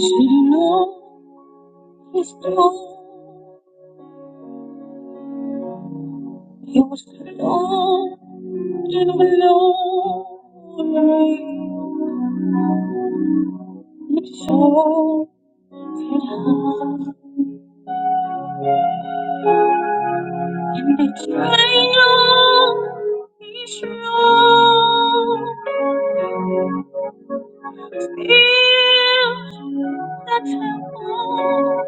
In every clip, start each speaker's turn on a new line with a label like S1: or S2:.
S1: Should've known his alone. He was alone and alone. It showed that I'm the trial. He's wrong. Feel the tremble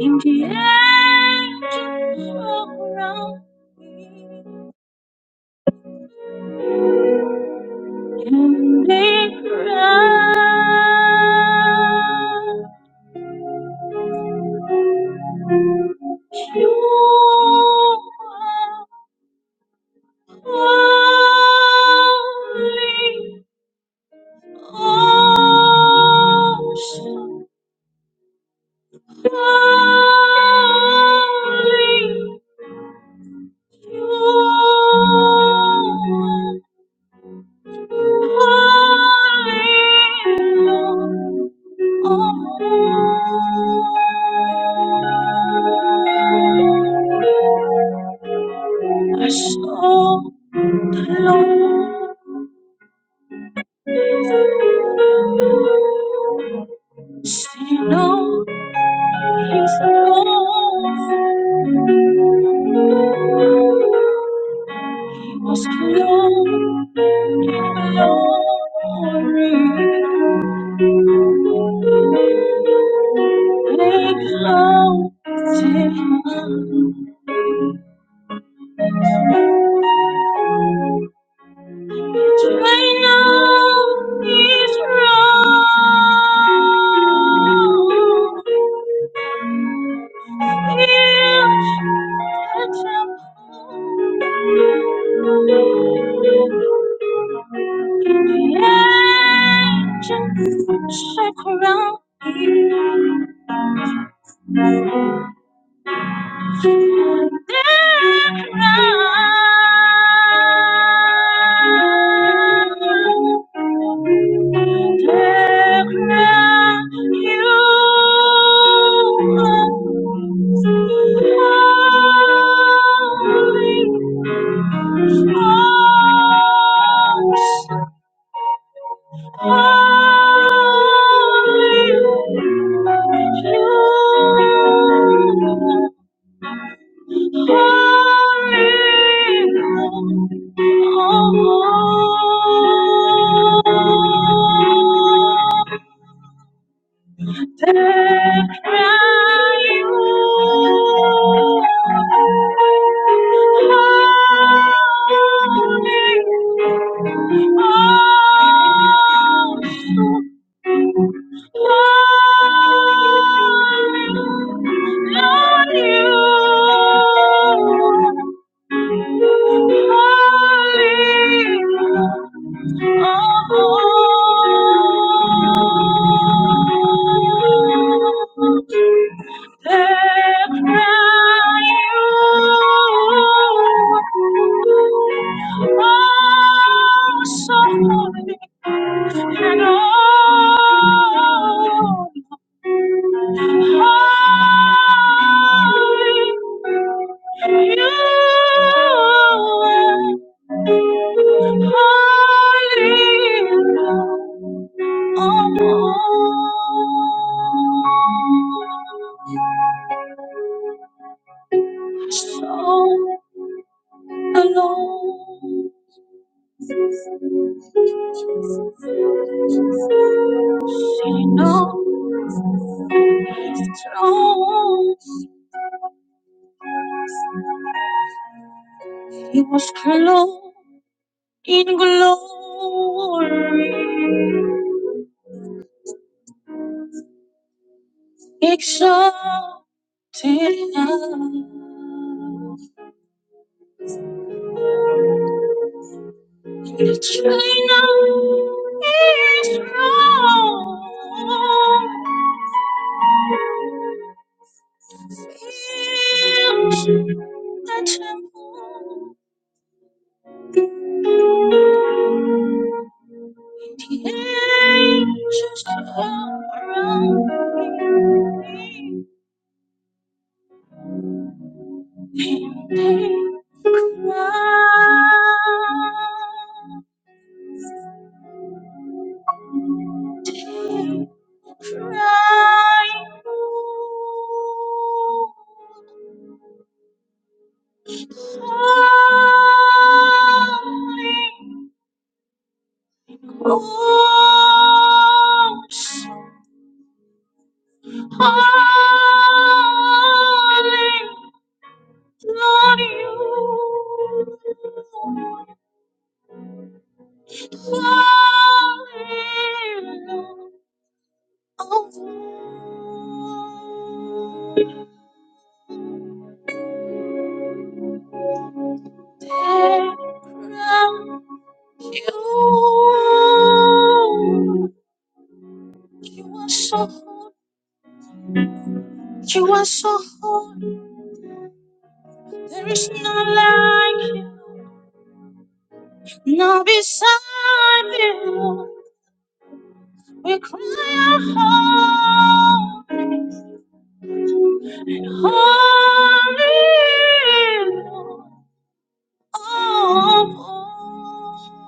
S1: in the angels around me, and they cry, You are holy, awesome. Surely, surely, Lord, oh, I saw the Lord. See no He's close. He was clothed in glory. They clothed him. I know he's wrong. He'll catch up. The angels shall crown you. Holy, holy, Falling home. Lord, you. Holy of all. Alone. No strong. He was clothed in glory, exalted high. The China is strong. Fills the temple. The angels all around me, and they cry, they cry. Holy Ghost, holy Lord, you fall on From you, you are so holy, you are so holy. There is no like you, no beside you. We cry out holy, and holy Lord, oh,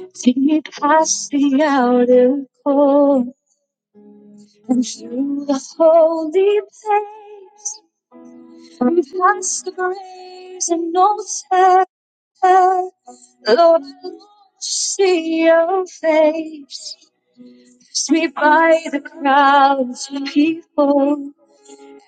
S1: Lord. Deep past the outer court and through the holy place, and past the graves and altar, Lord, I long to see your face. Sweep by the crowds of people.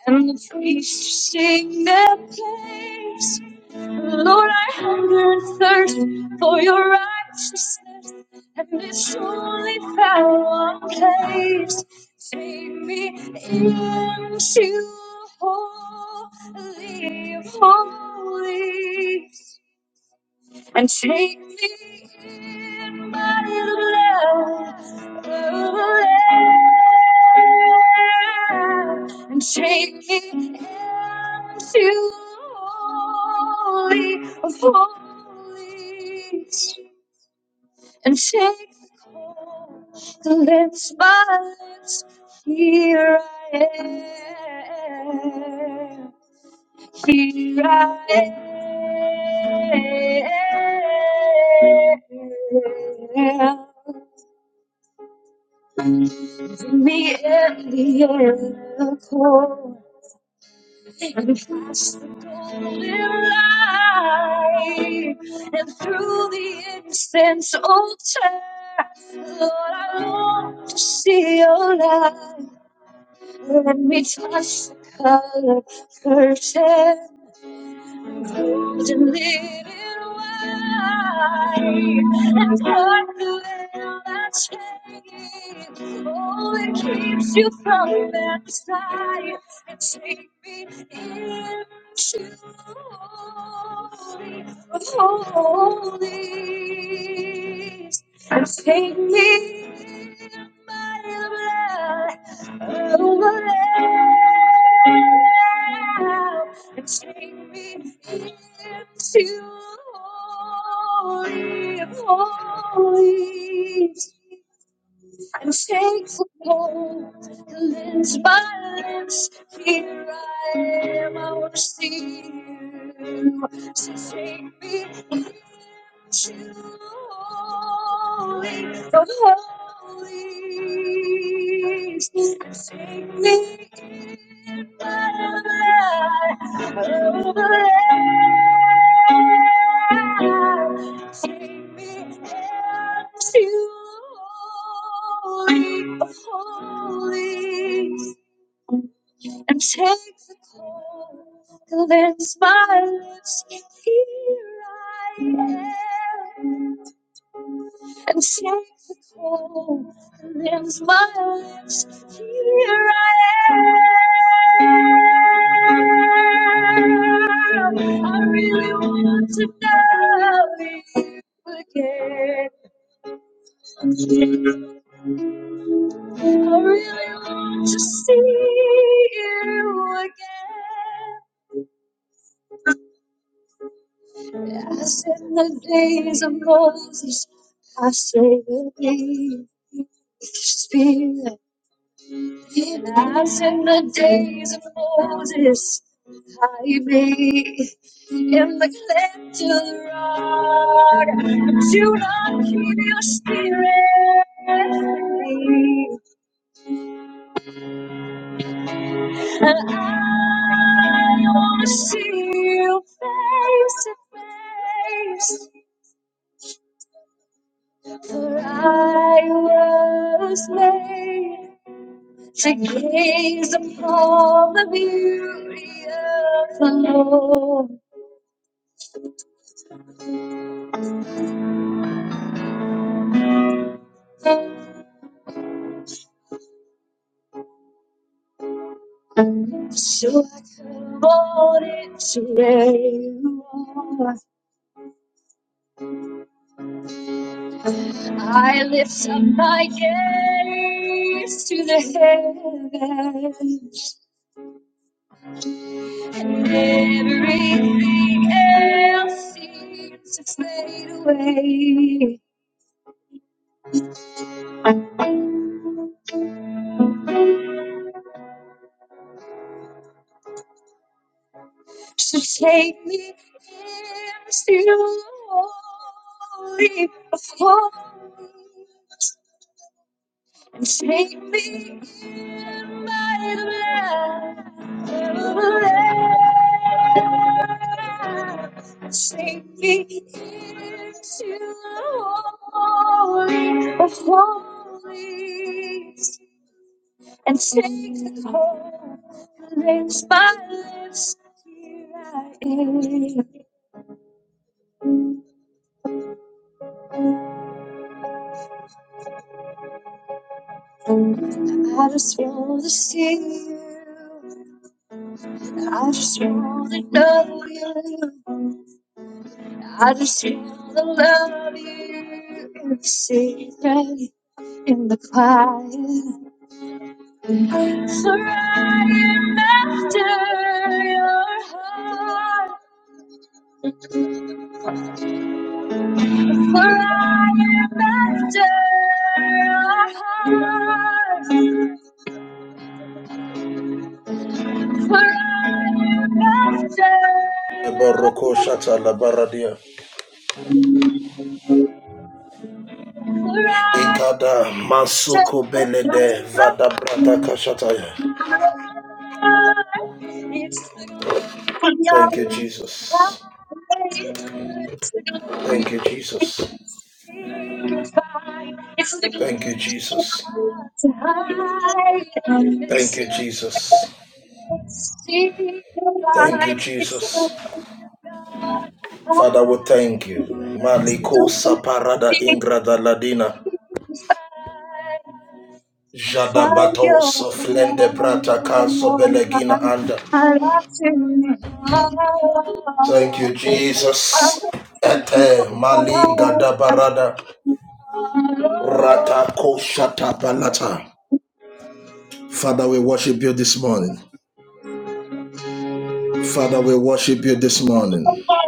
S1: And the priests sing their praise. Lord, I hunger and thirst for your righteousness, and it's only found one place. Take me into holy of holies and take me in my love, and take me into holy of holies, and take the coal that lifts my lips. Here I am. Here I am. Give me empty and cold and past the golden light and through the incense altar. Lord, I long to see your light. Let me touch the color curtain. and lead it wide and dark the veil that's hanging. Oh, it keeps you from that side. and take me into holy of holies and take me and take me into Holy, holy. I'm safe home, cleanse my lips. Here I am, I want to see you. So take me to holy, the holies. Take me. Holy, holy and take the cold, cleanse my lips. Here I am, and take the cold, cleanse my lips. Here I am. I really want to know you again. I really want to see you again. As in the days of Moses, I say with thee, Spirit. As in the days of Moses, I be in the cleft to the rock. Do not keep your spirit. I wanna see you face to face, for I was made to gaze upon the beauty of the Lord. So I come on into where you are. I lift up my gaze to the heavens. Everything else seems to fade away. So take me into the holy of holies and take me in by the blood of the Lamb. Take me into the holy of holies. and take the whole and raise my lips. Here I am. I just want to see you. I just want to know you. I just want to love you in the secret, in the quiet. For I am after your heart. For I am after. our hearts. For I am after. our
S2: Baroko shata la
S1: hearts.
S2: baradia.
S1: For I am
S2: Ikada masuku
S1: after. our
S2: belede
S1: hearts.
S2: vada brata kashataya.
S1: It's the glory of
S2: Thank you,
S1: God.
S2: Jesus.
S1: It's the glory
S2: Thank
S1: of
S2: you, Jesus.
S1: God. It's the glory
S2: Thank you, Jesus.
S1: to hide from
S2: Thank
S1: this
S2: you, Jesus.
S1: see the
S2: Thank you,
S1: light is so
S2: Jesus. Father,
S1: high.
S2: we thank you.
S1: Words
S2: Maliko
S1: don't
S2: saparada ingrada
S1: define
S2: ladina.
S1: the Fire
S2: Jadabato
S1: of
S2: soflende brata kaso
S1: love.
S2: belegina anda.
S1: I love to
S2: Thank you, Jesus.
S1: him.
S2: Ete malinga dabarada.
S1: I love to
S2: Ratakoshatapalata. Father, we worship you this morning. Father, we worship you this morning.
S1: know.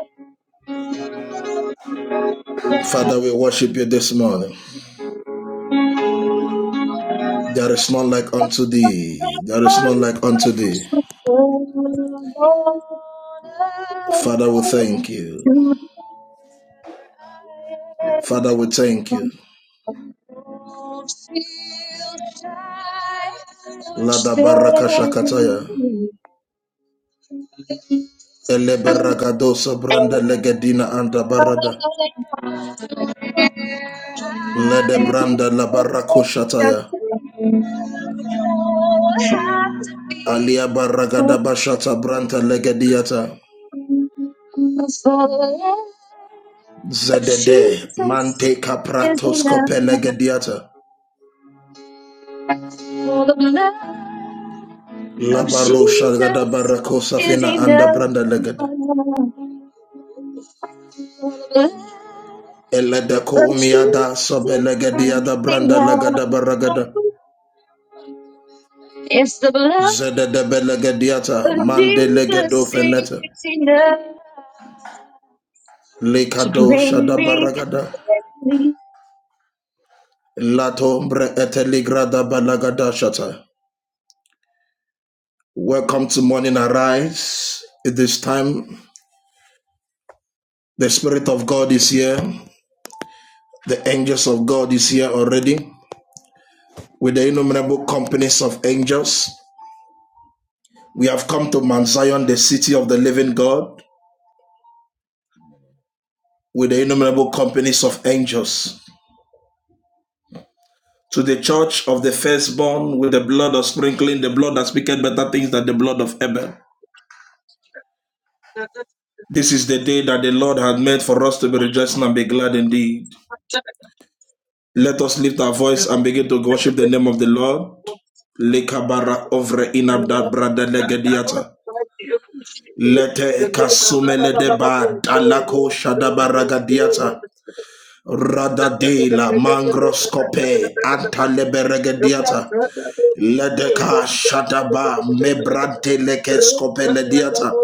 S2: Father, we worship you this morning. There is none like unto thee. There is none like unto thee. Father, we thank you. Father, we thank you. Lada
S1: Shy or
S2: baraka shakataya. Eleberagadosa branda
S1: shame
S2: legedina anda barada. Lede branda la barako shataya. Alia baragada bashata branta legediata.
S1: of
S2: Zedede
S1: Jesus
S2: mante
S1: is
S2: kapratos
S1: enough.
S2: kopelegediata.
S1: For the blood of
S2: Labaro shagada
S1: Jesus
S2: barako
S1: is
S2: safina anda
S1: enough.
S2: branda legada.
S1: For the blood But
S2: Eledeko
S1: Jesus
S2: umiada
S1: is
S2: sobelegediada branda legada
S1: enough.
S2: baragada.
S1: It's the blood
S2: Zedede belegediata
S1: of
S2: mande legedo
S1: Jesus
S2: feneta.
S1: is enough to
S2: Likado
S1: bring
S2: shada
S1: me.
S2: baragada. Lato mbre eteligrada balagada shata. Welcome to Morning Arise. At this time, the Spirit of God is here. The angels of God is here already with the innumerable companies of angels. We have come to Mount Zion, the city of the living God, with the innumerable companies of angels. To the church of the firstborn, with the blood of sprinkling, the blood that speaketh better things than the blood of Abel. This is the day that the Lord hath made for us to be rejoicing and be glad indeed. Let us lift our voice and begin to worship the name
S1: safely.
S2: of the Lord. Lekabara ovre inabda brada legediata. Lete kasumele deba dalako shadabara gadiata. Radadela mangroscope antaleberegediata ledeka shataba mebrante lekescope lediata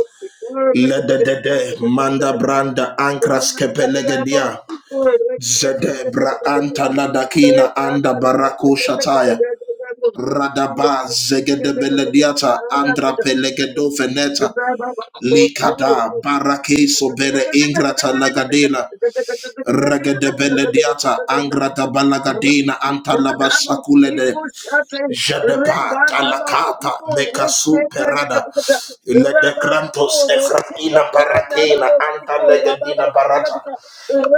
S2: lededede manda branda ankras kepelegedia zedebra
S1: Thank you.
S2: anta ladakina anda barako shataya radaba zegedebelediata andra
S1: Thank you.
S2: pelegedo feneta likada barake sobere ingrata lagadela Regedebele diata angrata balagadina antalabasakule sakulede. jadeba talakata mekasu perada le de grantos efratina barakena anta barata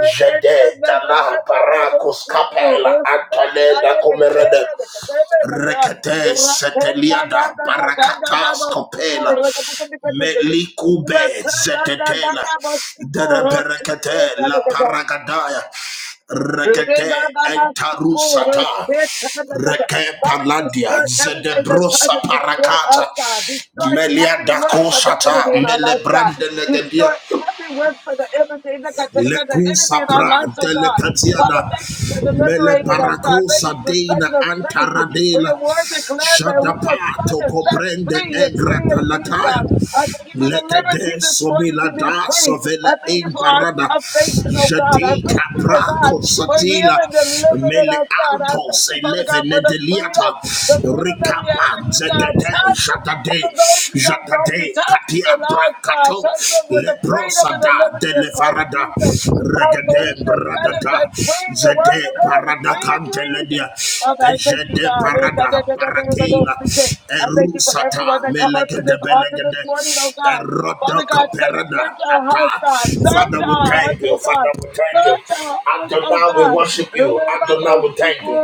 S2: jede dana barakos kapela anta leda Rekete seteliada barakatas kopela melikube zetetela dereberekete la
S1: Ratenda
S2: paragadaya
S1: Father,
S2: rekete entarusata reke
S1: destroy
S2: paladia
S1: everything that tries
S2: zedebrosa
S1: to destroy
S2: parakata
S1: us, God. Destroy every
S2: meliada
S1: work of the
S2: kosata
S1: enemy in our lives, God.
S2: melebrande legedia
S1: Destroy every work for the enemy, the
S2: Leku
S1: enemy in our
S2: sapra
S1: lives, oh God. Father,
S2: delecatiana
S1: thank you for
S2: mele
S1: deliberating us, God. Thank you
S2: paracosa
S1: for setting
S2: dena
S1: us free. For
S2: antaradela
S1: your word declares that who the
S2: shadapato
S1: Son is set
S2: coprende
S1: free is free
S2: egrata
S1: indeed, God.
S2: lataya
S1: I thank you for the liberty
S2: lekede
S1: this morning to
S2: somila
S1: be
S2: da
S1: free.
S2: sovela
S1: I thank you
S2: in
S1: for our
S2: parada
S1: salvation, oh God. I
S2: jadika
S1: thank you, oh God,
S2: praco
S1: for
S2: satila
S1: healing and delivering
S2: mele
S1: us, God. I thank
S2: antos
S1: you, Father
S2: eleve
S1: God, for the freedom,
S2: nedeliata
S1: the freedom that we have
S2: ricapa
S1: in you, God.
S2: zegede
S1: Touch for
S2: jadade
S1: those who don't know you,
S2: jadade cat
S1: touch the
S2: Atia
S1: lives, God.
S2: Brakato
S1: Touch them with the freedom and the
S2: Leprosada
S1: liberty of Christ
S2: Delevarada
S1: Jesus. Oh, for whom
S2: Regade
S1: the Son has set
S2: Bradada
S1: free, your word
S2: Zede
S1: declares
S2: Parada
S1: free indeed.
S2: Canteledia
S1: Father, I thank you,
S2: Ejede
S1: God. Eh, da, da,
S2: Parada
S1: da, da, da, da, da, da,
S2: Parakila
S1: speak it. I thank you for everyone
S2: Erusata
S1: that come up to
S2: Melegade
S1: this altar this morning, oh
S2: Belegade
S1: God. Father God,
S2: Erodoka
S1: search search
S2: Perada
S1: our hearts,
S2: Ata
S1: God. Search
S2: Father we
S1: our
S2: thank
S1: hearts, oh
S2: you
S1: God.
S2: Father we thank you
S1: Search our hearts, oh
S2: Adonai we
S1: God.
S2: worship you Adonai we thank you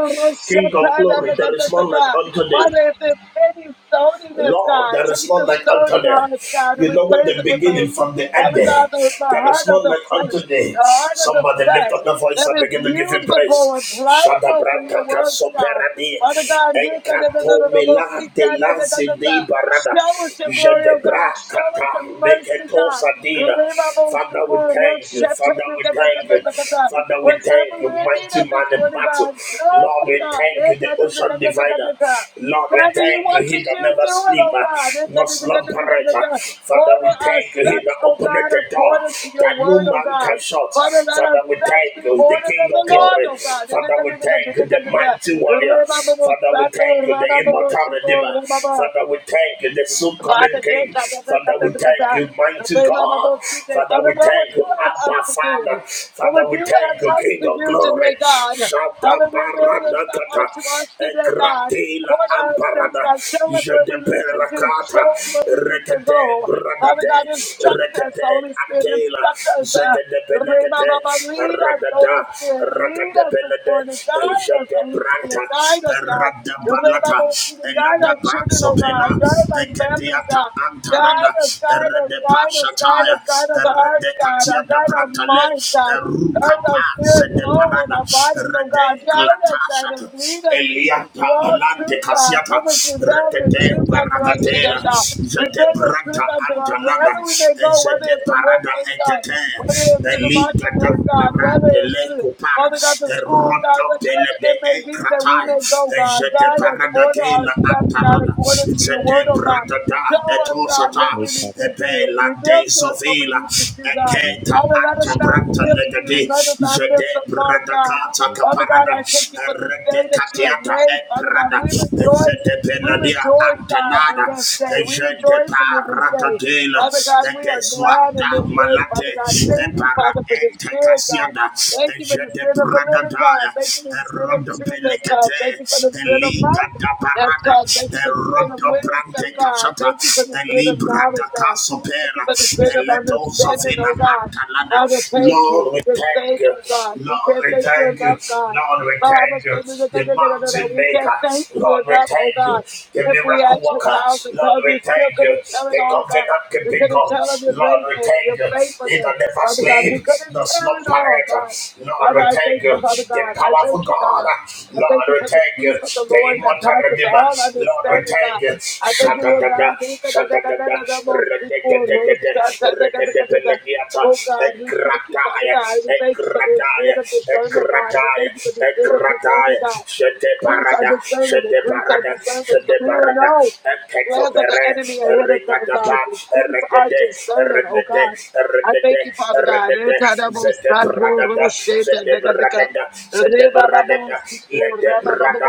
S2: King of glory there is none like unto thee
S1: Father, if there's any stoniness,
S2: Lord,
S1: God,
S2: there is
S1: take
S2: none
S1: the
S2: like unto
S1: stony
S2: thee.
S1: hearts, God, and
S2: You know what
S1: replace
S2: the
S1: it with a
S2: beginning from the
S1: Father God,
S2: ending.
S1: the, the
S2: There
S1: heart
S2: is
S1: of
S2: none
S1: the
S2: like
S1: flesh,
S2: unto thee.
S1: the heart of the
S2: Somebody lift
S1: flesh
S2: up the voice
S1: that
S2: and
S1: is
S2: begin to give him
S1: usable
S2: praise.
S1: and
S2: Shada
S1: pliable for your
S2: branca
S1: words,
S2: caso
S1: God.
S2: perani.
S1: Father God, give us the- the- the-
S2: Encato
S1: the- the most
S2: mela
S1: seat, God,
S2: de
S1: the- the- the-
S2: lazi
S1: the-
S2: di
S1: the-
S2: barada.
S1: show us your glory, oh God.
S2: Jedebra
S1: Show us your
S2: kata
S1: mercy,
S2: meketo
S1: God.
S2: sadina.
S1: Reba bo
S2: Father,
S1: siko,
S2: we
S1: ro
S2: thank you.
S1: shete, the-
S2: Father, we
S1: the- the- the-
S2: thank
S1: the-
S2: you.
S1: the- the- the-
S2: Father, we
S1: Whatever
S2: thank you.
S1: we're in need of
S2: Mighty
S1: this
S2: man in
S1: morning,
S2: battle.
S1: God, show
S2: Lord,
S1: us,
S2: we
S1: God.
S2: thank
S1: Eh,
S2: you.
S1: God,
S2: The
S1: the- the-
S2: ocean
S1: the- the- the- the-
S2: divider.
S1: the- the-
S2: Lord, we
S1: Whatever you
S2: thank
S1: want
S2: thank
S1: to
S2: you, He
S1: do,
S2: that never
S1: do it,
S2: sleep,
S1: oh
S2: uh, nor slumber. uh,
S1: God.
S2: Father, we
S1: Order our
S2: thank you, He
S1: steps,
S2: that
S1: O
S2: opened
S1: God,
S2: the door
S1: according to your
S2: that no
S1: word, O
S2: man
S1: God.
S2: can shut.
S1: Father, let our
S2: Father, we
S1: steps be
S2: thank you, the
S1: ordered of
S2: King
S1: the
S2: of
S1: Lord,
S2: glory.
S1: O God.
S2: Father, we thank you, the mighty warrior. Father, we thank you, the immortal redeemer.
S1: Reba,
S2: Father, we thank you, the soon
S1: Father,
S2: coming
S1: yes,
S2: King.
S1: I don't let that-
S2: Father, we
S1: that- that-
S2: thank
S1: that-
S2: you,
S1: the
S2: mighty
S1: name of our Lord
S2: God.
S1: today.
S2: Father,
S1: Father,
S2: we
S1: what would
S2: thank
S1: you
S2: you,
S1: have us
S2: Abba,
S1: to
S2: Father.
S1: do? What
S2: Father,
S1: would
S2: we
S1: you have
S2: thank you,
S1: us
S2: King
S1: to
S2: of
S1: do
S2: Glory.
S1: today, God?
S2: Shada
S1: Father, reveal yourself
S2: Baranakata,
S1: unto us today, God.
S2: Ekratila
S1: Order our steps,
S2: Amparada,
S1: God. Show us what we need to do.
S2: Jedeberakata,
S1: Show us where we need to
S2: Rekete,
S1: go. Father
S2: Bradade,
S1: God, instruct us,
S2: Rekete,
S1: Holy Spirit.
S2: Atela,
S1: Instruct us. Uh, the name of
S2: Zegedebelegate,
S1: our Lord, lead us,
S2: Radada,
S1: Holy Spirit. Lead
S2: radade
S1: us this morning.
S2: belede, je
S1: Guide us,
S2: de
S1: Holy
S2: branta.
S1: Spirit. Guide us, God. Just lay by
S2: Rakadebelede,
S1: the freedom. Guide
S2: Jedebranta,
S1: our children, oh God. Guide
S2: pela.
S1: our
S2: Ekete.
S1: families,
S2: Diata
S1: God. Guide
S2: Antarada,
S1: us, guide us,
S2: Erede
S1: guide us, guide
S2: Pashataya,
S1: us, guide us, our hearts,
S2: rede
S1: God. Uh,
S2: Katia da
S1: Guide our
S2: Brantale,
S1: minds, God. Guide our
S2: Erukapa,
S1: spirit,
S2: Sede
S1: soul, and
S2: Parada,
S1: our bodies, oh God.
S2: Erede
S1: Guide us, guide us,
S2: Glatashata,
S1: lead us to
S2: Eliata
S1: all
S2: Alante
S1: truth, God. Give
S2: Casiata,
S1: us the value of
S2: Rekete
S1: truth unto us today,
S2: Paragatela,
S1: God.
S2: Zede
S1: Reveal your truth
S2: Branta
S1: unto us wherever
S2: Antanada,
S1: we may go, whether
S2: Zede
S1: it's the
S2: Parada
S1: workplace, God,
S2: Ekete,
S1: whether it's to the
S2: Elita da
S1: marketplace, God,
S2: Parada.
S1: whether it's to
S2: Adele Kupar,
S1: Father God, the schools, God,
S2: Roto Pele
S1: whatever
S2: de
S1: it may be that we may go,
S2: Enkratai,
S1: God,
S2: Jete
S1: guide us, order our
S2: Paradakela
S1: steps, God,
S2: Antalada,
S1: according to your word,
S2: Zete
S1: oh God. Show
S2: Bradada,
S1: us, God, what
S2: Etosata,
S3: Good
S1: we need to do.
S2: Ebela
S1: Reveal
S2: de
S1: to us what we
S2: Sovila,
S1: need to do, God.
S2: Eketa
S1: Father, let us not
S2: Antabrata
S1: miss you.
S2: Legade,
S1: Let us not miss the
S2: Jete
S1: mark, God.
S2: Bradakata
S1: Father
S2: Kaparada,
S1: God, I thank you for this day
S2: Rede
S1: that you have
S2: Katiata
S1: made. Father God,
S2: Eprada,
S1: we rejoice.
S2: Zete
S1: We
S2: Peladia
S1: rejoice, God, in
S2: Antanada,
S1: this day. We
S2: Jete
S1: rejoice in this day.
S2: Paradadela,
S1: Father God, we are
S2: Egeswa.
S1: glad in
S2: Swata
S1: this day. Father
S2: malate
S1: God, thank you,
S2: epara
S1: Father, for your
S2: ente
S1: spirit, God.
S2: kasiada
S1: Thank you for the
S2: ejede
S1: spirit of the living God.
S2: bragadaya
S1: Thank you for the spirit of
S2: erodo
S1: truth that's come.
S2: pelekete
S1: Thank you for the spirit of
S2: eliga
S1: love
S2: da
S1: that's
S2: parada
S1: come. Thank you for the spirit of
S2: erodo
S1: wisdom,
S2: brante
S1: God.
S2: kasata
S1: Thank you for the spirit of
S2: elibra da
S1: knowledge, God. Thank
S2: kasopera
S1: you for the spirit of
S2: eledo
S1: understanding,
S2: sofina
S1: oh God.
S2: antalada
S1: Father, thank
S2: Lord
S1: you.
S2: we
S1: Just
S2: thank
S1: thank
S2: you
S1: you, God. We
S2: Lord
S1: can't
S2: we
S1: thank you
S2: thank you
S1: enough, God.
S2: Lord we thank
S1: Father,
S2: you the mountain
S1: we can't
S2: maker
S1: thank you
S2: Lord we
S1: enough, oh
S2: thank you
S1: God.
S2: the
S1: If we
S2: miracle
S1: had
S2: worker
S1: 10,000
S2: Lord,
S1: tongues,
S2: we
S1: we still
S2: thank you.
S1: couldn't tell
S2: The
S1: it all, God.
S2: covenant
S1: We
S2: keeping
S1: couldn't
S2: God.
S1: tell of your
S2: Lord, we
S1: greatness, your
S2: thank you. He
S1: faithfulness,
S2: that never
S1: Father God. We
S2: sleep,
S1: couldn't
S2: no
S1: tell it
S2: slumber.
S1: all, God.
S2: Lord,
S1: Father,
S2: we
S1: I
S2: thank
S1: thank you,
S2: you.
S1: Father
S2: The
S1: God. I thank
S2: powerful
S1: you,
S2: God.
S1: God. I
S2: Lord,
S1: thank you
S2: we
S1: for the
S2: thank you.
S1: peace of the
S2: The
S1: Lord that
S2: immortal
S1: passes
S2: Redeemer.
S1: all
S2: Lord, we
S1: understanding,
S2: thank
S1: God.
S2: you.
S1: I thank you, Lord
S2: Shadadada,
S1: God. Oh God,
S2: shadadada, rededededede, redededelegiata,
S1: we thank you, Father
S2: ekrataya,
S1: God. We thank you for the spirit
S2: ekrataya,
S1: of discernment, God. We
S2: ekrataya,
S1: thank you for the spirit of discernment, God.
S2: ekrataya,
S1: Increase our
S2: parada,
S1: discernment,
S2: Shede
S1: increase our
S2: Barada,
S1: discernment, so
S2: Shede
S1: we will
S2: Barada,
S1: know the
S2: Eketo
S1: plans of the
S2: Bere,
S1: enemy ahead of time, God.
S2: Regadaba,
S1: Increase our
S2: Regede,
S1: discernment, oh God.
S2: Regede,
S1: I thank
S2: Regede,
S1: you, Father God.
S2: Regede, Zede Bradada, Zede
S1: Etadabosatoroshetadekadeka.
S2: Bradada, Zede Bradada,
S1: Rebababosiko,
S2: Lede Brada,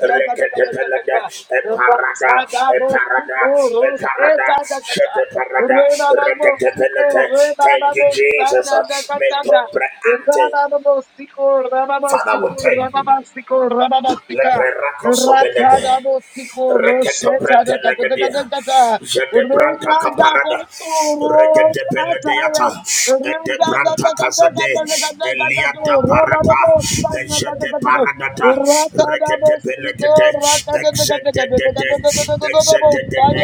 S2: Rekete Pelada, Eparada, parada,
S1: Rabababosikoros-
S2: Eparada,
S1: etadekada.
S2: Shede Parada, Rekete
S1: Rebababosiko,
S2: Pelete. Thank you, Jesus. Meto
S1: rebababosandadekadekada.
S2: Breante.
S1: Rabababosiko,
S2: Father, we
S1: rabababosiko,
S2: thank you.
S1: rabababosiko, rabababosika.
S2: Lebrerakoso Benede.
S1: Ratadabosiko,
S2: Reketo prete legedia.
S1: roshetadekadekadekada.
S2: Jede branta kaparada. Regede benedeata. Ede branta kazade. Eliada parata. Ejede paradata. Regede benegede. Exede de de. Exede de de.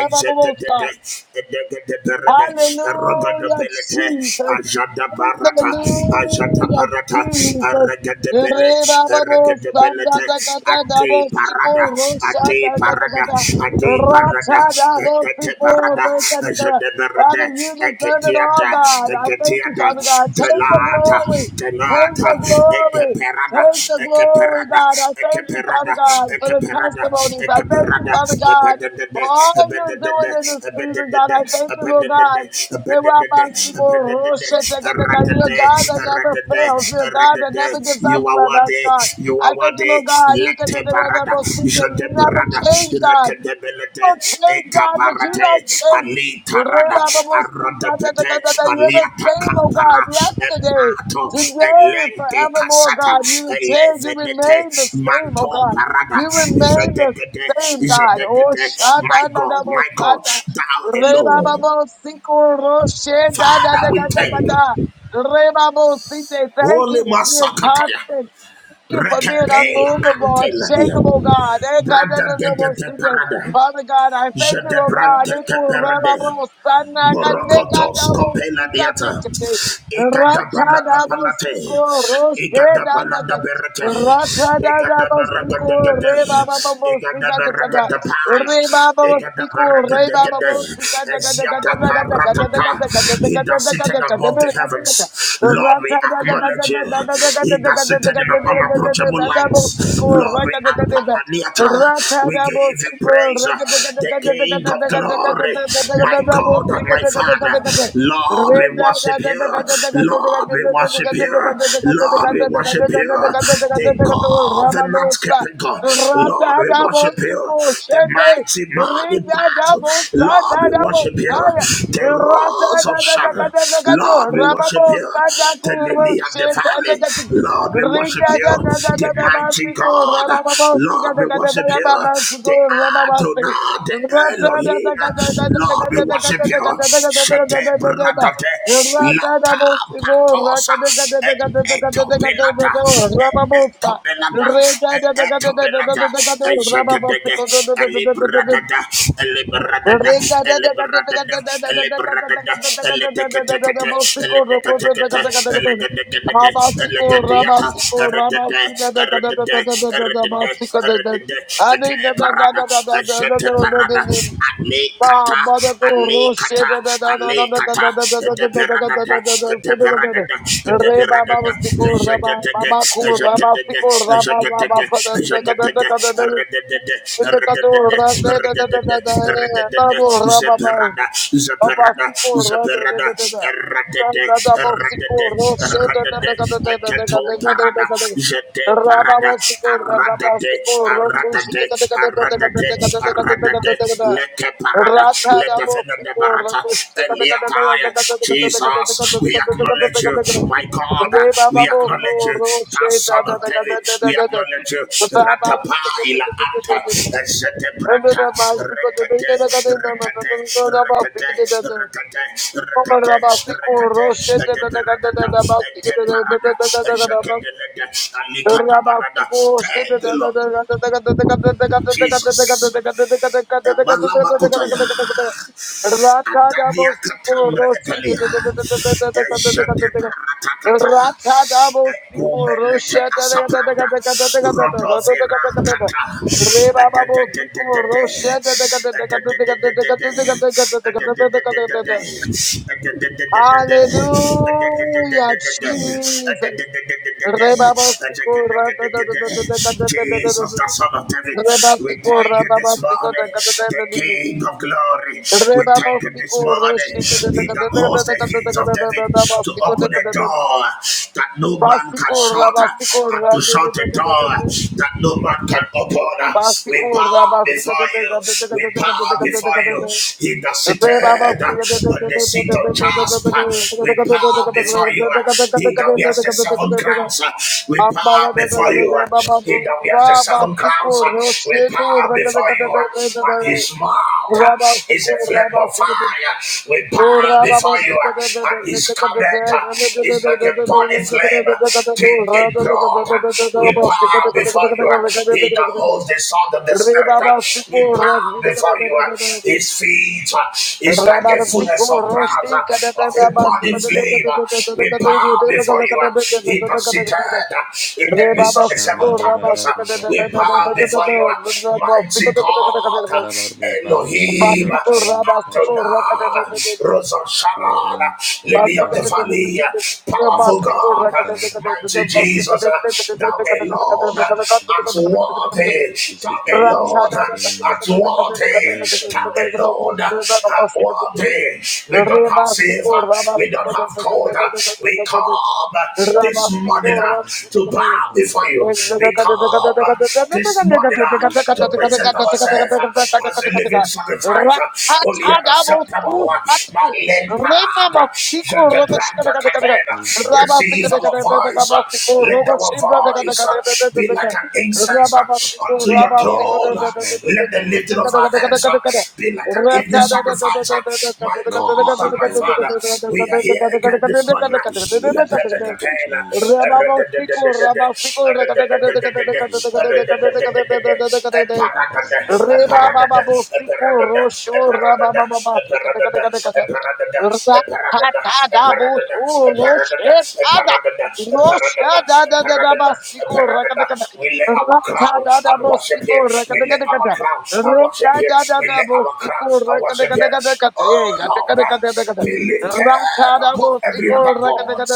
S2: Exede de de. Edegede berede. Rogada
S1: Hallelujah,
S2: belete.
S1: Jesus.
S2: Ajada barata. Ajata
S1: Hallelujah,
S2: barata.
S1: Jesus.
S2: Regede bele
S1: Rebababo, sanda,
S2: regedebelete
S1: da, da, da, da, bo,
S2: ate
S1: sipo,
S2: parada
S1: rosha,
S2: ate
S1: da, da, da, da,
S2: parada
S1: da.
S2: ate parada
S1: Racha, da, bo,
S2: ekete
S1: sipo,
S2: parada
S1: re, da, da, da, da. Father,
S2: jedeberede
S1: you deserve it all,
S2: eketiata
S1: God. I thank you,
S2: eketiata
S1: Father God. Take the
S2: delata
S1: glory. Take
S2: delata
S1: the glory.
S2: ekeperada
S1: Take the glory,
S2: ekeperada
S1: God. I thank you, Father
S2: ekeperada
S1: God, for the
S2: ekeperada
S1: testimonies. I thank you,
S2: ekeperada
S1: Father God,
S2: ebededede
S1: all you're doing
S2: ebededede
S1: in this season,
S2: ebededede
S1: God. I thank you, Lord
S2: ebededede
S1: God. You're a
S2: ebededede
S1: God that
S2: ebededede
S1: never fails. You're a God that never gives up
S2: you are
S1: about us,
S2: worthy.
S1: God.
S2: You
S1: I
S2: are
S1: thank you,
S2: worthy.
S1: Lord God. You
S2: Let
S1: can-
S2: the barada. You
S1: You
S2: the
S1: never
S2: barada.
S1: change,
S2: You
S1: God
S2: reckon the
S1: don't
S2: belete.
S1: change,
S2: Eka
S1: God, but you don't
S2: barate.
S1: change.
S2: Ali tarada. Arada bete.
S1: Re-ba-ba-bo-si-ka-ta-ta-ka-ta-ta. You're
S2: Ali
S1: the same, oh
S2: ataka
S1: God,
S2: para.
S1: yesterday,
S2: Epato.
S1: today, and
S2: Elente
S1: forevermore,
S2: kasata.
S1: God. You didn't change. You remain the
S2: Elevenete.
S1: same, oh
S2: Manto
S1: God.
S2: barada.
S1: You remain
S2: You shall the
S1: the
S2: gede.
S1: same,
S2: You shall
S1: God.
S2: the
S1: Oh,
S2: gede. My God. My God.
S1: shata-na-na-bo-sata.
S2: Thou alone. Father, we thank you.
S1: Re-ba-ba-bo-si-ko-ro-she-da-da-da-da-da-da. Re-ba-bo-si-te. Thank you
S2: Holy
S1: for your
S2: Masakataya.
S1: constant Thank you for being
S2: Rekepela
S1: unmovable,
S2: anteladia.
S1: unshakable, God. Eh, God, eh, eh,
S2: Brada de
S1: eh,
S2: de
S1: most
S2: de
S1: high.
S2: parada.
S1: Father God, I
S2: Je
S1: thank you,
S2: de
S1: Lord God.
S2: brante que
S1: Iku reba bo
S2: perde.
S1: sana ka neka da
S2: Morokotos
S1: bo
S2: kopela
S1: sika
S2: diata.
S1: tikete.
S2: Igada
S1: Rata
S2: balada
S1: da bo
S2: panate.
S1: siko roshe
S2: Igada
S1: da na
S2: balada
S1: ka.
S2: berete.
S1: Rata da da
S2: Igada
S1: bo
S2: baraga
S1: siko
S2: degade.
S1: reba ba ba bo
S2: Igada
S1: sika
S2: baraga
S1: tikata.
S2: de pie.
S1: Reba ba bo
S2: Igada
S1: siko
S2: baraga
S1: reba ba bo
S2: degade.
S1: sika da ka da ka da
S2: Eziata
S1: da ka da ka da da
S2: paratata.
S1: ka da
S2: He
S1: ka da
S2: that
S1: da ka da
S2: sitteth
S1: ka da ka da
S2: above the
S1: da ka da ka da.
S2: heavens. Lord, we
S1: Rata da da da da
S2: acknowledge you.
S1: da da da da ka da
S2: He
S1: da
S2: that
S1: ka da da ka da
S2: sitteth
S1: da ka
S2: in the
S1: da da da
S2: unapproachable
S1: da da bo
S2: lights.
S1: siko
S2: Lord, we
S1: raka da ka da da.
S2: apaniata. We give
S1: Rababos,
S2: you praise. The King of glory. My God and my Father, Lord, we worship you. Lord, we worship you. Lord, we worship you. The covenant keeping God. Lord, we worship you. The mighty man in battle. Lord, we worship you. The rose of Sharon. Lord, we worship you. The lily of the valley. Lord, we worship you. The mighty God. Lord, we worship you. The Adonai, the Elohim. Lord, we worship you. Shede bradate lata patosa e eto belata e eto belata e eto belata e shagedege e
S1: Rata
S2: libradada e libradada
S1: Rabasico,
S2: e libradada e libradada e ledeketekete e ledeketekete e lededegedege e ledediata e redede e redede e redede e redede e te parada e Shete parada, ane
S1: Rababosiko,
S2: kata, ane kata, ane kata, de parada da, de parada da, de parada da, shete de de, shete de de, shete de de, shete de de, rede de de, rede de de, rede de de, rede de de, zeperada, zeperada, zeperada, rede de, rede de, rede de, eketo parada, shete parada, arada de,
S1: Rababosiko, Rokushi,
S2: arada Aradade, Aradade, Leke Parada,
S1: Rabba
S2: Ledevina de Barata, Eliataya. Jesus, we acknowledge you, my God, we acknowledge you, that son of David, we acknowledge you, Ratapaila Atta, Zetebrata, rekate, rekate, rekate, rekate, rekate, rekate, Edeberada, Eteparada, Jekedelede,
S1: Re baba
S2: Alikatabarada, Tegelo, Jesus. Emalamakotaya. Adavia Katambre Epelia, Eshete Paratatata, Egumelete Asapranda, Rodovera Kata,
S1: bo
S2: Edededededede, Edededededede,
S1: sikul
S2: Edededededede,
S1: Hallelujah, Jesus. Rebaba
S2: Edededededede, Jesus, the Son of David, we thank you this morning, the King of Glory glory. We thank you this morning. He that holds the keys of David to open a door that no man can shut and to shut a door that no man can open. We bow before you. We bow before you. He that seated on the seat of Jasper. We bow before you. He that wears the seven crowns. We bow
S1: Rabba
S2: before you. He that wears the seven crowns. We bow before you. And his mouth is a flame of fire. We bow before you, uh, and his comment uh, is like a body flame, uh, in blood. Uh, We bow before you, uh, he that holds the sword of the spirit. uh, We bow before you, uh, his feet uh, is like a fullness of brass, uh, of a body flame. uh, We bow before you, uh, he that sitteth uh, in the midst of
S1: Rabasti
S2: the seven candles. uh, We bow before you, uh, mighty God, uh, Elohim. Elohim, Adonai, Rosa Sharon, Lily of the Valley, powerful God, mighty Jesus, thou alone, at worthy, thou alone, at worthy, thou alone, at worthy. We don't have silver, we don't have gold, we come this morning to bow before you,
S1: Rabba
S2: we come this morning to present ourselves as a living living sacrifice. uh, Holy and acceptable. uh, Malen Parada. Jedebranta Catena. Receive our voice. uh, Let our voice uh, be like an incense uh, unto your throne. uh, Let the lifting of our hands uh, be like an evening sacrifice. uh, My God and my Father, we are here again this morning. uh, Let the let the
S1: Rebabosico, Rabasico,
S2: pain, uh,
S1: Rebababosico, Rosho, Rabababasico, Rakada
S2: we lay our crown and worship here. We lay our crown and worship here. We lay our crown and worship here. Oh Lord, be lifted above every other God.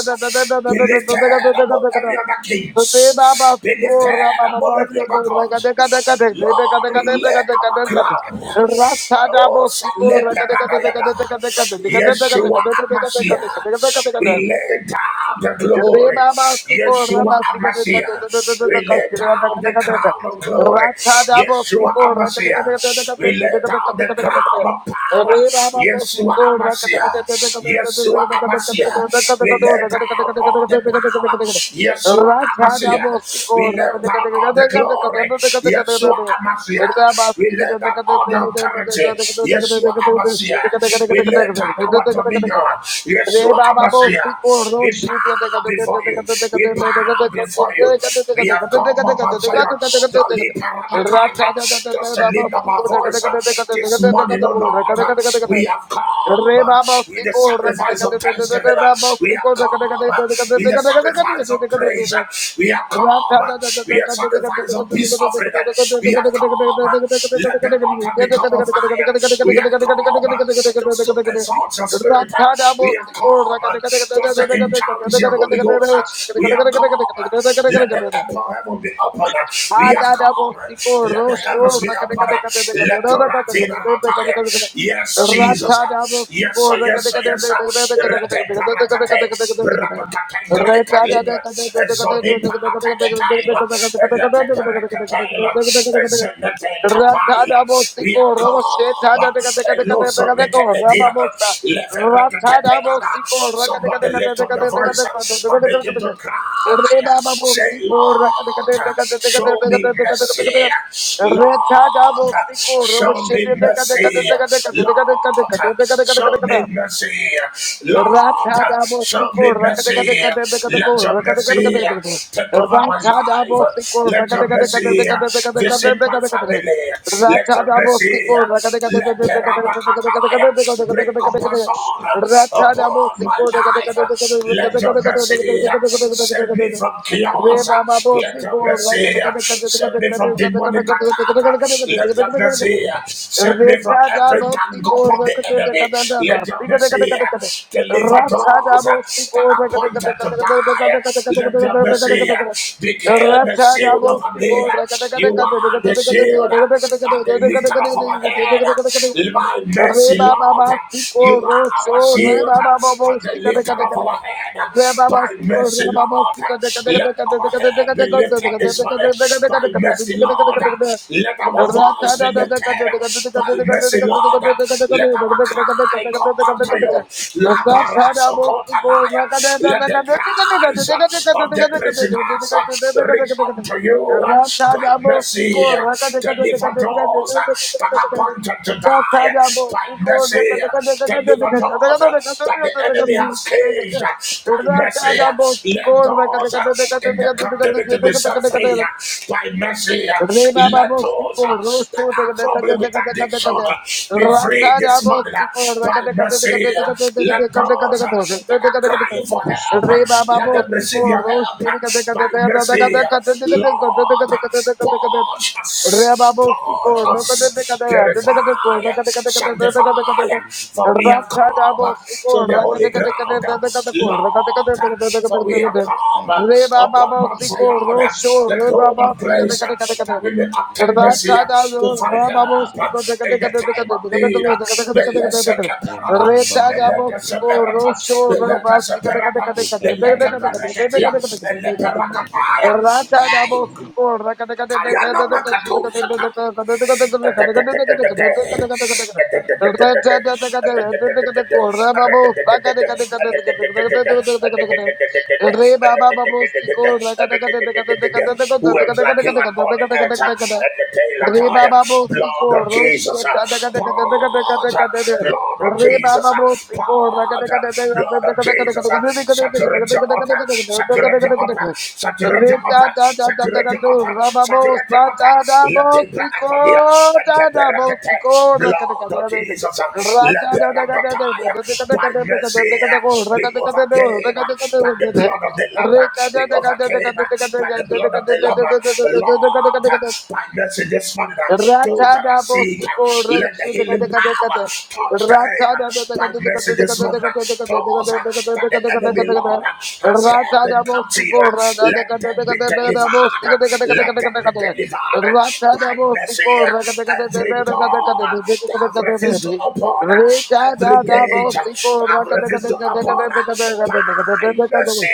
S2: Be lifted above every other
S1: Deba baba
S2: kings. Be
S1: sikor baba
S2: lifted above
S1: baba
S2: every other
S1: sikor.
S2: God.
S1: Raga deka deka deka deka
S2: Lord,
S1: deka
S2: we lay
S1: deka deka
S2: our our
S1: deka
S2: crown.
S1: deka Rasta da
S2: Oh,
S1: bo sikor,
S2: Sale
S1: raga deka deka deka
S2: Peranayada.
S1: deka deka deka deka deka deka deka
S2: Yeshua
S1: deka deka
S2: Amasiah.
S1: deka deka deka deka.
S2: We lay down the
S1: Rabba
S2: glory. Yeshua Amasiah. We lay down the crown of glory. Yeshua Amasiah. We lay down the crown of power. Yeshua Amasiah. Yeshua Amasiah. We lay down all the power. Yeshua Amasiah. We lay down all the glory. Yeshua Amasiah. We lay down all the authority. Yeshua Abbasia. We lay down our dominion. Yeshua
S1: Reba babo sikor
S2: Abbasia.
S1: no
S2: We bow
S1: shit ya de gato de
S2: before
S1: gato de
S2: you.
S1: gato de
S2: We
S1: gato de gato
S2: bow before you.
S1: de gato
S2: We
S1: de
S2: have
S1: gato de gato de gato de gato de
S2: come, Mama Zion,
S1: gato
S2: to lift our
S1: de gato de gato Racha da da
S2: hands,
S1: da
S2: just
S1: da
S2: to
S1: da babo
S2: lift up our
S1: sikor de gato de
S2: voice
S1: gato de
S2: this
S1: gato de gato
S2: morning, oh
S1: de
S2: Lord.
S1: gato de gato de gato de gato
S2: We have come
S1: Reba babo
S2: with the
S1: sikor de gato de
S2: sacrifice
S1: gato
S2: of
S1: de gato
S2: thanksgiving.
S1: de babo
S2: We have
S1: sikor de gato de gato
S2: come
S1: de gato de
S2: with the
S1: gato de gato
S2: sacrifice
S1: de
S2: of
S1: gato de
S2: praise.
S1: gato
S2: We have
S1: I'm
S2: come
S1: not a damn fool.
S2: with the sacrifice of peace offering. We have come come. Let the altar become a fire. We have come uh, just to exalt your spirit. uh, We have come uh, just to encourage your Holy Ghost. uh,
S1: I'm
S2: We have
S1: not
S2: come. uh,
S1: a
S2: Let
S1: damn
S2: the
S1: fool.
S2: upper heaven be open. uh, We have
S1: Mata da
S2: come. uh,
S1: bosico
S2: Let the
S1: rosho
S2: heavens be open. uh, Let the ratina attire. Yes, Jesus. uh,
S1: Rata da
S2: Yes, sir. Yes, sir. Yes, sir. Rapatate, Rapatangla Italibra, Zoni Palata Itaila, Elete Perecatela,
S1: bosico
S2: Capaila,
S1: Ratadabosiko Rosheta
S2: Yacoba, Eloso Mekelediana,
S1: Rababosa
S2: Leverecate Pelada.
S1: Ratadabosiko
S2: Somebody lift up your voice and begin to cry. Say,
S1: Rebababosiko
S2: Lord, show me mercy. Lord,
S1: Retadabosiko
S2: show me mercy. Lord, show
S1: Rosheta
S2: me mercy. Lord,
S1: Ratha dabo
S2: show
S1: siko
S2: me
S1: rakade kade
S2: mercy.
S1: kade kade kade ko
S2: Let your
S1: rakade kade kade
S2: mercy
S1: kade kade.
S2: take over my
S1: Ratha dabo siko
S2: life. Let your
S1: rakade kade kade kade kade
S2: mercy
S1: kade
S2: visit my
S1: kade kade kade
S2: family.
S1: kade.
S2: Let
S1: Ratha
S2: your
S1: dabo
S2: mercy
S1: siko rakade kade kade kade
S2: let the
S1: kade kade kade kade kade kade
S2: Rabakataya bring
S1: kade kade kade kade.
S2: compassion
S1: Ratha dabo
S2: upon my life. Let your mercy save me
S1: Ratadabosico,
S2: from
S1: Re
S2: chaos.
S1: baba
S2: Let
S1: basti
S2: your
S1: corro, re ka da
S2: mercy save me from demonic demonic attack. Let your mercy save me from every
S1: bo si
S2: gang
S1: ko
S2: up of
S1: ra
S2: the
S1: ka de
S2: enemy.
S1: ka da da ba
S2: Let your
S1: si ka de ka de
S2: mercy
S1: ka de ka de
S2: deliver
S1: ra cha
S2: those
S1: da bo si
S2: that
S1: ko
S2: are
S1: ra ka de ka de
S2: appointed
S1: ka
S2: to
S1: de ka de ka de ka de ka de ka
S2: die.
S1: de
S2: Let your
S1: ka de ka
S2: mercy
S1: de ka de
S2: become
S1: ra
S2: a
S1: cha da
S2: shield
S1: bo
S2: over
S1: si
S2: me.
S1: ko ra ka de ka de
S2: You
S1: ka de ka
S2: are the
S1: de ka de ka de ka
S2: shield
S1: de ka de ka de ka de ka de
S2: and the
S1: ka
S2: lifter of our head.
S1: de ka de
S2: My
S1: re
S2: mercy,
S1: ba ba
S2: Lord,
S1: ba si ko
S2: you
S1: ro
S2: are our
S1: sho re
S2: shield
S1: ba ba bo bo
S2: and the
S1: si ka de
S2: lifter
S1: ka de
S2: of
S1: ka de
S2: our head. By
S1: Rababasiko,
S2: mercy, Lord.
S1: rababasiko,
S2: Lord.
S1: deka deka
S2: Let
S1: deka deka
S2: our
S1: deka deka deka
S2: head
S1: deka
S2: be lifted
S1: deka
S2: this
S1: deka
S2: morning
S1: deka deka deka deka
S2: by
S1: deka
S2: mercy,
S1: deka deka
S2: Lord.
S1: deka deka.
S2: Let our
S1: Ratadabo,
S2: voice be lifted by mercy, Lord. Let our cry come unto you. La paraso Kotalaya. Let the cries of the prisoners reach unto you by mercy. Deliver those that are appointed to die by mercy. Deliver those that the enemy has caged by mercy. Let those in the captivity be set free by mercy.
S1: Re baba
S2: Let
S1: baba, si
S2: those
S1: cordo,
S2: that are troubled with addiction be free this morning by mercy. Let those that are crying for help, let them receive your help by mercy. Lord, purge us, purge us. Purify, sanctify, for we have come to the holy ground, Lord, for we have come upon Mount Zion,
S1: shor,
S2: the
S1: re
S2: throne
S1: baba,
S2: of
S1: si kade
S2: grace,
S1: kade kade kade.
S2: that we may
S1: Rata Re
S2: obtain mercy to find
S1: baba babo
S2: help
S1: siko raka deka
S2: in
S1: deka
S2: the
S1: deka
S2: time
S1: deka
S2: of
S1: deka deka
S2: need.
S1: deka deka deka
S2: The
S1: deka deka deka
S2: Lesekeperana, the Lekeseperana, the Lekeseperana, the Lekeperana, the Lekeperana, Kayana Makato, Words
S1: deka
S2: like him
S1: deka
S2: on the
S1: deka
S2: earth uh,
S1: deka
S2: at
S1: deka.
S2: the tail of
S1: Reba
S2: time?
S1: baba bo siko
S2: Blood of
S1: roshe
S2: Jesus, uh,
S1: kada kada kada kada kada kada
S2: pause, uh,
S1: kada kada.
S2: blood of
S1: Re
S2: Jesus,
S1: baba
S2: uh,
S1: bo siko ra kada
S2: pause,
S1: kada kada
S2: uh, blood
S1: kada
S2: of
S1: kada kada
S2: Jesus, uh,
S1: kada kada
S2: saturate
S1: kada
S2: your
S1: kada kada kada kada kada
S2: altar,
S1: kada kada
S2: saturate your
S1: kada kada
S2: altar,
S1: kada.
S2: saturate
S1: Re
S2: your
S1: ta
S2: altar,
S1: ta ta ta ta
S2: saturate your
S1: kada
S2: altar,
S1: ra baba bo
S2: saturate your
S1: sa ta da
S2: altar.
S1: bo
S2: Let the
S1: siko
S2: bracatonia and the
S1: ta da bo siko
S2: bracate,
S1: ra kada kada
S2: blood of
S1: kada kada.
S2: Jesus,
S1: Ra
S2: let
S1: ta
S2: the
S1: da da kada kada kada
S2: ragataya
S1: kada kada
S2: by
S1: kada
S2: mercy.
S1: kada kada kada ko ra
S2: We
S1: kada kada kada ra
S2: overcame
S1: kada kada
S2: by
S1: kada
S2: the
S1: kada.
S2: blood of the Lamb.
S1: Re kada
S2: We overcame by the blood of the Lamb. Lord, by mercy this morning, those that are
S1: Ratada
S2: sick,
S1: Bostico
S2: let the
S1: Roche the
S2: healing power
S1: Catacata.
S2: touch them.
S1: Ratada
S2: By
S1: the
S2: mercy this morning, those that the enemy, Lord,
S1: Catacata.
S2: has held
S1: Ratada
S2: in captivity,
S1: Bostico Rada the
S2: let them be
S1: Catacata Bostica
S2: delivered.
S1: the
S2: Let them be
S1: Catacata.
S2: delivered by
S1: Ratada
S2: mercy.
S1: Bostico
S2: Every door
S1: Racatacata.
S2: that have refused to open, every
S1: Retada da
S2: gate
S1: Bostico
S2: that have refused to open, by mercy,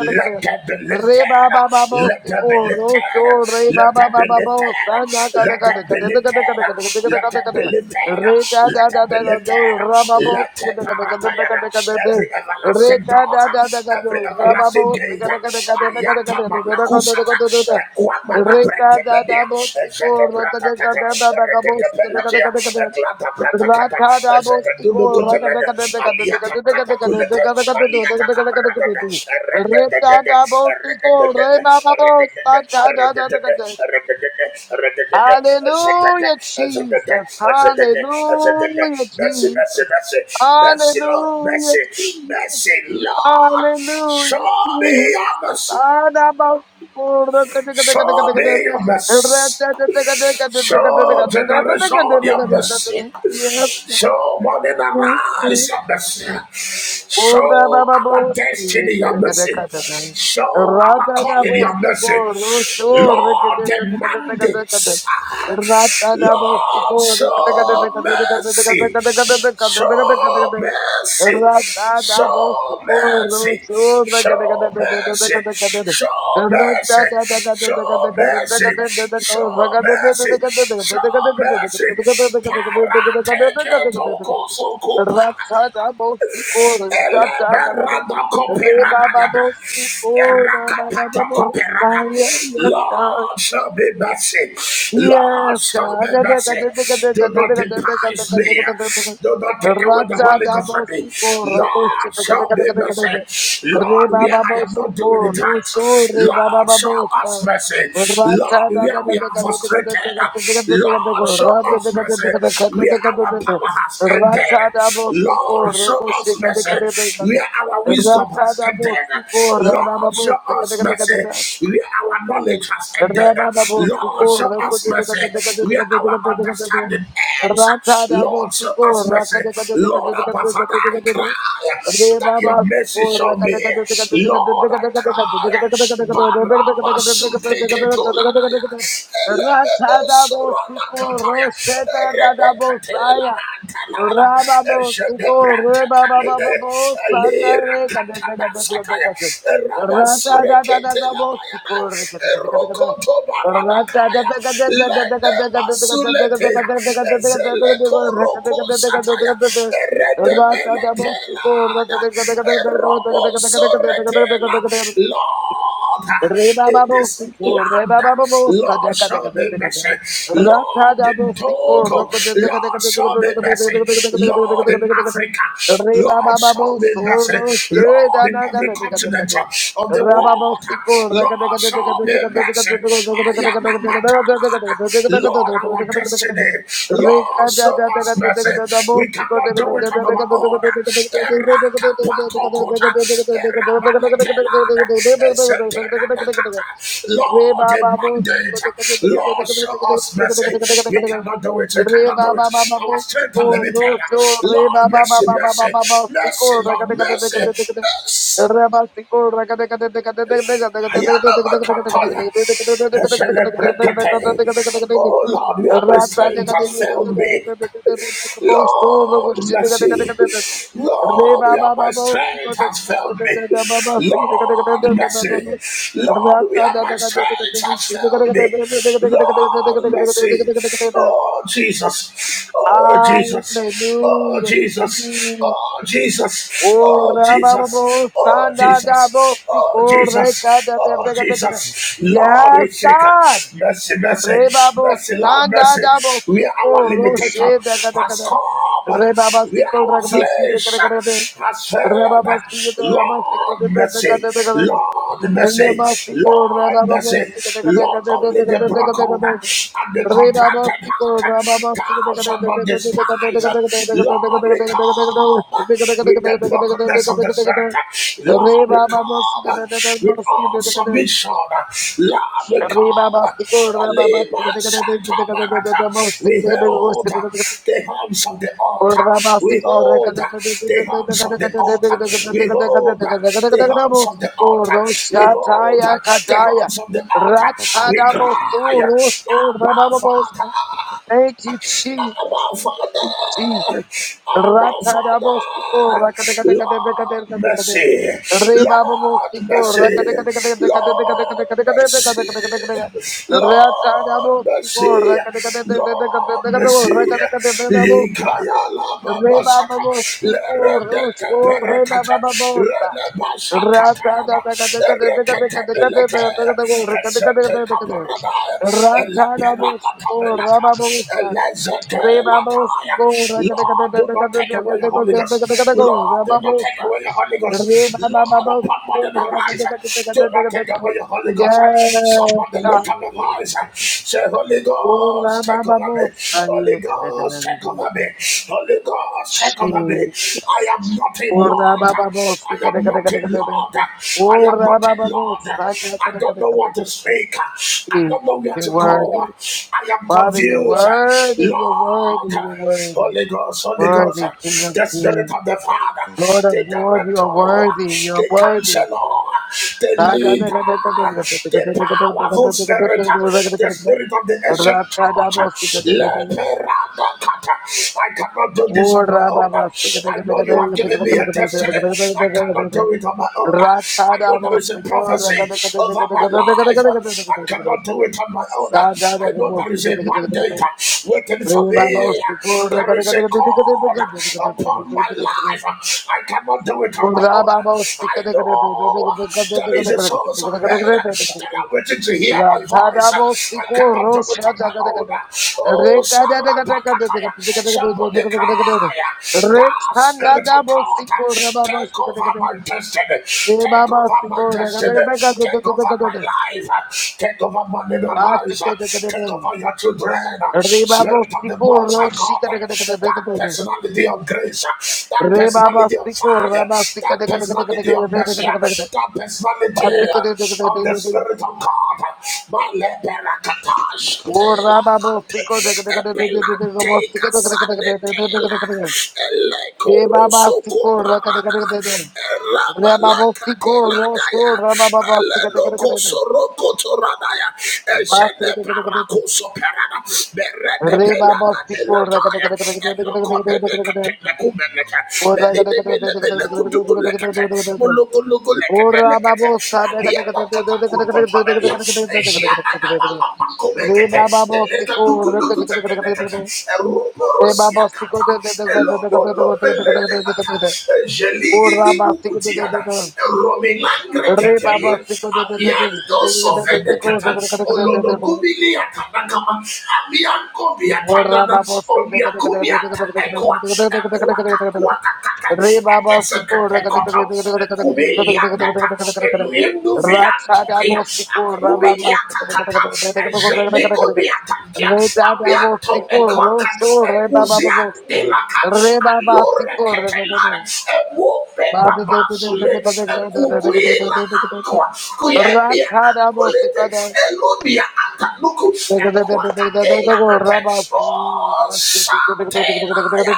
S2: let them be lifted.
S1: Re ba ba ba bo
S2: Let
S1: si
S2: them be
S1: ko ro sho re
S2: lifted.
S1: ba
S2: Let
S1: ba
S2: them
S1: ba
S2: be
S1: ba bo sa na
S2: lifted.
S1: ka da
S2: Let
S1: ka
S2: them
S1: da ka
S2: be
S1: da da ka da ka da ka
S2: lifted.
S1: da ka da ka
S2: Let
S1: da
S2: them
S1: ka da
S2: be lifted.
S1: re da da
S2: Let
S1: da
S2: them be
S1: da da do
S2: lifted.
S1: ra ba bo
S2: Let
S1: si
S2: them
S1: ka da
S2: be
S1: ka da ka da ka da ka
S2: lifted.
S1: da da
S2: Every
S1: re
S2: everlasting
S1: ka
S2: door,
S1: da da da da
S2: every
S1: do ra ba
S2: everlasting
S1: bo si
S2: gate.
S1: ka da ka da ka da ka da ka
S2: Ayata
S1: da da da ka da
S2: Malakusa
S1: ka da da
S2: Equamana
S1: re ka da da
S2: Brentelemia,
S1: bo si
S2: Ezeta
S1: ko ro ka da ka
S2: Bratacata,
S1: da da da ka bo si ka da
S2: Erecatapelatia,
S1: ka da ka da
S2: Eclata Bratacata,
S1: Hallelujah,
S2: Ezeta Dunugutelena, Aliata Cataculeta, Aliata Caparada, Erecatadede, Erecatadede, Erecatadede, Erecatadede, Erecatadede, Erecatadede, Ezeta, Ezeta,
S1: Jesus.
S2: Ezeta, Ezeta,
S1: Hallelujah,
S2: Mercy, mercy,
S1: Jesus.
S2: mercy, mercy, Lord,
S1: Hallelujah,
S2: mercy,
S1: Jesus.
S2: mercy, Lord. Show
S1: Hallelujah,
S2: me
S1: Jesus.
S2: your mercy. Show me your mercy. Show generation your mercy. Show morning
S1: Yes, yes.
S2: arise your mercy.
S1: Kurda
S2: Show
S1: baba
S2: our
S1: bosi
S2: destiny your
S1: kada kada
S2: mercy.
S1: kada kada.
S2: Show our
S1: Rata da
S2: calling your
S1: bosi
S2: mercy.
S1: ko rushur
S2: Lord,
S1: kada kada
S2: the
S1: kada kada kada.
S2: mandates.
S1: Rata da bosi
S2: Lord,
S1: ko kada kada kada kada
S2: show
S1: kada kada
S2: mercy.
S1: kada kada kada kada
S2: Show
S1: kada.
S2: mercy.
S1: Rata da
S2: Show
S1: bosi ko
S2: mercy,
S1: rushur kada
S2: show
S1: kada kada kada
S2: mercy,
S1: kada kada.
S2: show
S1: Rata
S2: mercy,
S1: da da kada kada
S2: show
S1: kada kada
S2: mercy,
S1: kada kada
S2: show
S1: ko kada kada kada
S2: mercy,
S1: kada
S2: show
S1: kada kada kada kada
S2: mercy.
S1: kada kada kada
S2: Parate ke
S1: kada kada kada
S2: toko
S1: kada Yes,
S2: suku Eleberada koperada yada. Erakapata
S1: God.
S2: Lord, show me mercy. Lord,
S1: Yes,
S2: show me
S1: God.
S2: mercy. Do not despise me. Do not take away the
S1: Racha
S2: Holy Ghost from
S1: dabo
S2: me.
S1: siko rapo
S2: Lord,
S1: chika kada
S2: show
S1: kada
S2: me
S1: kada kada
S2: mercy.
S1: kada. Re
S2: Lord, where
S1: baba
S2: I
S1: babo
S2: am not doing
S1: siko
S2: it right.
S1: ruso re baba
S2: Lord, show
S1: babo
S2: us
S1: sa.
S2: mercy. Lord,
S1: Racha dada
S2: where we
S1: kada
S2: are
S1: kada kada kada
S2: frustrated.
S1: kada kada kada kada
S2: Lord,
S1: ko
S2: Lord, show us mercy where
S1: racha
S2: our
S1: kada
S2: power has ended.
S1: Ratsa kada kada kada kada kada kada. Racha dabo siko
S2: Lord, show
S1: rapo
S2: us
S1: chika kada kada kada
S2: mercy
S1: kada.
S2: where our wisdom
S1: Racha
S2: has ended.
S1: dabo siko re baba
S2: Lord,
S1: babo
S2: show
S1: kada
S2: us
S1: kada kada
S2: mercy
S1: kada.
S2: where our knowledge has ended.
S1: Racha da
S2: Lord, show us mercy where our understanding ends. Lord, show us mercy. Lord, Abba Father, I cry that your mercy show me. Lord, I cry. Barabasute ketolanaya. Elemebo Sorana
S1: Ratsadabosiko,
S2: kataya,
S1: Rosheta
S2: Rebecatela
S1: Dadabosaya,
S2: Antanada,
S1: Rababosiko,
S2: Jedebranta Kalide,
S1: rebabababo,
S2: lira
S1: sanare, kadete,
S2: katana
S1: kadete, kadete, kadete.
S2: Elememosoranakataya, Erebekatelaantalada, Eshebebrantakalede, Elirakatadasataya,
S1: Ratadadadadabosiko,
S2: Erabasureketelabayada,
S1: rekete, kete, kete, kete.
S2: Erokotobaradakaya,
S1: Ratadada, kadete, kadete, kadete, kadete, kadete,
S2: Ledebasuleteya,
S1: kadete, kadete, kadete, rekete,
S2: Ezelekorokosa.
S1: kadete, kadete,
S2: Sataya,
S1: kadete. Ratadabosiko,
S2: Redemeletelada,
S1: rekete, kete, kete, kete, kete, kete, kete, kete,
S2: Robo
S1: kete, kete, kete, kete, kete.
S2: Soretela. Lord, in this land, Lord, show me mercy. Lord, in Togo, Lord, show me mercy. Lord, in Africa, Lord, show me mercy. Lord, in every continent of the world, Lord, show me mercy. I am a matalada. Lord, Lord, our destiny. Lord, show us mercy. We cannot do it on our own. Erakapatokota, erabanekelada, eseteranekata. Lord, a mandate. Lord, show us mercy. We cannot do it. We cannot do it. Our strength is limited. Lord, mercy, mercy, mercy, Lord, mercy, mercy. Ayanamakataya. Eshelebrekete.
S1: Re
S2: Oh Lord, where my
S1: Hallelujah.
S2: strength has failed me. Lord, mercy. Lord, we are my strength has failed me. Lord, mercy. Lord, we are my strength has failed me. Lord, mercy. Oh, Jesus. Oh, Jesus. Oh, Jesus. Oh, Jesus.
S1: Oh,
S2: Oh, Jesus.
S1: Rababo,
S2: Oh,
S1: Sanda, Dabo,
S2: Jesus. Oh,
S1: Sikor,
S2: Jesus. Oh,
S1: Reka,
S2: Jesus. Lord. Lord, we
S1: Yes,
S2: seek
S1: God.
S2: mercy, mercy,
S1: Rebabo,
S2: mercy, Lord,
S1: Sanda,
S2: mercy.
S1: Dabo,
S2: Where our
S1: Sikor,
S2: limitation
S1: Roshe,
S2: has
S1: Re baba
S2: come, where
S1: siko re
S2: our
S1: baba siko kare
S2: flesh
S1: kare de.
S2: has
S1: re
S2: failed,
S1: baba siko
S2: Lord, mercy, Lord, mercy,
S1: re
S2: Lord, mercy, Lord, only the broken and the contracted heart, thousand on despise, Lord, we come with the brokenness of the spirit. Lord, we
S1: baba
S2: come with
S1: siko
S2: all
S1: de,
S2: submission. Lord, we come.
S1: Rebabasico,
S2: Alima
S1: Rabasite, Gregade,
S2: Santa
S1: Rabasite, Rabasico, the Decade, and the Masico, Rababasico, the Decade, Rebabasico, Rababasico, the Decade, the
S2: Barata.
S1: Decade,
S2: We hold
S1: the Decade,
S2: the hands of the altar. We hold the hands of the altar. We hold the hands of the altar. We hold the hands of the altar. We cry, Abba Father. Abba Father, Abba Father, Lord mercy, Lord mercy, Lord mercy, Lord mercy, Lord mercy. Ikaya la
S1: Yes,
S2: baba saka,
S1: God.
S2: lerede keperekete, rede basaka tayana, erekete belete, esete kaparada, ele peraka kabelata, Lord, do not take away your Holy Ghost. Lord, do not take away your Holy Ghost. Lord, upon my eyes. Do not take away your Holy Ghost. Somebody lift up your eyes. Say, Holy Ghost, take over me. Holy Ghost, take over me. Holy Ghost, take over me. I
S1: Jesus.
S2: am not in
S1: Ora
S2: Lord.
S1: baba bo,
S2: I
S1: sika
S2: am
S1: deka deka
S2: not
S1: deka
S2: in
S1: deka.
S2: Lord. I am
S1: Ora
S2: not in
S1: baba bo,
S2: Lord. I
S1: saka deka deka
S2: don't know
S1: deka
S2: what to
S1: deka.
S2: speak. I
S1: Jesus,
S2: don't know where to
S1: you're
S2: go.
S1: worthy.
S2: I am confused
S1: Father, you're
S2: confused.
S1: worthy, you're worthy,
S2: Lord,
S1: you're worthy.
S2: Holy Ghost, Holy Ghost,
S1: Worthy, King of
S2: the Spirit
S1: Kings.
S2: of the Father,
S1: Lord of
S2: the
S1: Lords, you
S2: Director,
S1: are worthy, you are
S2: the
S1: worthy.
S2: Counselor, the
S1: Saka
S2: Leader,
S1: deka deka deka deka
S2: the
S1: deka deka deka
S2: Powerful
S1: deka deka
S2: Spirit,
S1: deka deka
S2: the
S1: deka deka.
S2: Spirit of the Ancient Church.
S1: Rapsa dabo, sika deka deka.
S2: Leperadakata. I cannot do this on my
S1: Ora
S2: own.
S1: baba, sika
S2: I
S1: deka
S2: know
S1: deka
S2: you
S1: deka
S2: have
S1: deka
S2: given me
S1: deka
S2: a
S1: deka
S2: destiny.
S1: deka
S2: I
S1: deka deka
S2: cannot
S1: deka.
S2: do it on my own. I
S1: Ratada
S2: know there
S1: most
S2: is a
S1: the corner the
S2: prophecy
S1: cut
S2: over my life. I
S1: the
S2: cannot do it on my own.
S1: Sada
S2: I know
S1: most
S2: there is a mandate uh, waiting for
S1: Rebabos
S2: me.
S1: record
S2: There is
S1: the
S2: a call
S1: corner
S2: uh, upon my life. I cannot do it on my own.
S1: Murababos the
S2: I know uh, there is a source of men uh, that are waiting to hear my
S1: Ratada
S2: voice.
S1: most the
S2: I
S1: core
S2: cannot do it on
S1: Roshata
S2: my own. Oh, Sarapakataya, somebody
S1: Rekada
S2: cry. The
S1: Rechanda
S2: Spirit of
S1: double
S2: God, uh,
S1: sickle, Rababos,
S2: take over my destiny. Take over my destiny. Take over my
S1: Rebabas,
S2: life. Take over my living
S1: Básico de
S2: arise, take
S1: Kedeben.
S2: over your children, Spirit
S1: Rebabo
S2: of the
S1: Sico
S2: Most High God,
S1: Rochica de
S2: that
S1: Kedeben.
S2: personality of grace, that
S1: Rebaba
S2: personality of
S1: Sico
S2: fire,
S1: Rabasica
S2: that
S1: de Kedeben.
S2: personality of mercy, that personality
S1: Básico de
S2: of the
S1: Kedeben.
S2: Spirit of God, my leperakatash
S1: O
S2: tela,
S1: Rababo Sico de Kedeben.
S2: epelanteka sanetela,
S1: Rebaba
S2: elekoroso
S1: Sico Raca de
S2: koparana,
S1: Kedeben. Rebabo Sico Rocho Rababa
S2: rabalakateladaya,
S1: Sica de Kedeben.
S2: Lelokoso rokoto radaya.
S1: Básico
S2: Eshene
S1: de Kedeben.
S2: parakoso perada. Berede
S1: Rebaba
S2: pelaga de la
S1: Sico Raca de
S2: taya. Eloko de nekete nekumeneke. Belini mele mele kuduku lekete.
S1: Kedeben.
S2: Muluku luku lekete
S1: Ora
S2: lekete.
S1: babo sa de de
S2: Alia
S1: de de de
S2: bakata
S1: de de
S2: kurukoto
S1: de
S2: melia.
S1: de
S2: Ejiana na
S1: de de
S2: mama
S1: Re
S2: makumekete.
S1: babo
S2: Eleka
S1: siko
S2: duku
S1: re de de
S2: duku
S1: de
S2: teke
S1: de de de
S2: nekete.
S1: de
S2: Eruporo
S1: Re babo siko de de de de
S2: siakata
S1: de
S2: lopelele
S1: de
S2: kata
S1: de de
S2: jeligi
S1: Ora babo siko de de de
S2: libukutiada
S1: de
S2: romilandre
S1: Re babo
S2: ketelia
S1: siko de de de de
S2: amianto sovede
S1: de
S2: kata
S1: de de de
S2: olologubili atanakama amianko
S1: Ora
S2: biatanana
S1: babo siko de de de de
S2: omiakumi ata ekwa
S1: de
S2: ekwa
S1: de de de
S2: kakwa and
S1: Re Baba
S2: that's a category,
S1: Sikur Ratabo
S2: and Kubi Yangata, and Luendu Viantokia,
S1: Sikur
S2: and Kubi
S1: Rababa
S2: Yakata, and Jeneko Biatantia, and
S1: Retabo
S2: Bianto, and
S1: Sikur
S2: Quakat,
S1: Rosho Re
S2: and
S1: Baba
S2: Muzian de
S1: Re Baba Sikur
S2: À la Kuya,
S1: Ratabo
S2: Colete,
S1: Sikada
S2: Elonia, Ataluku, and Quatatela, Atexpo, Satelaya.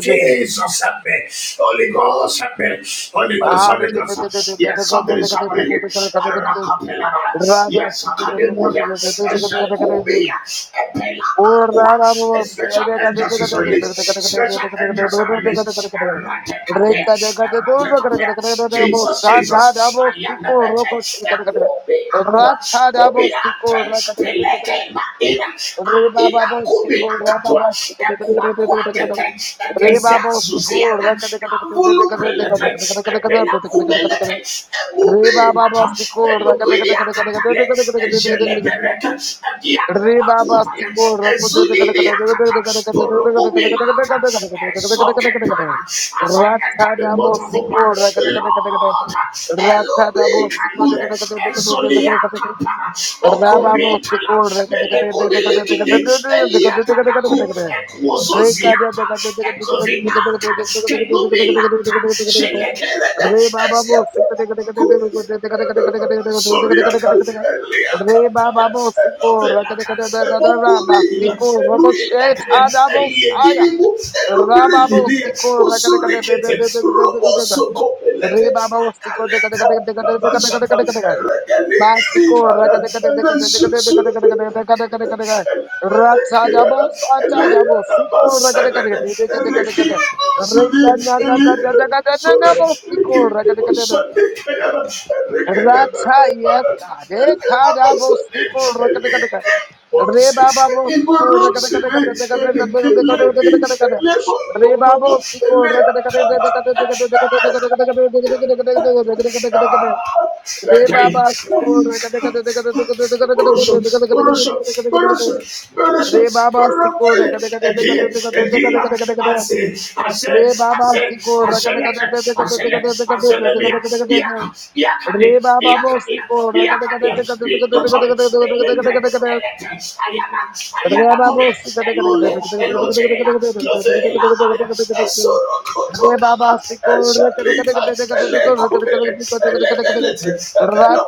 S2: Jesus, help me. Holy Ghost, help me. Holy Ghost, Holy Ghost. Yes, something is happening here.
S1: Rabba
S2: Arakapela,
S1: Re
S2: yes, Akademonia, Ezekubia, Epela, and special angels is released. Special angels are released. And I take up here. And I take up here. Jesus, Jesus. I am the better. And go be aqua. Go be ante. Peleke ma ina. Ah, Ina kumi akatua. And kwa kwa kete. And kezia Susiana. Avulu pelete. And pela kumelete. And
S1: Re
S2: mube
S1: Baba Baba,
S2: ilata.
S1: Sikora,
S2: Beluguidi akatale. And jelebereke. And diana.
S1: Rata
S2: Bakutaya, Ezulini Akata, Borobumi Lata, Ezokepara, as I enter the month of Oba, Lord, Elumi Kalule, Ezolia Kapara, Okomi Tala, Melekumi Likini, Eliata Daku, Ekwozoziata, Ekovinata, Kenumi Lata,
S1: रे
S2: Shelekerede,
S1: बाबा वो सिंह कटे कटे कटे कटे कटे कटे कटे कटे कटे
S2: Sorry, I
S1: कटे कटे कटे कटे कटे
S2: can't.
S1: कटे रे बाबा वो सिंह को रकटे कटे कटे कटे बाबा सिंह को रको शेठ आदा वो साया रा बाबा वो सिंह को रकटे कटे कटे कटे कटे कटे कटे कटे रे बाबा वो सिंह को कटे कटे कटे कटे कटे कटे कटे कटे कटे बा सिंह को रकटे कटे कटे कटे कटे कटे कटे कटे
S2: Thank
S1: कटे कटे कटे कटे कटे राजा जाबो अच्छा जाबो सिंह को रकटे कटे कटे कटे कटे कटे रे कन्या जा जा जा जा ना वो सिंह को रकटे कटे Ratayat kade kada bosiko rakadakadaka. Re baba bosiko rakadakadakadakadakadakadakadakadakadakadakadakadakada. Re baba bosiko
S2: Ele
S1: rakadakadakadakadakadakadakadakadakadakadakadakadakadakadakadakada.
S2: I
S1: Re
S2: said,
S1: baba siko rakadakadakadakadakadakadakadakadakadakadakadakadakadakada. Re baba siko rakadakadakadakadakadakadakadakadakada. Re baba siko rakadakadakadakadakadakadakadakadakada. Re baba bosiko, re baba bosiko,
S2: I
S1: re
S2: ayana,
S1: baba bosiko, racha
S2: come,
S1: bosiko, re
S2: Elohim, Nothing, Esorokotopa, Eshalita, Elekubele, Elebelete,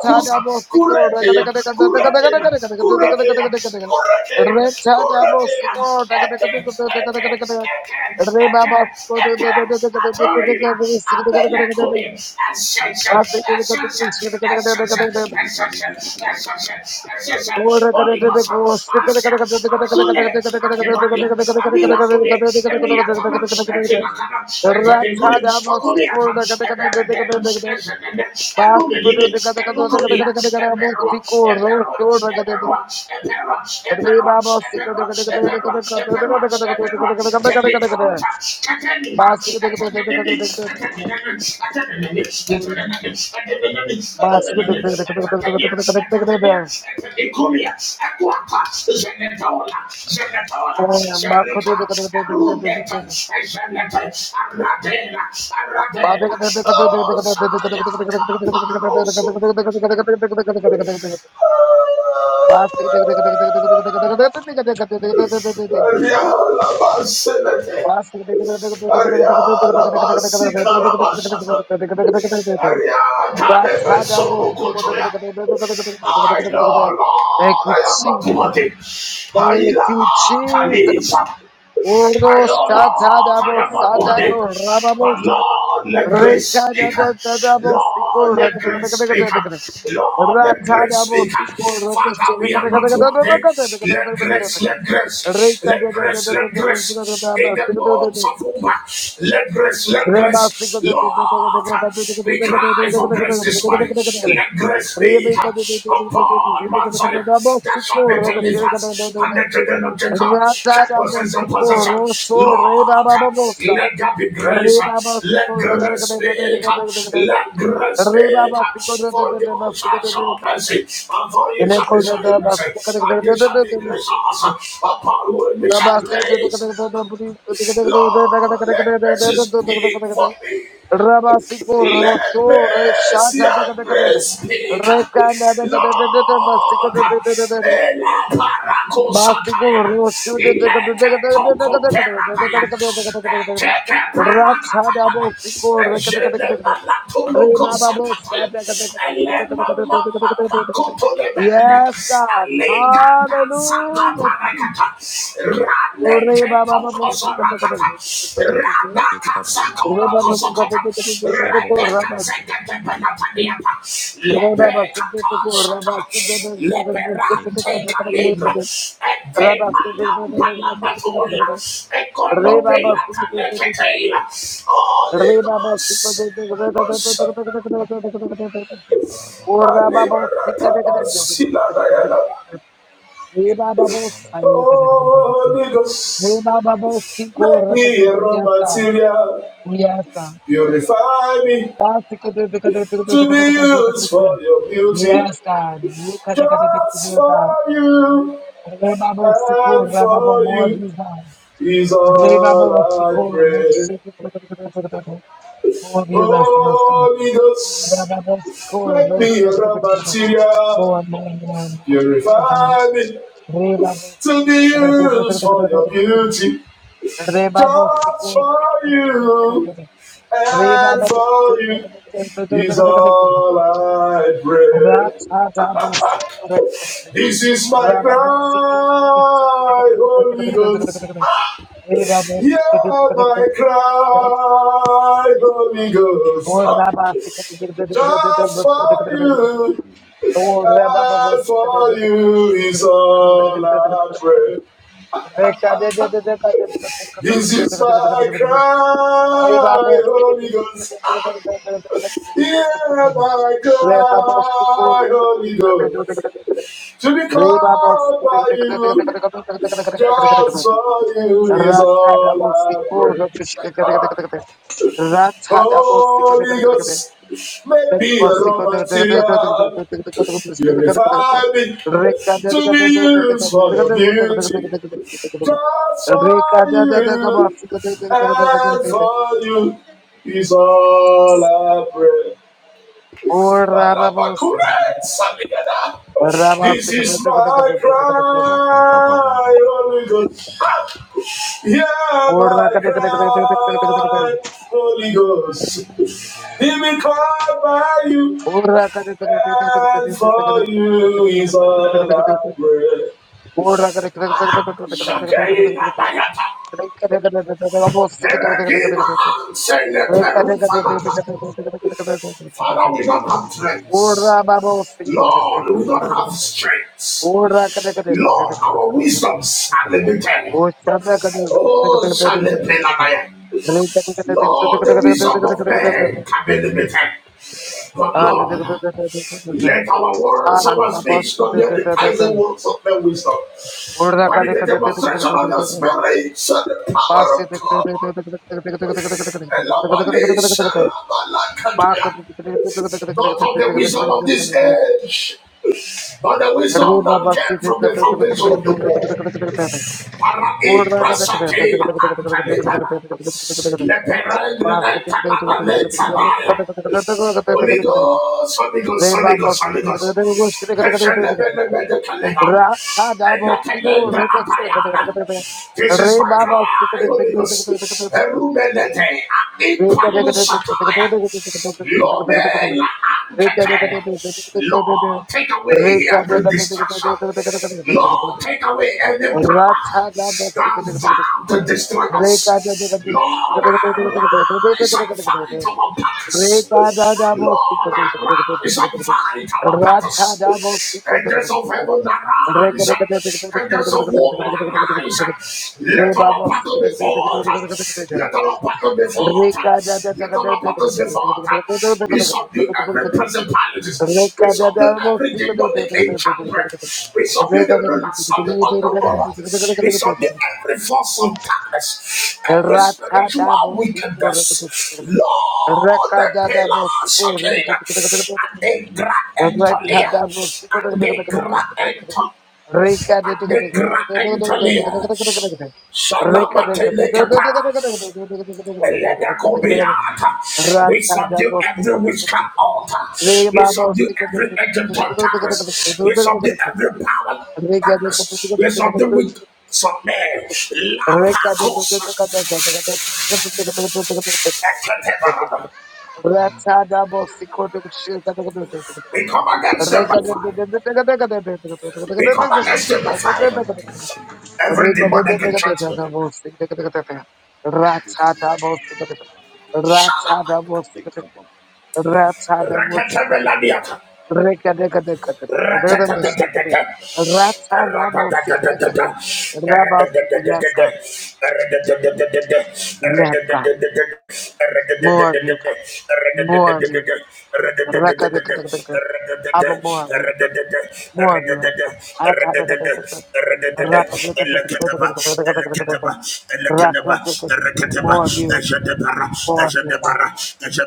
S1: cha bosiko, re
S2: Kurekeya, Kurekeya, Kurekeya, Kurekeya, Kurekeya, Eke, Eke, Eke, Eke, Eke, Atoila, Abelekube, Esensha,
S1: baba bosiko, Basic
S2: Holy Ghost, Asia, Asule, Akebania, Abila Kune, Emiatama, Etinakana, Etanigune, Okuliata, Eberedena, Ezenene, Elumilini, Elukulia, Eberua, Eberua, Eberua, Eberua, Eberua, Eberua, Eberua, Eberua, Eberua, Oh,
S1: Thank you, Jesus.
S2: Sayaka Paroso. Ariala Baselete. Ariala Basikarabashata. Ariata Nebe Soro Kotoya. I know,
S1: Thank
S2: Lord, I am not worthy. Haila
S1: you, Jesus.
S2: Atalisa. I
S1: Oro
S2: know, Lord,
S1: shata dabo
S2: I am not
S1: sadako
S2: worthy, but
S1: rababosa.
S2: Lord, let grace
S1: Reka da
S2: speak.
S1: da da dabo
S2: Lord,
S1: siko reka
S2: let
S1: da
S2: grace
S1: da da
S2: speak.
S1: da da da. Reba
S2: Lord, let grace speak. Father, we are not worthy. Let grace, let grace, let grace, let grace. In the bones of Uber, let grace, let grace. Lord, we cry for grace this morning. Let grace be upon Mount Zion. That shall be deliverance. And the children of Jacob shall possess the possession. Lord, let there be grace. Let grace be. Let grace be. For you shall show mercy. And for you
S1: Rabastik
S2: shall be shown mercy. And you shall be gracious upon whom you shall grace. Lord, let mercy speak for me. Let mercy and grace speak. Lord, Ela
S1: Basico
S2: Paracosataya,
S1: roasted the
S2: Eleke Toko Peragaya, Eteke Paracataya,
S1: Ratsadabo Fico
S2: Ejele
S1: Recatecate.
S2: Balatologo
S1: Rebababo
S2: Sataya,
S1: Sata.
S2: Elema Mama Pacoto de Berede,
S1: Yes, God. Hallelujah.
S2: Aleganda Leperante calibra e te manamba la
S1: Jesus.
S2: batola e
S1: Re
S2: conobbe
S1: Baba
S2: la
S1: Sikh.
S2: talecateira. Holy
S1: Re Baba Sikh. Or
S2: Ghost.
S1: the Baba Sikh. Re Baba Sai.
S2: Holy Ghost.
S1: Re Baba
S2: Make me a raw
S1: Rakadeska.
S2: material,
S1: Yes, God.
S2: purify me to be used for your beauty.
S1: Yes, God. Yes,
S2: Just for
S1: God.
S2: you
S1: Re Baba Sikur,
S2: and
S1: Re Baba
S2: for
S1: more of
S2: you
S1: you, God.
S2: is
S1: Re
S2: all
S1: Baba
S2: I
S1: Sikur,
S2: pray.
S1: more of you, less of us, God.
S2: Holy
S1: More,
S2: Ghost,
S1: more,
S2: make me a raw material,
S1: more, more, more, God.
S2: purify me
S1: Reba
S2: to be used for your beauty. Just for you and for you is all I pray. This is my cry, Holy Ghost. Yeah, my cry, Holy Ghost. Ah, Just
S1: Reba
S2: for you
S1: Ratha
S2: and for you is all I pray. This is my cry, Holy Ghost. Yeah, my cry, Holy Ghost. To be called by you, just for you is all I pray.
S1: double
S2: Holy because
S1: Rekka
S2: make me a raw material, purify me to be used for your beauty, just for you and for you is all I pray. This is my cry, Holy Ghost. Hear my cry, Holy Ghost. Leave me called by you, and for you is all I pray. Shakaina Bayata, Peregina Ansele
S1: Ora
S2: Perufamata. Father, we don't have
S1: babo
S2: strength.
S1: sing.
S2: Lord, we don't have
S1: Ora kada
S2: strength.
S1: kada.
S2: Lord, our wisdoms are limited.
S1: Ochada kada.
S2: Oh, Shalepelanaya. Lord, the wisdom of man can be limited. But
S1: And
S2: Lord, let our words,
S1: ah,
S2: our
S1: my
S2: speech, not be the enticing words of their wisdom.
S1: Ora
S2: But
S1: kada
S2: in the
S1: kada.
S2: demonstration of your spirit, shall the
S1: Pass
S2: power
S1: it.
S2: of God, and our nation, our land, continue. not of the wisdom of this
S1: Park.
S2: age, but the
S1: Arre
S2: wisdom that
S1: baba
S2: came
S1: sete
S2: from
S1: kata
S2: the
S1: kata kata kata
S2: foundation
S1: kata
S2: of the
S1: kata
S2: world.
S1: kata kata kata kata.
S2: Para
S1: Orda kata kata kata
S2: ikrasatela
S1: kata kata kata kata kata kata kata
S2: antalebala.
S1: kata kata kata.
S2: Leperendre
S1: Pas sete kata kata kata kata kata kata
S2: antanabaletabaya.
S1: kata kata kata kata kata
S2: Holy
S1: kata kata kata kata.
S2: Ghost, Holy
S1: Re
S2: Ghost, Holy
S1: baba
S2: Ghost,
S1: sete
S2: Holy
S1: kata
S2: Ghost.
S1: kata kata kata Sita kata kata kata kata kata. Kata. Ra cha da baba sete ko ro baba sete kata kata kata kata.
S2: This
S1: Re
S2: is my
S1: baba sete ko
S2: cry,
S1: kata kata
S2: Holy
S1: kata kata kata
S2: Ghost.
S1: kata kata.
S2: Erumelete
S1: Re kata kata kata kata kata
S2: anipalusataya.
S1: kata kata kata kata kata. Kata Kata. Re kata kata kata kata kata kata kata. Kata.
S2: Lord, take
S1: Re
S2: away
S1: Kata
S2: every
S1: Kata Kata Kata
S2: distraction.
S1: Kata Kata Kata Kata Kata.
S2: Lord, take away any
S1: Rekha
S2: power that vowed to destroy us. Lord, arise and fight our battles. Lord, arise and fight our battles. Angels of heaven, arise. Angels of war, arise. Let our battle be fought. Let our battle be fought. Let the Lord of result. We subdue every principalities. We subdue every demonic enchantment. We subdue the rulers of the underworld. We subdue every force of darkness.
S1: Rekha
S2: Every spiritual wickedness. Lord, the pillars of Kena, And they grant and Tolia. And they grant and Tolia. And they grant and Tolia. Shanamatele kapara. Let there go be We subdue every witchcraft altar. We subdue every agent of darkness. We subdue every power of darkness. We subdue with some man. La
S1: Ratana
S2: Pacos. We come against them by fire. We come against them by fire. Every demonic enchantment. Shalom. Rakete
S1: Mosika, Rabat, yes, God. Yes, God. More of you, God. More of you. Rakadakadakadakada. Abba, more of you. More of you, Abba. Atadakadakadakada. Rakadakadakadakadakadakadakadakada. Rakadakadakada. More of you. More of you, God.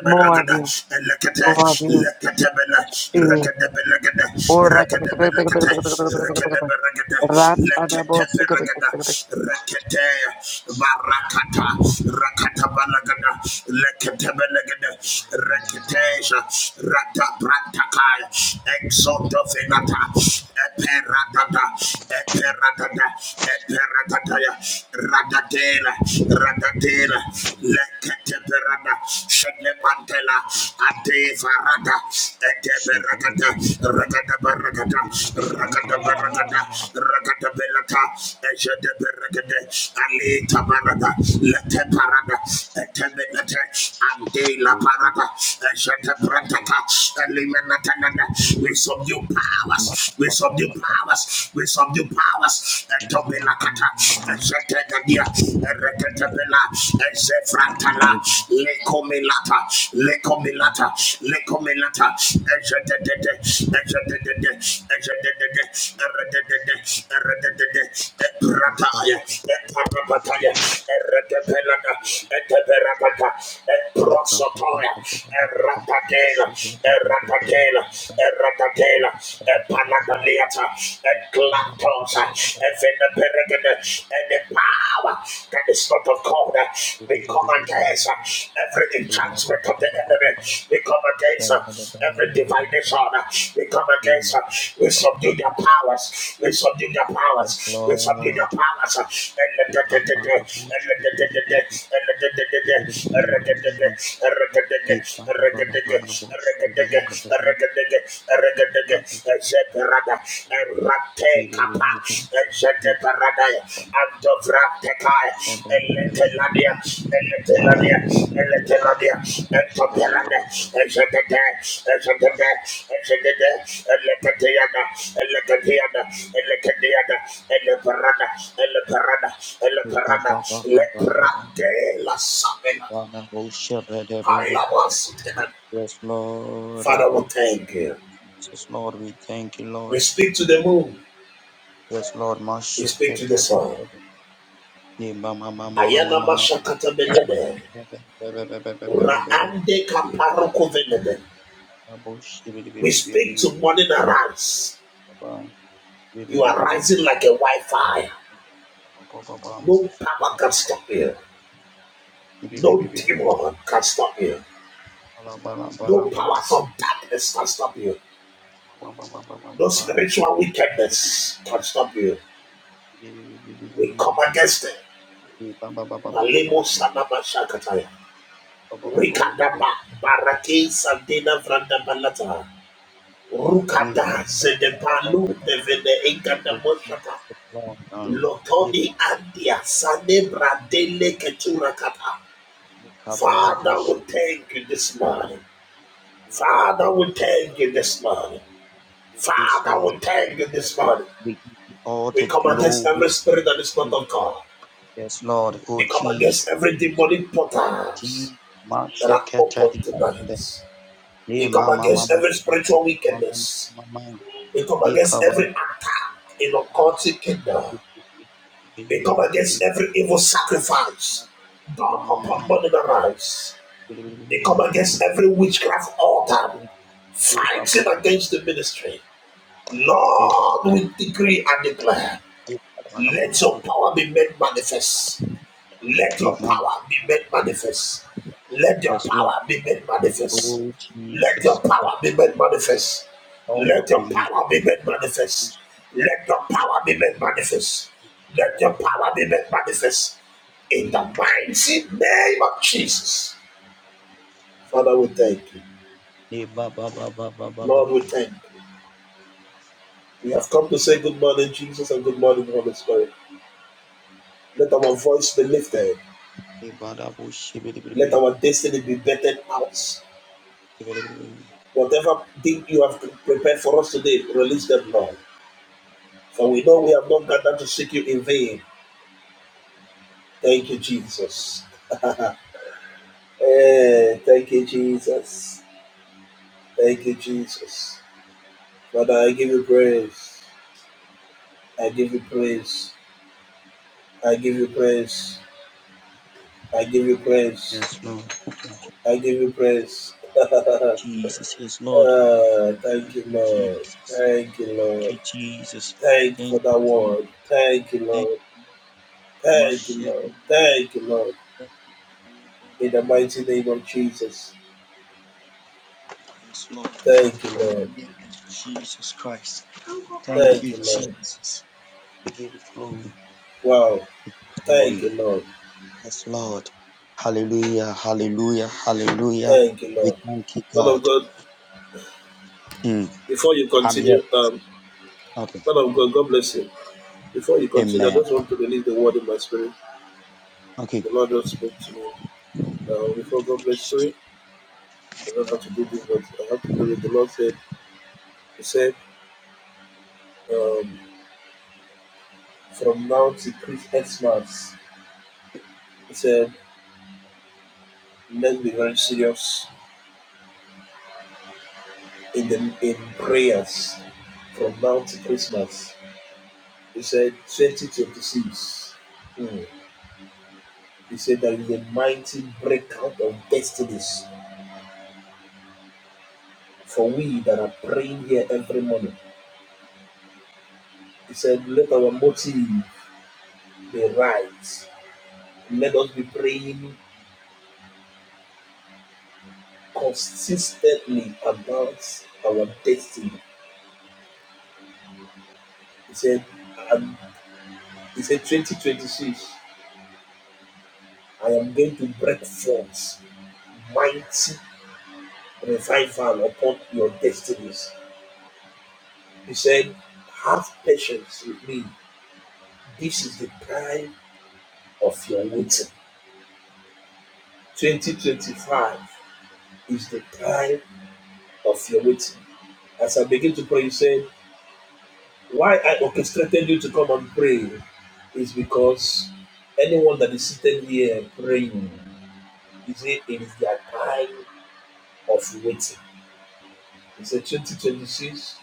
S1: More of you.
S2: Lekete,
S1: More of you.
S2: leketebele,
S1: Jesus.
S2: rekedebelegede,
S1: Or
S2: rekedebelegede,
S1: rakadakadakadakadakadakadakada.
S2: rekedebelegede, leketebelegede, rekete, barakata, rakatabalagada, leketebelegede, reketeja, radabrantakaya, exotofinata, eperadada, eperadada, eperadadaya, radadela, radadela, Leketeberada, Shedepantela, Adevarada, Eteberagada, Ragadabaragada, Ragadabaragada, Ragadabelata, Ejedeberagade, Alita Barada, Leteparada, Etebelete, Andela Parada, Ejedebrataka, Elimenatanada, we subdue powers, we subdue powers, we subdue powers, Etobelakata. Zetegadia, Reketabela, Zefratala, Lekomilata, Lekomilata, Lekomilata, Ezetete, Ezetete, Ezetete, Eretete, Eretete, Eprataya, Epapapataya, Eretepelada, Eteperapata, Eprosotoya, Erapatela, Erapatela, Erapatela, Leata, and Clantos, and Vena Peregrine, and the power that is not of God. We come against every enchantment of the enemy. We come against every divination. We come against, we subdue their powers. We subdue their powers. We subdue their powers. And let the and let the and let the and let the and let the Father, we thank you. We speak to the moon. We speak to the sun. Ayana mashakata belede. Raande kaparoko velede. We speak to morning arise. You are rising like a white fire. No power can stop you. No demon can stop you. No powers of darkness can stop you. No spiritual wickedness can stop you. We come against it. Malemo sanama shakataya. Rikadaba barake sandina vranda balata. Rukada Zedepalu Devede Ekadamoshata Lotoni Andia Sane Bradele Keturakata. Father, we thank you this morning. Father, we thank you this morning. Father, we thank you this morning. We come against every spirit that is not of God. We come against every demonic portals that are open tonight. We come against every spiritual wickedness. We come against every attack in the occultic kingdom. They come against every evil sacrifice done upon money that rise. We come against every witchcraft altar fighting against the ministry. Lord, we decree and declare, let your power be made manifest let your power be made manifest. Let your power be made manifest. Let your power be made manifest. Let your power be made manifest. Let your power be made manifest. Let your power be made manifest. In the mighty name of Jesus. Father, we thank you. Lord, we thank you. We have come to say good morning, Jesus, and good morning, Holy Spirit. Let our voice be lifted. Let our destiny be bettered out. Whatever thing you have prepared for us today, release them, Lord. For we know we have not gathered to seek you in vain. Thank you, Jesus. Eh, thank you, Jesus. Thank you, Jesus. Father, I give you praise. I give you praise. I give you praise. I give you praise. I give you praise. Ah, thank you, Lord. Thank you, Lord. Thank you for that word. Thank you, Lord. Thank you, Lord. Thank you, Lord. In the mighty name of Jesus. Thank you, Lord. Thank you, Lord. Wow. Thank you, Lord. Thank you, Lord. Man of God, before you continue, um, man of God, God bless you. Before you continue, I just want to release the word in my spirit. The Lord just spoke to me. Now, before God bless you, I don't have to do this, but I have to do it. The Lord said, He said, um, from now to X months, He said, men be very serious in the in prayers from now to Christmas. He said 2026. Hmm. He said there is a mighty breakout of destinies for we that are praying here every morning. He said, Let our motive be right. Let us be praying consistently about our destiny. He said, and he said 2026, I am going to break forth mighty revival upon your destinies. He said, Have patience with me This is the prime of your waiting. 2025 is the prime of your waiting. As I begin to pray, you said, Why I orchestrated you to come and pray is because anyone that is sitting here praying, you say it is their time of waiting. He said, 2026,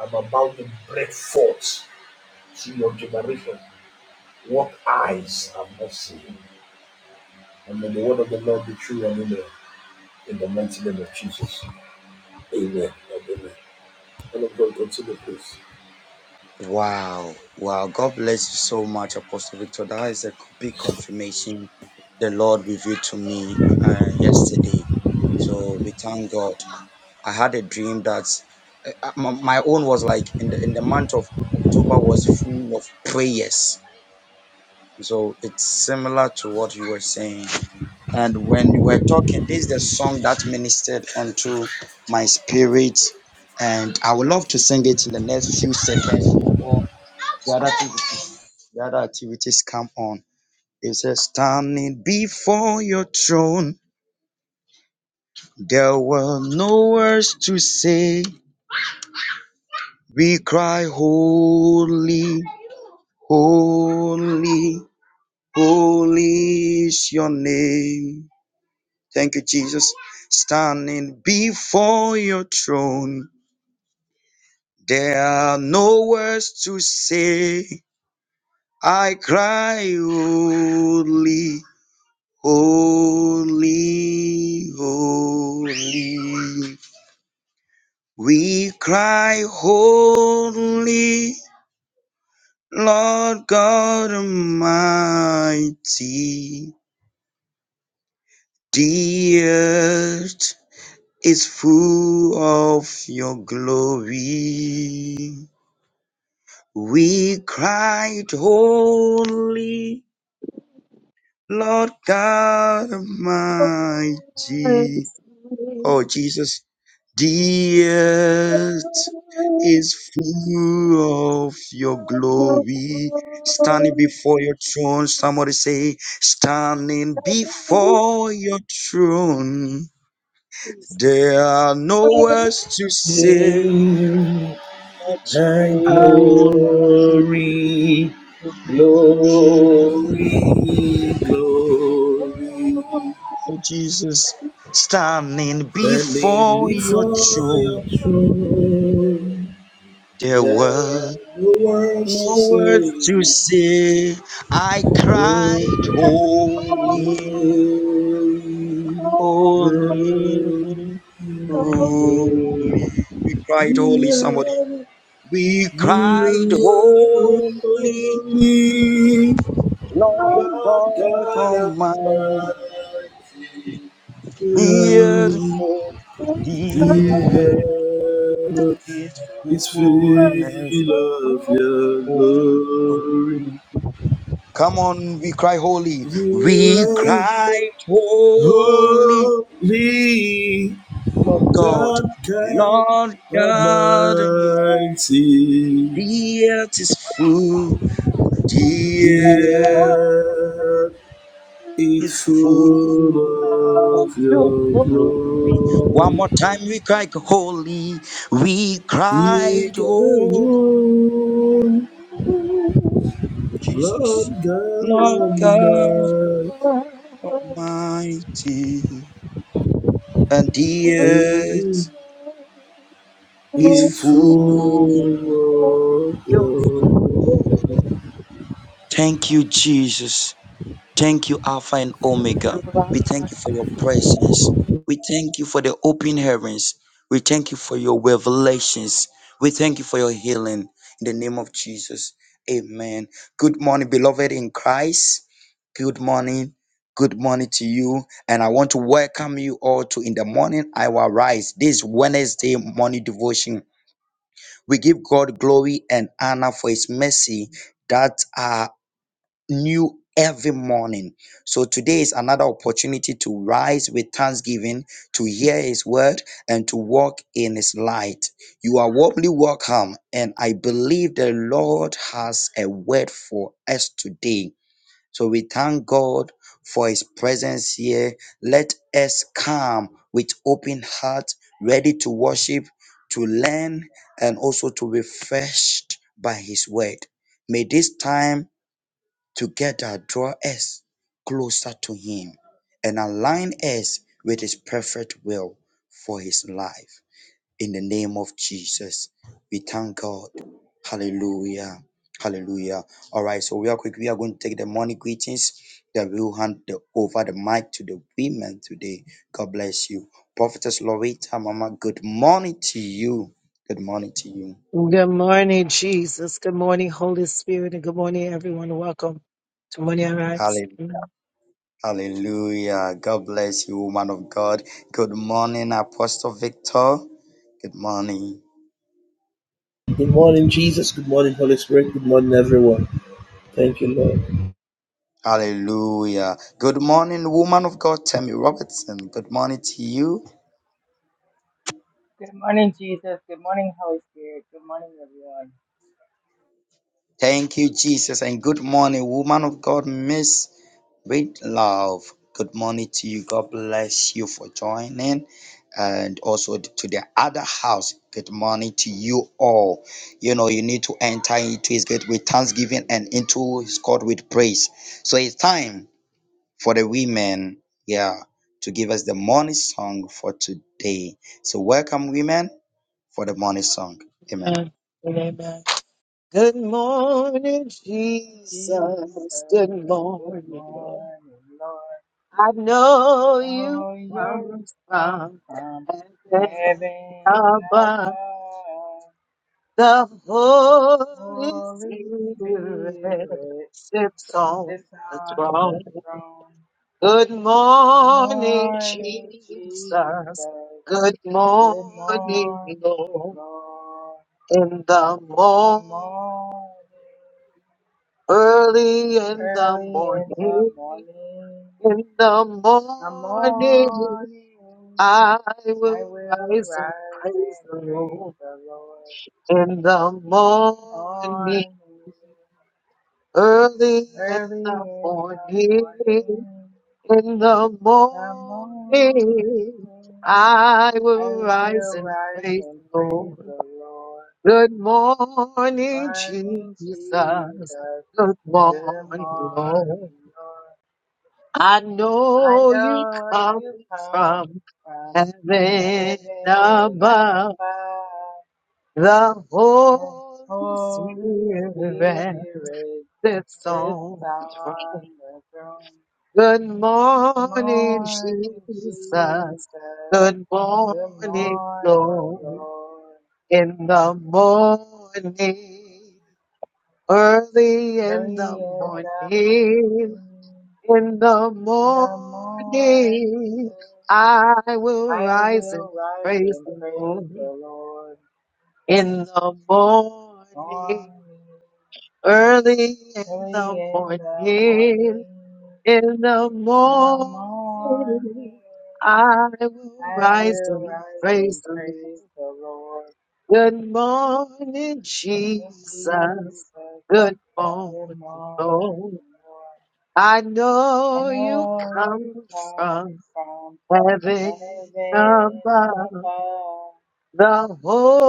S2: I'm about to break forth to your generation. What eyes have not seen. And may the word of the Lord be true and in the, in the mighty name of Jesus. Amen. Amen. And of God, continue, please.
S1: Rakadabosigadakadakada.
S2: Give thy glory, glory, glory. Thou hast to say, Lord, you are holy,
S1: Oh,
S2: Lord God
S1: Thank
S2: Almighty. you are. holy. The earth is full of your glory. You are holy, Lord God Almighty. The earth is full of your glory. He can Lord God Almighty.
S1: you. Good
S2: It is full of your-
S3: morning. Good morning to you. And I want to welcome you all to In the Morning I Will Rise. This Wednesday morning devotion. We give God glory and honor for his mercy that are. new every morning. So today is another opportunity to rise with thanksgiving, to hear his word, and to walk in his light. You are warmly welcome, and I believe the Lord has a word for us today. So we thank God for his presence here. Let us come with open heart, ready to worship, to learn, and also to be refreshed by his word. May this time Together, draw us closer to Him and align us with His perfect will for His life. In the name of Jesus, we thank God. Hallelujah. Hallelujah. All right, so real quick, we are going to take the morning greetings. Then we'll hand the, over the mic to the women today. God bless you. Prophetess Loretta, Mama, good morning to you. Good morning to you.
S1: morning, Jesus. Good morning, Holy Spirit, and good morning, everyone. Welcome to Morning Arise. Amen.
S3: Hallelujah. God bless you, woman of God. Good morning, Apostle Victor. Good morning.
S2: Good
S3: Thank
S2: morning,
S3: you.
S2: Jesus. Good morning, Holy Spirit. Good morning, everyone. Thank you, Lord.
S3: Hallelujah. Good morning, woman of God, Tammy Robertson. Good morning to you.
S4: Good morning, Jesus. Good morning, Holy Spirit. Good morning, everyone.
S3: Thank you, Jesus, and good morning, woman of God, Miss With Love. Good morning to you. God bless you for joining. And also to the other house, good morning to you all. You know, you need to enter into his gate with thanksgiving and into his court with praise. So it's time for the women, yeah, to give us the morning song for today. So welcome, women, for the morning song. Amen.
S1: and Amen. Good morning, Jesus. Good
S4: Jesus, good
S1: morning. Lord.
S4: morning, Lord.
S1: I know you
S4: Oh, your
S1: come
S4: love
S1: from
S4: from
S1: heaven
S4: heaven
S1: above.
S4: above.
S1: The
S4: The
S1: Holy
S4: Holy
S1: Spirit
S4: Spirit
S1: sits on
S4: sits
S1: the
S4: on
S1: throne.
S4: the throne.
S1: Good
S4: Good
S1: morning,
S4: morning,
S1: Jesus.
S4: Jesus.
S1: Good
S4: Good
S1: morning,
S4: morning,
S1: Lord.
S4: Lord.
S1: In the
S4: Good
S1: morning,
S4: morning.
S1: early in the
S4: Early in the
S1: morning,
S4: morning,
S1: in the
S4: the
S1: morning,
S4: morning,
S1: I
S4: I
S1: will
S4: will
S1: rise and
S4: rise
S1: praise
S4: and
S1: the
S4: praise
S1: Lord.
S4: the Lord
S1: In the
S4: on
S1: morning,
S4: high.
S1: Early in
S4: Early
S1: the
S4: in the
S1: morning,
S4: morning,
S1: in the
S4: the
S1: morning,
S4: morning,
S1: I
S4: I
S1: will rise
S4: will
S1: and
S4: rise
S1: praise
S4: and
S1: the
S4: praise
S1: Lord.
S4: the Lord.
S1: Good morning, Jesus.
S4: Morning, Jesus,
S1: Good
S4: good
S1: morning, Lord.
S4: morning, Lord.
S1: I
S4: I
S1: know you
S4: know
S1: come
S4: you come
S1: from
S4: from
S1: heaven
S4: heaven
S1: above.
S4: above.
S1: The
S4: The
S1: Holy
S4: Holy
S1: Spirit
S4: Spirit
S1: sits
S4: sits
S1: on
S4: on the throne.
S1: Good
S4: Good
S1: morning,
S4: morning, Jesus.
S1: Jesus. Good
S4: Good
S1: morning,
S4: morning,
S1: Lord.
S4: Lord.
S1: In the morning, early in
S4: Early
S1: the
S4: in the
S1: morning,
S4: morning,
S1: in the
S4: in the morning,
S1: morning, I will
S4: I
S1: rise and
S4: will rise
S1: praise
S4: and
S1: the
S4: praise
S1: Lord.
S4: the Lord.
S1: In the morning,
S4: Morning.
S1: early in
S4: Early
S1: the
S4: in the
S1: morning,
S4: morning,
S1: In the
S4: the morning,
S1: morning, I will
S4: I
S1: rise
S4: will
S1: and
S4: rise
S1: praise
S4: and
S1: the
S4: praise
S1: Lord.
S4: the Lord.
S1: Good morning,
S4: And
S1: Jesus.
S4: Jesus,
S1: Good
S4: good
S1: morning, Lord.
S4: morning, Lord.
S1: I
S4: I
S1: know you
S4: know
S1: come
S4: you come
S1: from
S4: from
S1: heaven
S4: heaven
S1: above.
S4: above,
S1: The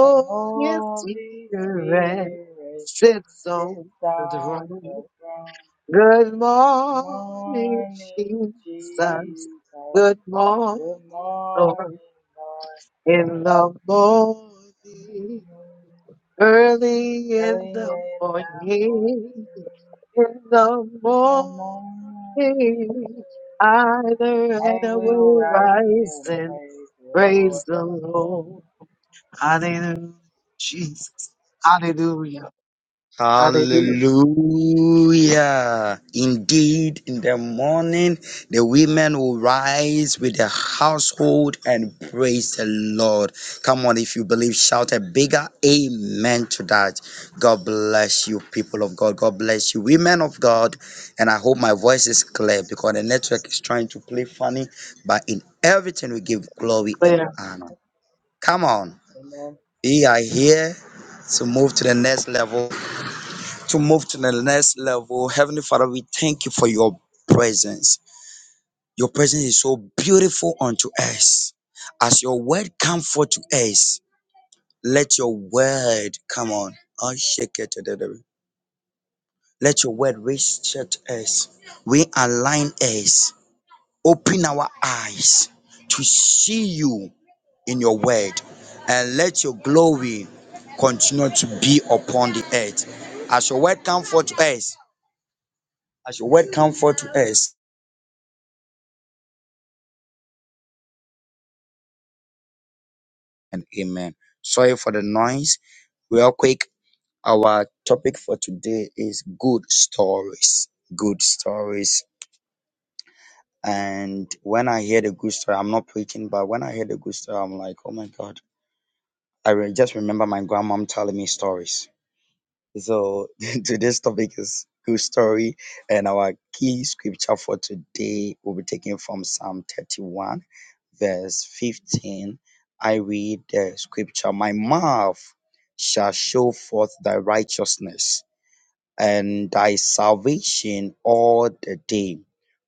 S4: and Holy
S1: Spirit
S4: Spirit
S1: sits
S4: sits
S1: on the
S4: on
S1: throne.
S4: the throne.
S1: Good morning,
S4: Morning,
S1: Jesus.
S4: Jesus.
S1: Good
S4: Good
S1: morning,
S4: morning,
S1: Lord.
S4: Lord.
S1: In the morning, early in
S4: Early
S1: the
S4: in the
S1: morning,
S4: morning,
S1: in the
S4: the morning,
S1: morning, either at
S4: I
S1: a
S4: will
S1: will
S4: rise
S1: rise
S4: and
S1: and
S4: praise the Lord.
S1: praise the Lord. Hallelujah, Jesus. Hallelujah. Hallelujah.
S3: Hallelujah. Indeed, in the morning, the women will rise with their household and praise the Lord. Come on, if you believe, shout a bigger amen to that. God bless you, people of God. God bless you, women of God. And I hope my voice is clear because the network is trying to play funny, but in everything we give glory and
S1: Clear.
S3: honor. Come on,
S4: Amen.
S3: we are here to move to the next level to move to the next level. Heavenly Father, we thank you for your presence. Your presence is so beautiful unto us. As your word come forth to us, let your word come on. I'll shake it. to the devil. Let your word reach to us. Realign us. Open our eyes to see you in your word. And let your glory continue to be upon the earth. As your word come forth to us, as your word come forth to us, and amen. Sorry for the noise. Real quick, our topic for today is good stories. Good stories. And when I hear the good story, I'm not preaching, but when I hear the good story, I'm like, oh my God. I re- just remember my grandmom telling me stories So today's topic is good story, and our key scripture for today will be taken from Psalm 31, verse 15. I read the scripture, My mouth shall show forth thy righteousness and thy salvation all the day,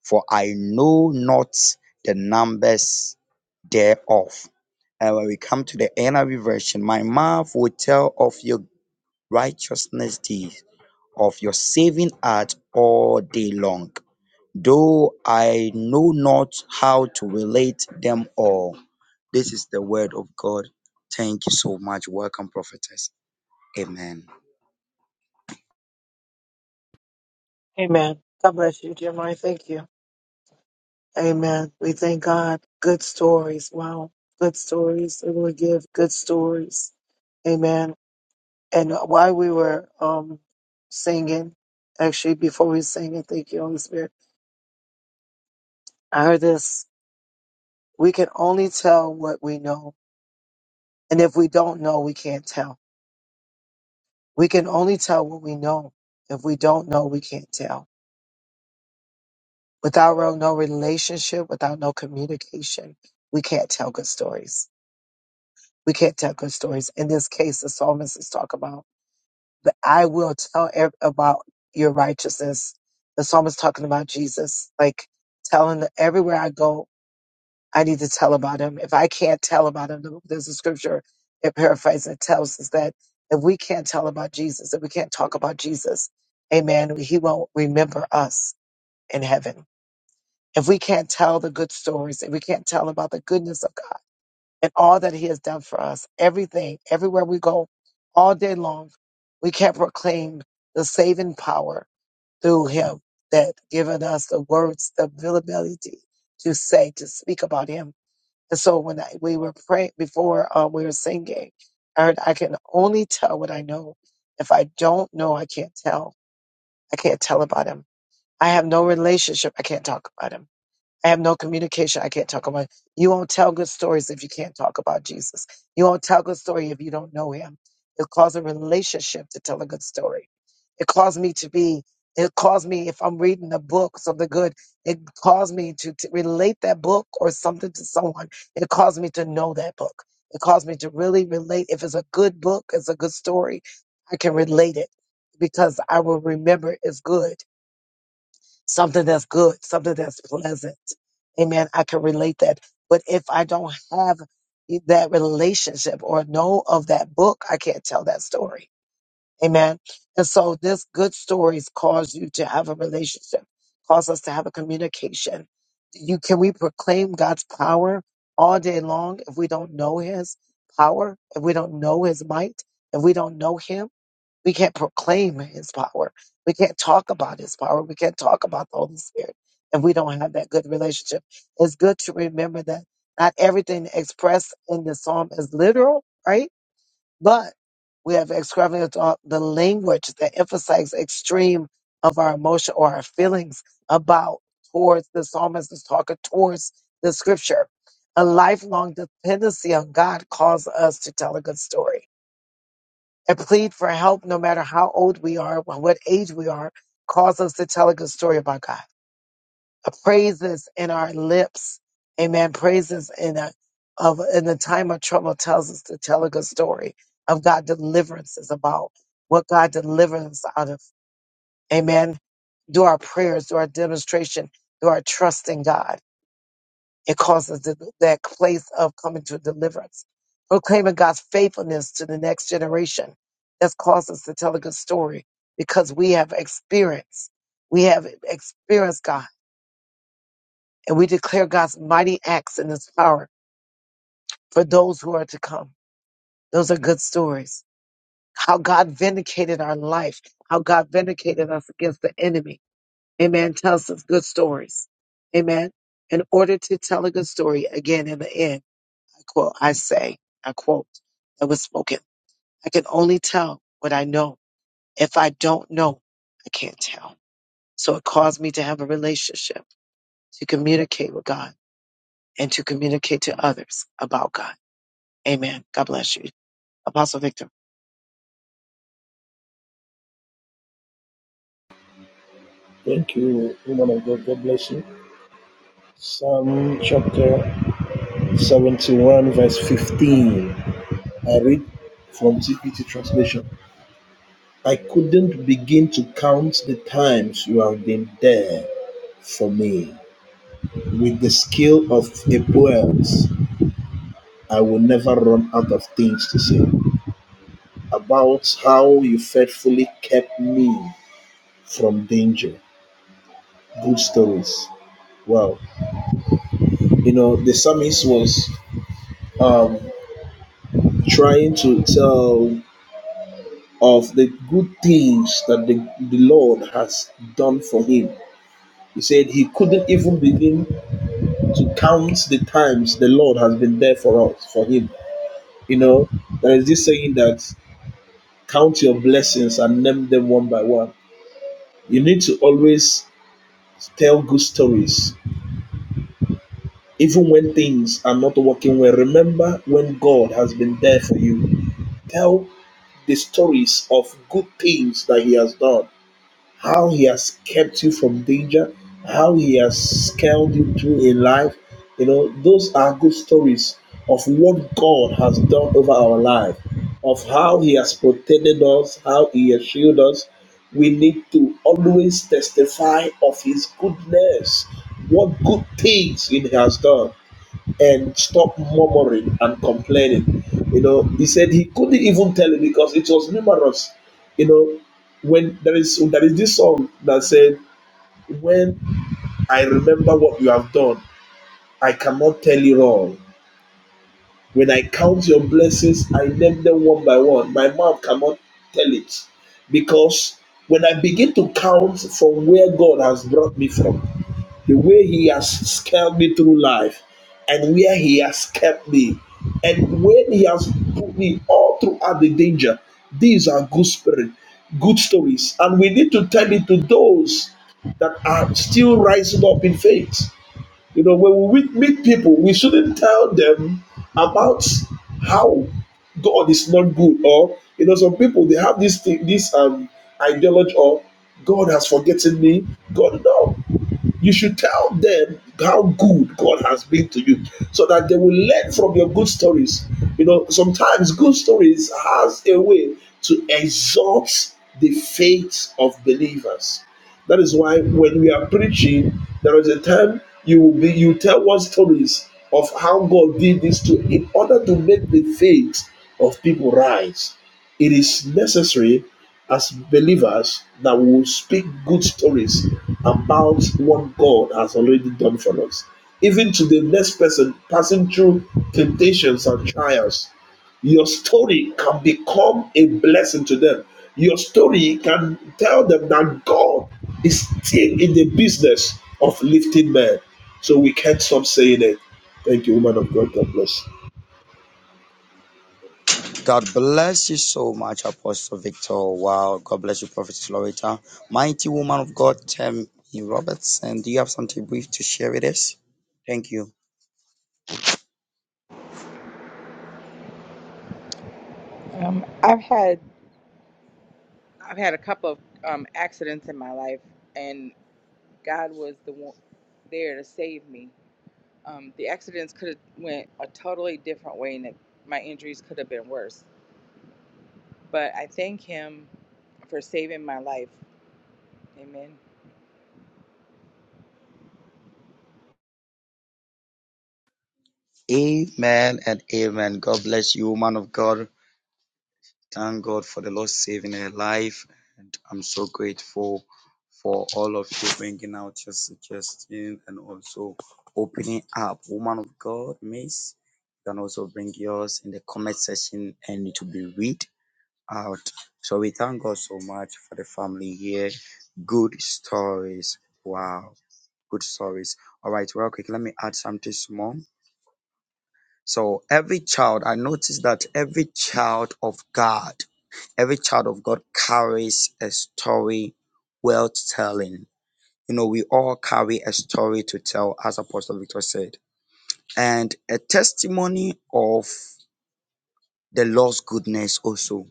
S3: for I know not the numbers thereof. And when we come to the NIV version, my mouth will tell of your righteousness deeds of your saving art all day long, though I know not how to relate them all. This is the word of God. Thank you so much. Welcome, prophetess. Amen.
S1: Amen. God bless you, dear Mary. Thank you. Amen. We thank God. Good stories. Wow. Good stories. It will give good stories. Amen. And while we were um singing, actually before we sang it, thank you, Holy Spirit. I heard this. We can only tell what we know. And if we don't know, we can't tell. We can only tell what we know. If we don't know, we can't tell. Without real- no relationship, without no communication, we can't tell good stories. We can't tell good stories. In this case, the psalmist is talking about but I will tell ev- about your righteousness. The psalmist talking about Jesus, like telling the, everywhere I go, I need to tell about him. If I can't tell about him, there's a scripture that paraphrases that tells us that if we can't tell about Jesus, if we can't talk about Jesus, amen, he won't remember us in heaven. If we can't tell the good stories, if we can't tell about the goodness of God, and all that He has done for us. Everything, everywhere we go, all day long, we can proclaim the saving power through Him that given us the words, the ability to say, to speak about Him. And so when I, we were praying before uh, we were singing, I heard, I can only tell what I know. If I don't know, I can't tell. I can't tell about Him. I have no relationship. I can't talk about Him. I have no communication. I can't talk about. You won't tell good stories if you can't talk about Jesus. You won't tell good story if you don't know Him. It calls a relationship to tell a good story. It calls me to be. It calls me if I'm reading a book, something good. It calls me to, to relate that book or something to someone. It calls me to know that book. It calls me to really relate. If it's a good book, it's a good story. I can relate it because I will remember it's good something that's good, something that's pleasant. Amen. I can relate that. But if I don't have that relationship or know of that book, I can't tell that story. Amen. And so this good stories cause you to have a relationship, cause us to have a communication. You can we proclaim God's power all day long if we don't know his power, if we don't know his might, if we don't know him? We can't proclaim his power. We can't talk about his power. We can't talk about the Holy Spirit if we don't have that good relationship. It's good to remember that not everything expressed in the psalm is literal, right? But we have extravagant thought- the language that emphasizes extreme of our emotion or our feelings about towards the psalmist is talking towards the scripture. A lifelong dependency on God calls us to tell a good story and plead for help no matter how old we are or what age we are. Cause us to tell a good story about God. A praises in our lips. Amen. Praises in a of in the time of trouble tells us to tell a good story of God deliverances about what God delivers us out of. Amen. Do our prayers, do our demonstration, do our trust in God. It causes the, that place of coming to deliverance, proclaiming God's faithfulness to the next generation. That's caused us to tell a good story because we have experienced, we have experienced God, and we declare God's mighty acts and His power for those who are to come. Those are good stories. How God vindicated our life, how God vindicated us against the enemy. Amen. Tells us good stories. Amen. In order to tell a good story, again in the end. I quote, I say, I quote, that was spoken. I can only tell what I know. If I don't know, I can't tell. So it caused me to have a relationship, to communicate with God, and to communicate to others about God. Amen. God bless you. Apostle Victor.
S2: Thank you, woman of God. God bless you. Psalm chapter 71, verse 15. I read from TPT translation. I couldn't begin to count the times you have been there for me. With the skill of a poet, I will never run out of things to say. about how you faithfully kept me from danger. Good stories. Wow. You know, the psalmist was um, trying to tell of the good things that the, the Lord has done for him. He said he couldn't even begin to count the times the Lord has been there for us, for him. You know, there is this saying that count your blessings and name them one by one. You need to always tell good stories even when things are not working well, remember when God has been there for you. Tell the stories of good things that He has done, how He has kept you from danger, how He has scaled you through in life. You know, those are good stories of what God has done over our life, of how He has protected us, how He has shielded us. We need to always testify of His goodness, what good things He has done and stop murmuring and complaining. You know, he said he couldn't even tell it because it was numerous. You know, when there is there is this song that said, When I remember what you have done, I cannot tell it all. When I count your blessings, I name them one by one. My mouth cannot tell it. Because when I begin to count from where God has brought me from, the way he has scaled me through life and where he has kept me and when he has put me all throughout the danger these are good spirit good stories and we need to tell it to those that are still rising up in faith you know when we meet people we shouldn't tell them about how god is not good or you know some people they have this thing this um ideology or god has forgotten me god no you should tell them how good God has been to you so that they will learn from your good stories. You know, sometimes good stories has a way to exalt the faith of believers. That is why when we are preaching, there is a time you will be you tell one stories of how God did this to in order to make the faith of people rise. It is necessary as believers that we will speak good stories about what God has already done.
S3: God bless you so much, Apostle Victor. Wow. God bless you, Prophetess Loretta. Mighty woman of God, Tammy Robertson. Do you have something brief to share with us? Thank you.
S4: Um, I've had I've had a couple of um, accidents in my life, and God was the one there to save me. um, the accidents could have went a totally different way and it, my injuries could have been worse but i thank him for saving my life amen
S3: Amen and amen. God bless you, woman of God. Thank God for the Lord saving her life. I'm so grateful for all of you bringing out your suggestion and also opening up. Woman of God, Miss, you can also bring yours in the comment section and it will be read out. So we thank God so much for the family here. Good stories. Wow, good stories. All right, real quick, let me add something small. So every child, I noticed that every child of God, every child of God carries a story worth telling you know, we all carry a story to tell, as Apostle Victor said, and a testimony of the Lord's goodness also.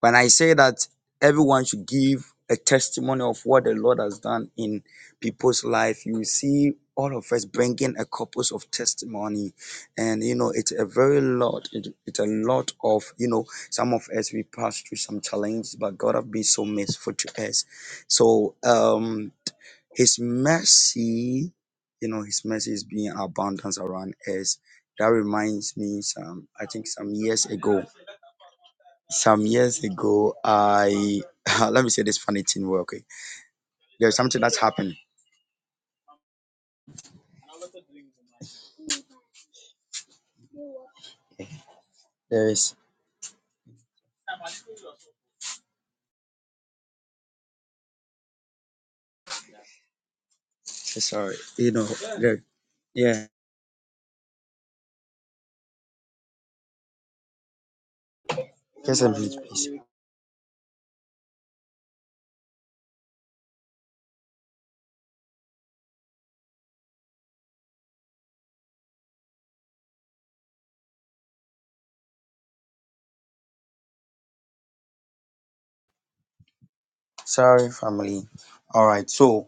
S3: When I say that everyone should give a testimony of what the Lord has done in people's life, you see all of us bringing a corpus of testimony. And, you know, it's a very lot, it, it's a lot of, you know, some of us, we pass through some challenges, but God have been so merciful to us. So, um, his mercy, you know, His mercy is being abundance around us. That reminds me, some I think some years ago, some years ago, I let me say this funny thing real quick. There's something that's happened. There is sorry, you know, there, yeah, just a minute, please. Sorry, family. All right, so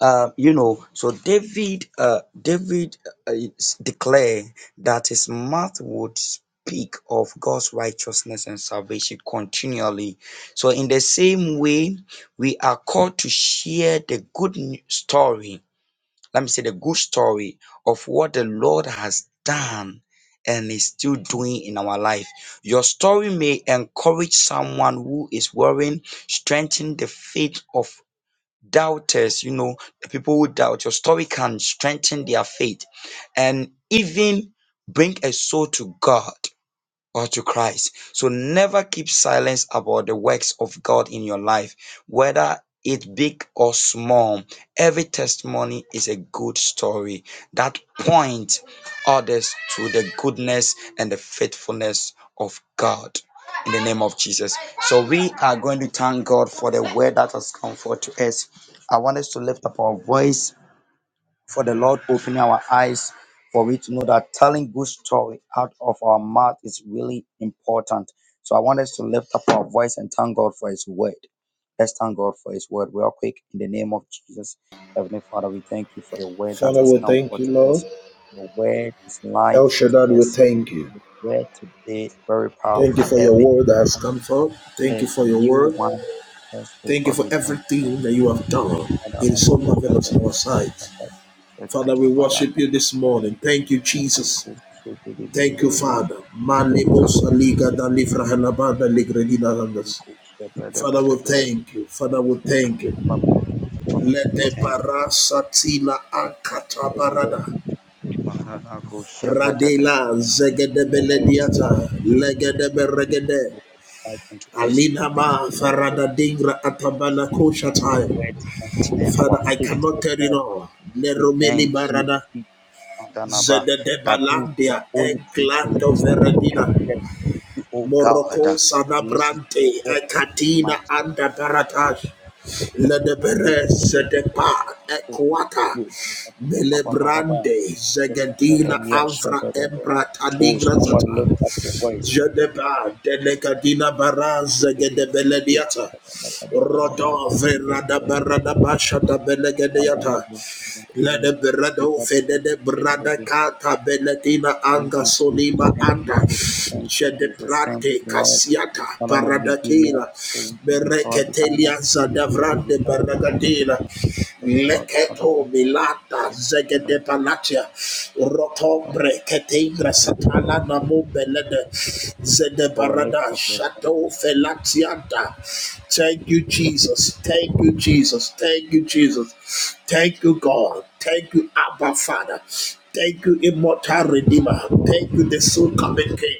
S3: uh, you know, so David, uh, David uh, s- declare that his mouth would speak of God's righteousness and salvation continually. So in the same way, we are called to share the good n- story. Let me say the good story of what the Lord has done and is still doing in our life. Your story may encourage someone who is worrying, strengthen the faith of doubters, you know, the people who doubt, your story can strengthen their faith and even bring a soul to God or to Christ. So never keep silence about the works of God in your life, whether it big or small. Every testimony is a good story that points others to the goodness and the faithfulness of God. In the name of Jesus. So we are going to thank God for the word that has come forth to us. I want us to lift up our voice for the Lord opening our eyes for we to know that telling good story out of our mouth is really important. So I want us to lift up our voice and thank God for His word. Let's thank God for His word real quick in the name of Jesus. Heavenly Father, we thank you for your word that
S2: Father,
S3: has
S2: we
S3: come
S2: thank
S3: forth
S2: you,
S3: to
S2: Lord.
S3: us. The word is light
S2: El
S3: on
S2: Shaddad, we thank you.
S3: the word today.
S2: Thank you for your word that has come forth. Thank you for your word.
S3: One
S2: Thank you for
S3: thing,
S2: everything that you have done.
S3: Father,
S2: It is so marvelous in our sight.
S3: that
S2: Father, we worship you this morning. Thank you, Jesus.
S3: could shape it,
S2: Thank you,
S3: we
S2: Father. Manibus aliga da livra hanabada ligredina
S3: really could shape it, uh,
S2: Father,
S3: uh,
S2: we
S3: uh,
S2: thank you. Father, we thank you.
S3: Father,
S2: Lete para satina
S3: we thank you
S2: ankata
S3: for
S2: barada.
S3: your word. Father, that could shape it, uh,
S2: Radela
S3: word
S2: zegedebelediata. Legedeberegede.
S3: to us.
S2: Alina
S3: We give
S2: ma
S3: you all the
S2: farada dingra
S3: thank
S2: atabala
S3: you. Your
S2: koshatai.
S3: word strengthen our
S2: Father, I
S3: faith,
S2: cannot
S3: O
S2: tell it
S3: God.
S2: all.
S3: We
S2: Leromeni
S3: thank you,
S2: barada.
S3: Ipandanaba, that is the
S2: Zededebalandia.
S3: holy privilege
S2: Enclato
S3: we can
S2: veredina.
S3: get you, O God. uh,
S2: Morocco
S3: to Listen to your
S2: sanabrante.
S3: word,
S2: Ekatina
S3: Master. the
S2: anda baratash. Le
S3: great
S2: debere
S3: whisper
S2: se
S3: of
S2: depa
S3: the Lord, the great
S2: equata
S3: word. Ba, ba, ba, ba, ba, ba.
S2: melebrande
S3: So,
S2: zegadina
S3: Ipandanaba,
S2: avra
S3: Shabbat,
S2: embra
S3: Oh,
S2: tanigra
S3: someone
S2: sata
S3: lift up your voice.
S2: jedeba delegadina bara
S3: Yeah, ba,
S2: zegedebelediata
S3: ba, ba, ba, ba, ba, ba.
S2: rodo
S3: Yeah, ba,
S2: verada
S3: ba, ba.
S2: barada basha da La
S3: Ipandanaba,
S2: de brado fede de brada
S3: Shabbat,
S2: kata beletina
S3: Thank
S2: anga
S3: you, Jesus.
S2: sonima
S3: Thank you,
S2: anda.
S3: Jesus. Thank you,
S2: Shede
S3: Jesus. Thank
S2: prante
S3: you, Lord.
S2: kasiata
S3: Father, we give you all
S2: paradakila.
S3: the glory. We give you all the honor.
S2: Bereketelia
S3: We give you
S2: zadavrande
S3: all the praise. We
S2: baragadila.
S3: thank you, God. Father,
S2: Leketo
S3: Lord,
S2: milata
S3: Father, Lord,
S2: zegede palatia.
S3: Lord,
S2: Rotombre ketingra satala namu belede. Zede
S3: Oh, lift
S2: barada
S3: up your hand.
S2: shato felatianta. Thank you, Jesus. Thank you, Jesus. Thank you, Jesus. Thank you, God. Thank you, Abba Father. Thank you, immortal Redeemer. Thank you, the soul coming King.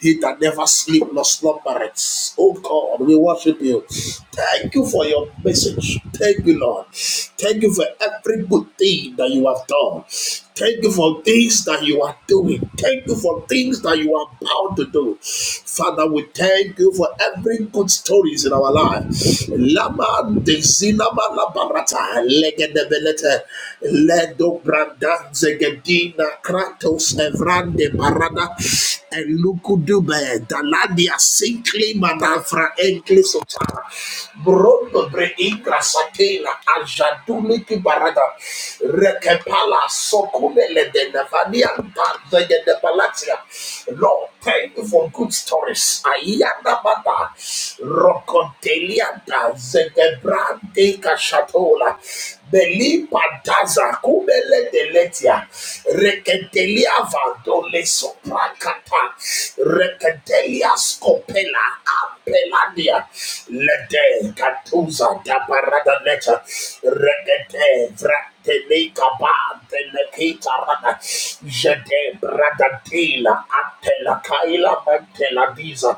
S2: He that never sleep nor slumbereth. Oh God, we worship you. Thank you for your message. Thank you, Lord. Thank you for every good thing that you have done. Thank you for things that you are doing. Thank you for things that you are about to do. Father, we thank you for every good stories in our life. Lama de zinama la barata legedebelete ledo branda zegedina kratos evrande barada elukudube daladia sinkli manafra enkli brondo bre ingra satela Ajaduliki barata rekepala sokubele de nevanianta de de palatia. Lord, thank you for good stories. Ayanda bata rokontelianta zegebrante kashatola belipa daza kubele de letia reketelia vandole soprakata reketelia skopela apeladia lede katuza da paragameta regate vratelika pante lekita rada jete bradatila atela kaila mantela diza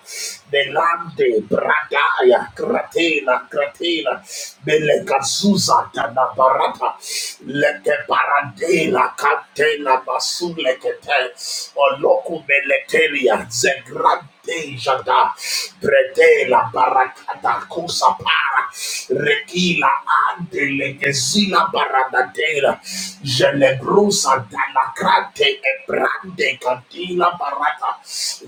S2: belante bradaya kratela kratela belekazuza tana barata leke paradela kantela basulekete oloku meletelia Dejada, Bretela, Barakata, Kusapara, Rekila, Andele, Gesila, Baradadela, Gelebrusa, Dalacrate, Ebrande, Catila, Barata,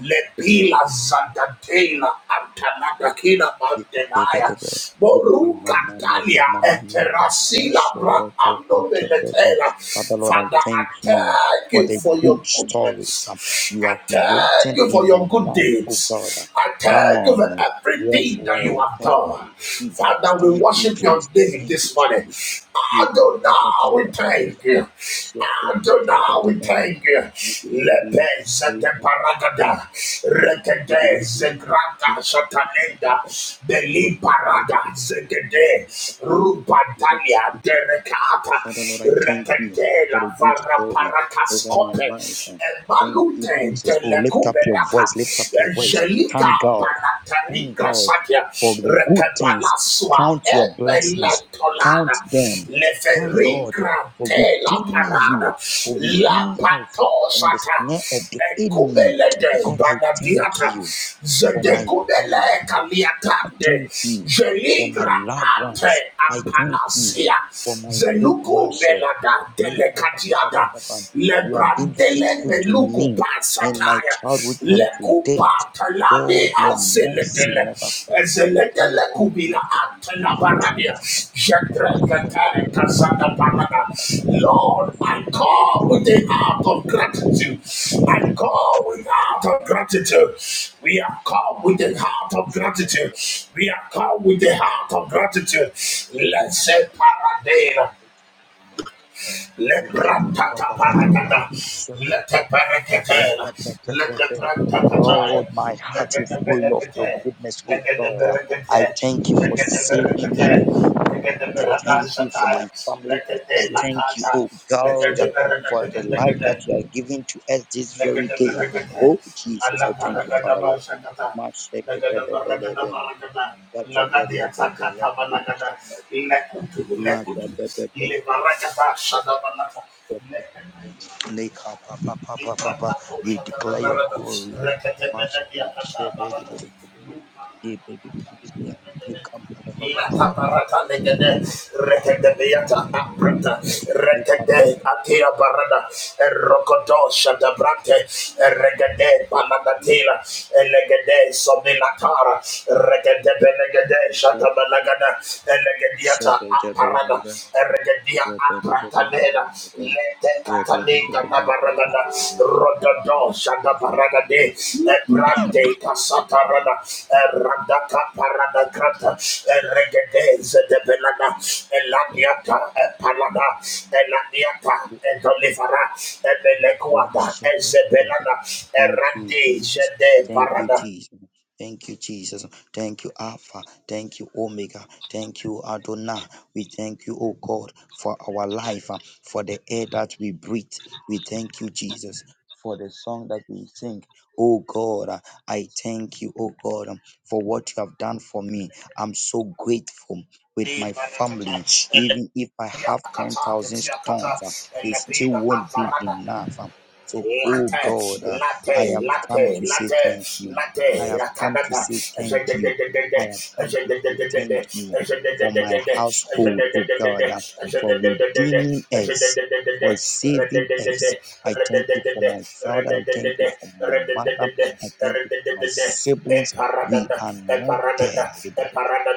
S2: Lepila, Zandatela, Antanakakila, Mandenaya, Boruca, Talia, Eterasila, Bra, Ando, Beletela, Father, I thank you for your goodness.
S3: You are
S2: I thank you for your good deeds. I thank you for everything that you have done. Father, we worship your name this morning. Adonai, we thank you. Adonai, we thank you. Lepes de paragada, rekete zegrata shatalenda, beli parada zegede, rupatalia derekata, Elegete
S3: for the
S2: la
S3: good
S2: varra
S3: story over mankind.
S2: paracascope,
S3: Thank you,
S2: Emalute
S3: Jesus. Oh, lift up your
S2: telecuberata,
S3: voice. Lift up your voice.
S2: Angelica
S3: Thank God. Thank
S2: palatarica
S3: God
S2: satia,
S3: for the good things.
S2: Recabalasua,
S3: Count your blessings. Count
S2: Emeletolana,
S3: them. Thank God
S2: Levericra
S3: for
S2: te la
S3: redeeming you,
S2: parada,
S3: for
S2: La
S3: redeeming us from the
S2: patosata,
S3: snare of the enemy.
S2: Ecubelede
S3: God, I thank
S2: banadiata,
S3: you for my family.
S2: Zedecubele
S3: I
S2: caliatande,
S3: thank you for my
S2: Geligra
S3: loved ones.
S2: ante
S3: I thank you
S2: apanasia,
S3: for my great
S2: Zeluku
S3: master.
S2: belada telekatiada
S3: Lipapapapapapam.
S2: le
S3: You have been faithful to
S2: meluku
S3: me in my
S2: basataya
S3: childhood time
S2: le
S3: to date,
S2: talade
S3: though your mercy
S2: azeledele
S3: never fails. Thank
S2: azeledele
S3: you,
S2: kubila
S3: Jesus.
S2: antena baradia jendreka parada Lord I come with a heart of gratitude I come with a heart of gratitude we have come with a heart of gratitude we have come with a heart of gratitude let's say paradela let let Let Let let let the Brantata, let
S3: Lord, my heart
S2: the
S3: is full of your
S2: Benecate,
S3: goodness,
S2: let
S3: oh
S2: the
S3: God.
S2: Berecate,
S3: I thank you
S2: let
S3: for
S2: the
S3: saving me.
S2: Berecate, let
S3: I thank you for my family.
S2: the
S3: I
S2: Leprantata paratata. Letepereketela. Leteperantatataya. let the Lekeneberekete. let the Lekeneberekete. Lekata Latabarata legede, Latabarakandegede, rekedebeata aprata,
S3: We cover you.
S2: rekede atia barada, erokodo shadabrante, eregede paladatila, elegede somilatara, regede benegede shadabalagada, elegediata aparada, eregedia apratanena, Letekataninga nabaragada, rododo shadabaragade, ebrande kasatarada, erandaka paradagrata, eregede zedebelada, eladiata, epalada, eladiata, edolifara,
S3: Lord,
S2: ebelekuada,
S3: shepherd,
S2: ezebelada,
S3: Thank you,
S2: erandi
S3: Jesus.
S2: jede
S3: Thank you,
S2: parada,
S3: Jesus. Thank you, Jesus. Thank you, Alpha. Thank you, Omega. Thank you, Adonai. We thank you, O God, for our life, uh, for the air that we breathe. We thank you, Jesus, for the song that we sing. Oh God, uh, I thank you, oh God, um, for what you have done for me. I'm so grateful with
S2: di
S3: my
S2: barakata,
S3: family.
S2: ele-
S3: Even if I have
S2: Yakata,
S3: 10,000
S2: Ketiakata,
S3: stones, uh,
S2: and
S3: it still won't be
S2: Labina,
S3: enough. Um, So, oh God,
S2: Latte,
S3: uh, I
S2: latte,
S3: have come
S2: latte,
S3: to say
S2: latte,
S3: thank you. I
S2: latte,
S3: have come to
S2: lakadada,
S3: say thank you. I
S2: ezededededede,
S3: have come to say thank
S2: ezededededede,
S3: you for my
S2: ezededededede, ezededededede,
S3: household,
S2: ezededededede,
S3: oh God, uh, for redeeming us,
S2: ezededededede,
S3: for saving
S2: redededede,
S3: us. I thank you for my
S2: redededede, redededede, redededede,
S3: fact.
S2: redededede,
S3: We
S2: eparadada,
S3: are not dead,
S2: eparadada,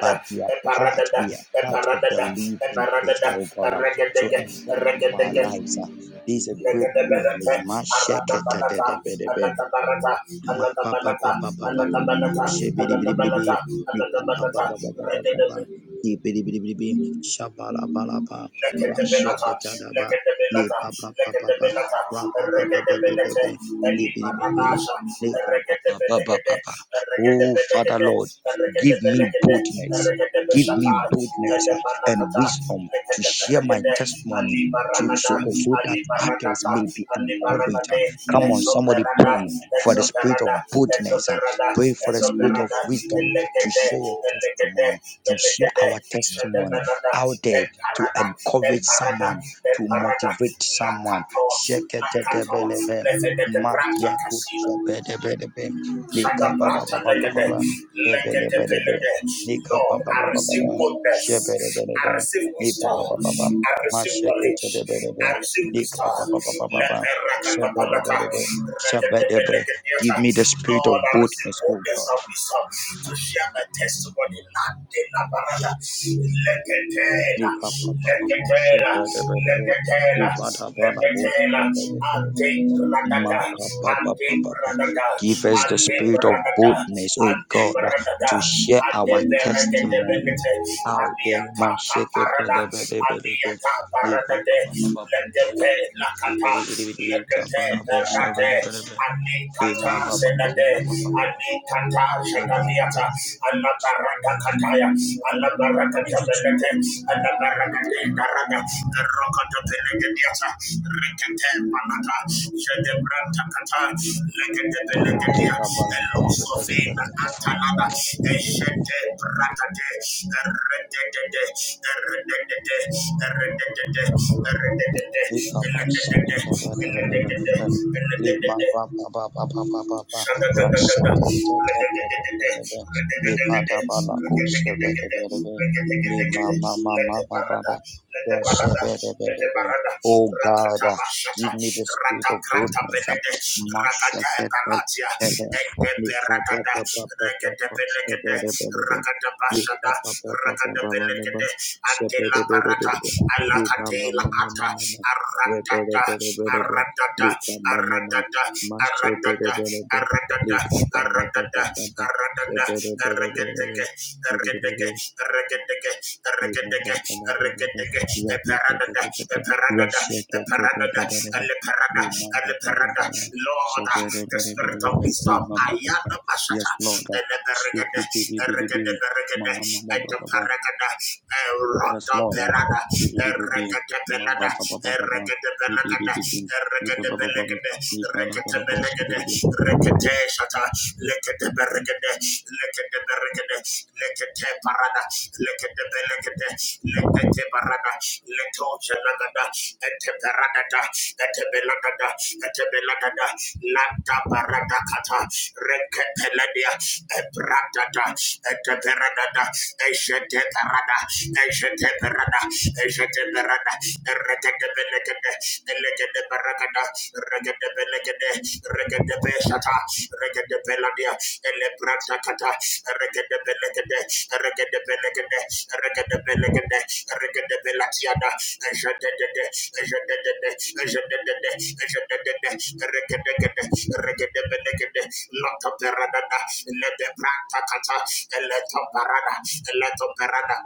S3: but we are part. We are part of the living creature, oh God. um.
S2: red, red,
S3: So I thank you
S2: red, red,
S3: for our
S2: red
S3: lives. uh. This is a great privilege.
S2: Legadabalata,
S3: Ma shekete de
S2: Aratabalata,
S3: de be de be.
S2: Alatabalata,
S3: Ma pa pa pa
S2: Alatabalata,
S3: pa pa pa pa.
S2: Alatabalata,
S3: Shibidi bidi bidi bidi.
S2: Alatabalata,
S3: Bi pa pa pa
S2: Alatabalata,
S3: pa pa pa pa pa pa.
S2: Regadabalata.
S3: Ni bidi bidi bidi bidi. Shabala ba la ba. Ra
S2: Lekadabelata,
S3: shake ta da ba. Ni
S2: lekadabelata,
S3: pa pa pa pa pa.
S2: lekadabelata,
S3: Ra pa pa pa pa pa pa
S2: regadabalata,
S3: pa. Ni bidi bidi bidi.
S2: elimaranasha,
S3: Ni ka pa pa pa pa pa
S2: regadabalagada,
S3: pa. Oh Father
S2: regadabalagada,
S3: Lord, give me
S2: regadabalagada,
S3: boldness. Give me
S2: regadabashata,
S3: boldness ah, and
S2: ledabalakata,
S3: wisdom to share my
S2: lekadabalagada,
S3: testimony to
S2: alimaranada,
S3: so, so that others
S2: alimaranata,
S3: may be encouraged. ah.
S2: Alibarabade,
S3: Come on, somebody
S2: Exoperada,
S3: pray for the spirit of
S2: Exoperada,
S3: boldness. uh,
S2: Exoperada,
S3: Pray for the spirit of
S2: Exoperada,
S3: wisdom to
S2: Elegede,
S3: share your
S2: Elegede,
S3: testimony, to share
S2: Elegede,
S3: our testimony
S2: Shadeberada,
S3: out there to
S2: Emparada,
S3: encourage
S2: Emparada,
S3: someone, to
S2: Emparada,
S3: motivate someone.
S2: Lakato, Lakato,
S3: Sheketetelebe,
S2: Lefede de Branta
S3: makiako
S2: Casino.
S3: shepetelebe,
S2: Shadabrata legede,
S3: likababababababa,
S2: legede
S3: ebelebelebe,
S2: legede. Lord, I receive
S3: likababababababa,
S2: goodness. I
S3: shebelebelebe,
S2: receive wisdom.
S3: libababababa,
S2: I receive knowledge. I
S3: masheketelebelebe,
S2: receive wisdom. Let
S3: likababababababa,
S2: Lete rakatapalata, regedebe
S3: shebelebelebe,
S2: legediata.
S3: Give me the spirit
S2: Lord,
S3: of
S2: I receive
S3: boldness, O
S2: goodness
S3: God.
S2: and wisdom to share my testimony. Late la barata. Legetela, legetela, legetela, Lepetela, Lepetela, Ante Bradada, Ante Bradada, Ante Bradada, Ante Bradada, Ante Beredebelete, Aniata Caparada, Aniata Paradade, Lepepe Lacata, Lepepe Perate, Anicata Senade, Anicata Shadaliata, Alaparata kataya alabarakata belete alabarakata daraga rokata belete diata rekete panata jede branta kata lekete belete
S3: Oh,
S2: dia
S3: Jesus.
S2: elosofina antalada eshete bratate rededede rededede rededede rededede elededede elededede elededede Rakata Aradada, aradada, Aradada, aradada, aradada, aradada, aradada, arregeteke, arregeteke, arregeteke, arregeteke, arregeteke, eparadada, eparadada, eparadada, eleparada, eleparada. Lord, the spirit of wisdom, Ayana Masata, the Neberegade, Eregade, Beregade, and the Paragada, Erota Perada, Eregade Pelada, Regate. Reketebelekebe, reketebelekebe, reketebelekebe, rekete. Shaka, lekebelekebe, lekebelekebe, lekebebara da, lekebelekebe, lekebebara da, letojelelele, lebara da, lebelelele, lebelelele, lanta bara da katha, reketele dia, bara da, etebara da, etebebara da, etebebara da, ete. Jadabarada, Regadabelegade, Elegadebaragada, Regadabelegade, Regadabeshata, Regadabeladia, Elebratakata, Regadabelegade, Regadabelegade, Regadabelegade, Regadabelatiada, Jadadede, Jadadede, Jadadede, Jadadede, Regadegade, Regadabelegade, Lotaperadada, Ledebratakata, Eletoparada, Eletoparada,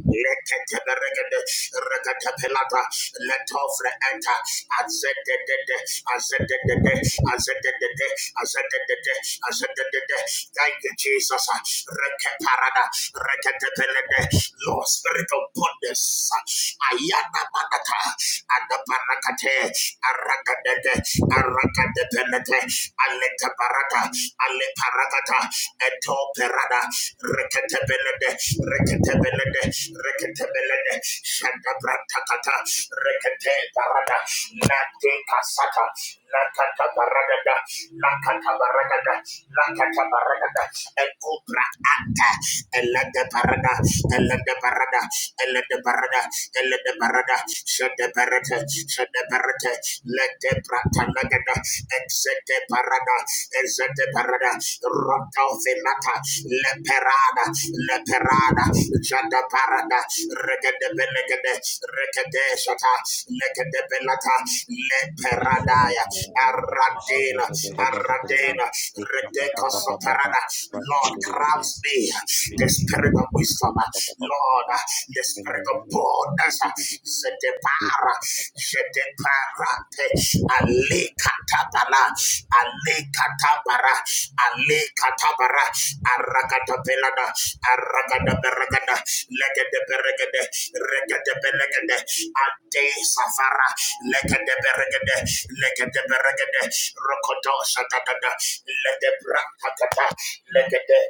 S2: Leketeberegede, reketepelata, letofre enta, azededede, azededede, azededede, azededede, azededede. Thank you, Jesus. Reketarada, reketepelede. Lord, spirit of goodness. Ayana manata, adabarakate, arakadede, arakadepelete, aletebarata, Rata Eto perada, Etoperada, Rekatebelede, Rekatebelede, Shanta Shantabrantakata, Rekate Parada, Nate Kasata, Nakata Paragada, Nakata Paragada, Nakata Paragada, Ekubra Ata, Elada Parada, Elada Parada, Elada Parada, Elada Parada, Shadabarata, Shadabarata, Pratanagada, Exete Parada, Exete Parada, Roto Velata, Leperada, Leperada, Jada Parada, Regade Belegade, Regade Shata, Legade Belata, Leperadaya, Aradela, Aradela, Redeco Soparada, Lord grabs me the spirit of wisdom, Lord, the spirit of boldness. Zedepara, Zedepara, Ali Katabara, Ali Katabara, borders, Zedebara, Zedebara, Alekatabala, Alekatabara, Alekatabara, Aragatabelada, Aragadaberagada, Legadeberegade, Regadebelegade, Ante Safara, Legadeberegade, Legadeberegade, Rokoto Shatada, Legebrakata, Legade.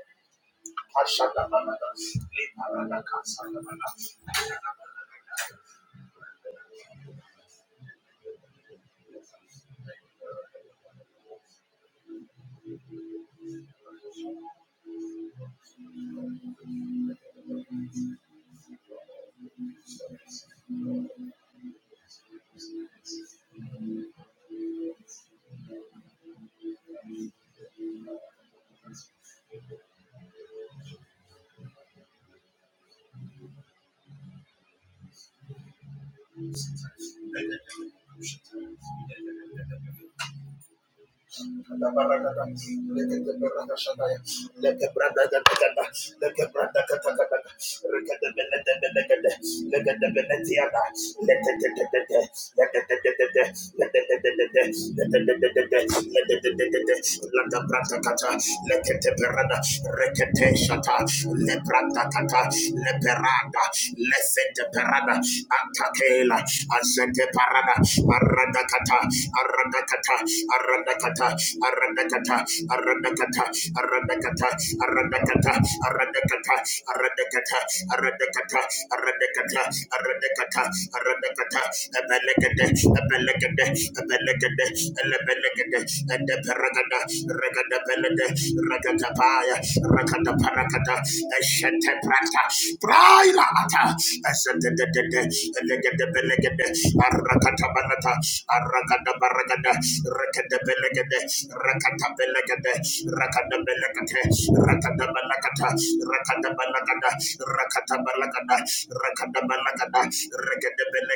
S2: Ashadabalada, Liparadaka, Sadabala, Lekete parada, azete parada, marada kata, Arandakata, Arandakata, Arandakata, Arandakata, Arandakata, Arandakata, Arandakata, Arandakata, Arandakata, Arandakata, Arandakata, Arandakata, Abelakade, Abelakade, Abelakade, Elebelakade, and the Paragada, Ragada Belade, Ragada Paya, Ragada Paragada, Eshete Prata, Braila Ata, Ascended, Elegade Belegade, Arakata Banata, Arakada Baragada, Rakada Belegade, Rakata Arakatabanata, Arakadabaragada, Rekadabelegade, Rakatabelegade, Rakadabelegate, Rakadabalakata, Rakadabalagada, Rakatabalagada, Rakadabalagada,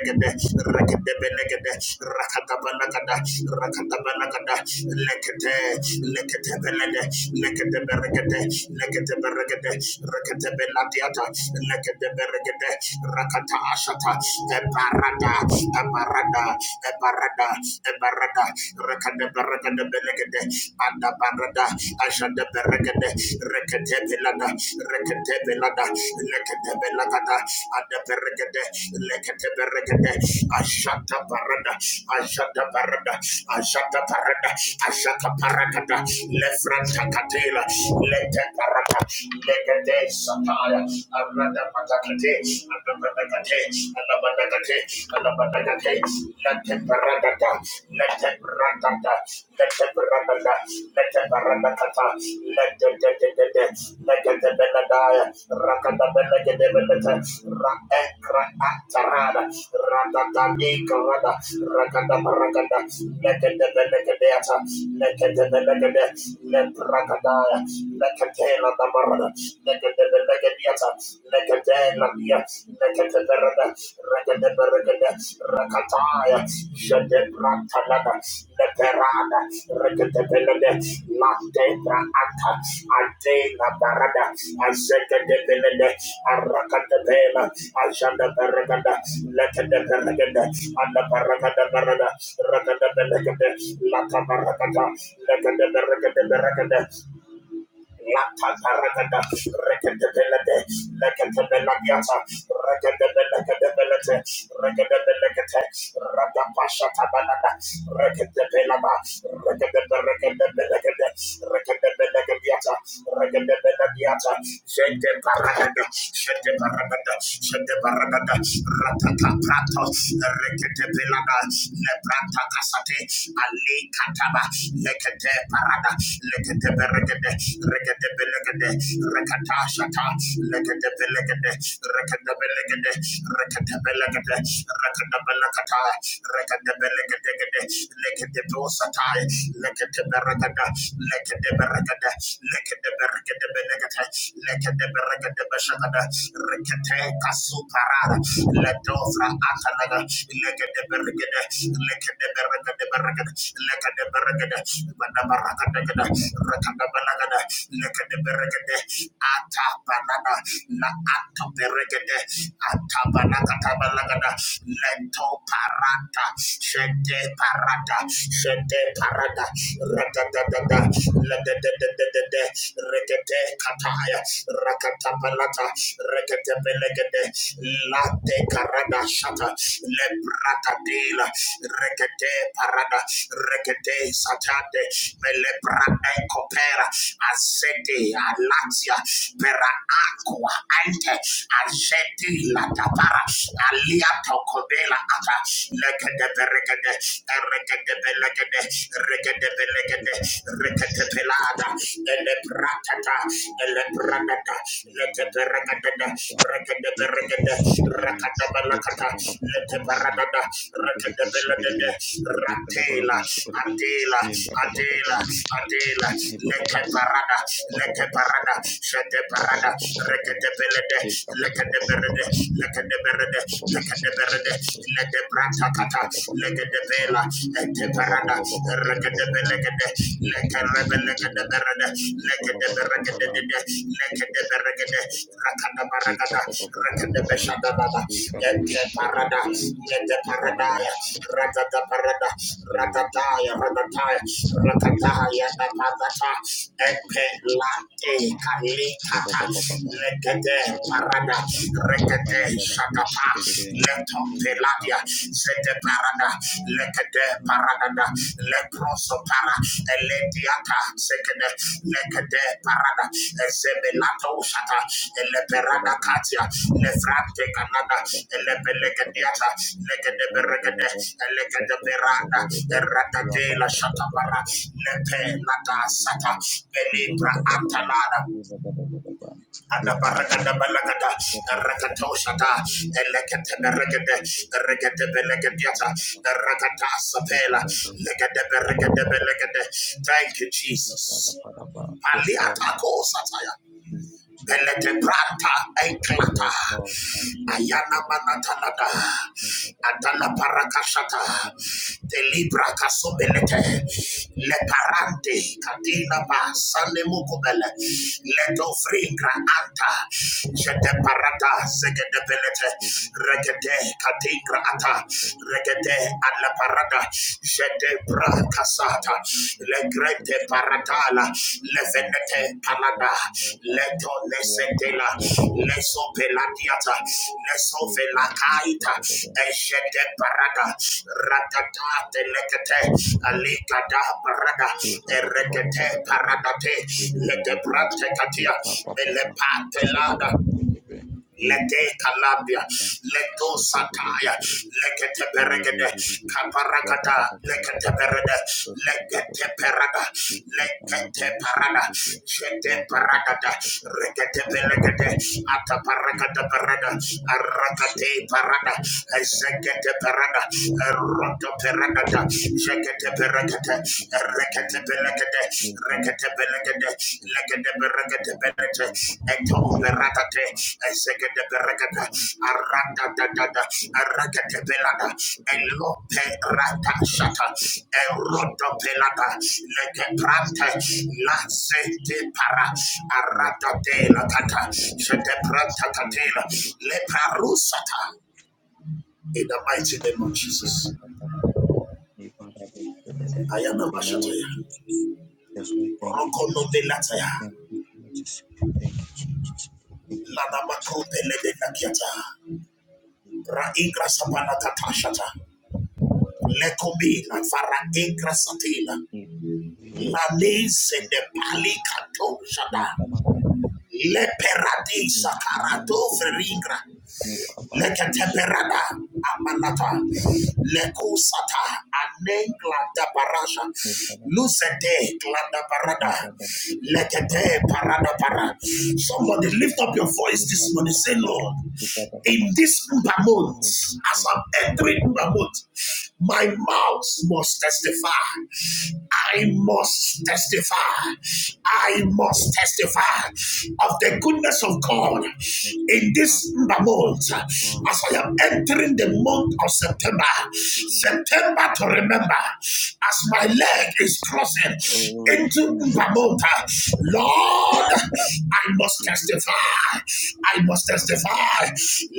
S2: Rekadabelegade, Rekadabelegade, Rakatabalagada, Rakatabalagada, Lekate, Lekatebelede, Lekateberegade, Lekateberegade, Rekatebeladiata, Lekateberegade, Rakata ashata the barada the barada the barada the barada rekande berekande belegede anda barada ashanda berekende rekete belada rekete belada lekete belagada anda berekende lekete berekende ashata barada ashata barada ashata barada ashata barada lefranta katela lete barada lekete sataya Rakata, Lekatela da barada, Rakataya, Rakete Likataba, Lekete Parada, Lekete Beregede, Regede Belegede, Rekata Shata, Lekete Belegede, Rekete Belegede, Rekete Belegede, Rekete Belegata, Rekete Belegede, Lekete Dosatai, Lekete Beregede, Lekete Beregede, Lekete Beregede Belegete, Lekete Beregede Beshagada, Rekete Kasuparada, Ledovra akadaga lekede beregede lekede beregede beregede lekede beregede bana barakada gada rakada balagada lekede beregede ata banana la ata beregede ata banaka tabalagada leto parata shete parata shete parata rakada da da lekede de palata rekete belegede late karada shata le brakadela rekete parada rekete satade mele brade kopera asete alatia pera aqua ante asete la tapara alia tokobela ata lekede beregede rekete belegede rekete belegede rekete pelada, ele pratata, ele pratata, lete perakata, rakata perakata, rakata balakata, lete paradada, rakata beladede, ratela, atela, atela, atela, leke parada, leke parada, shete parada, rekete belede, lekete berede, lekete berede, lekete berede, lete pratakata, lekete Bela, Eteparada, Regadebelegade, Lecarebelegade, Lecadeberegade, Lecadeberegade, Racadabaragada, Recadebeshadabada, Eteparada, Leteparadaya, Ratataparada, Ratataya, Ratataya, Ratataya, Tapatata, Epelate, Kalikata, Legade, Parada, Recade, Shatapa, Letopeladia, Sete Parada, Lekede Parada, Leprosopara, Elediata, Sekede, Lekede Parada, Ezebelato Shata, Eleperada Katia, Lefrante Canada, Elepelegadiata, Legede Beregede, Elegede Berada, Errata de la Shatapara, Lepe Lata Sata, Belibra Antalada, Adabaragadabalagada, Rakatoshata, Eleketeberegede, Regedebelegediata, Rakatasapela, Legedeberegedebelekede. Thank you, Jesus. Paliatakosataya. Pelete prata eklata. Ayana manatanada. atana parakashata. Delibra kasobelete. Le parante katina ba sane mukubele. Le dofringra anta. Jete parata segede belete. Regede kadingra ata. Regede ala parada. jete de bracasata, le grete paratala, le venete palada, le to le setela, le sopeladiata, le sovelacaita, eshete parada, ratata de lecate, alicada parada, eregete paradate, le de brate catia, le patelada. Lete Calabria, Leto Sataya, Lekete Peregede, Caparagada, Lekete Perede, Lekete Perada, Lekete Parada, Jete Paragada, Regete Pelegede, Ataparagada Parada, Arakate Parada, Ezekete Parada, Roto Peragada, Jekete Peregete, in the mighty name of Jesus. I am a Mashataya. Rokono Belataya. Lanama Krupele de Nakiata, Raigra Sabana Tatashata, Lekomina Fara Ingra Satila, Lanese de Palicato Shada, Leperadi Sakarato Feringra, Leketeperada amanata. Lekusata anengla da barasha. Lucete glada barada. Lekete parada para. Somebody lift up your voice this morning. Say, Lord, in this Uber month, as I'm entering Uber month, my mouth must testify. I must testify. I must testify of the goodness of God in this month as I am entering the month of September. September to remember as my leg is crossing into Mbamonta. Lord, I must testify. I must testify.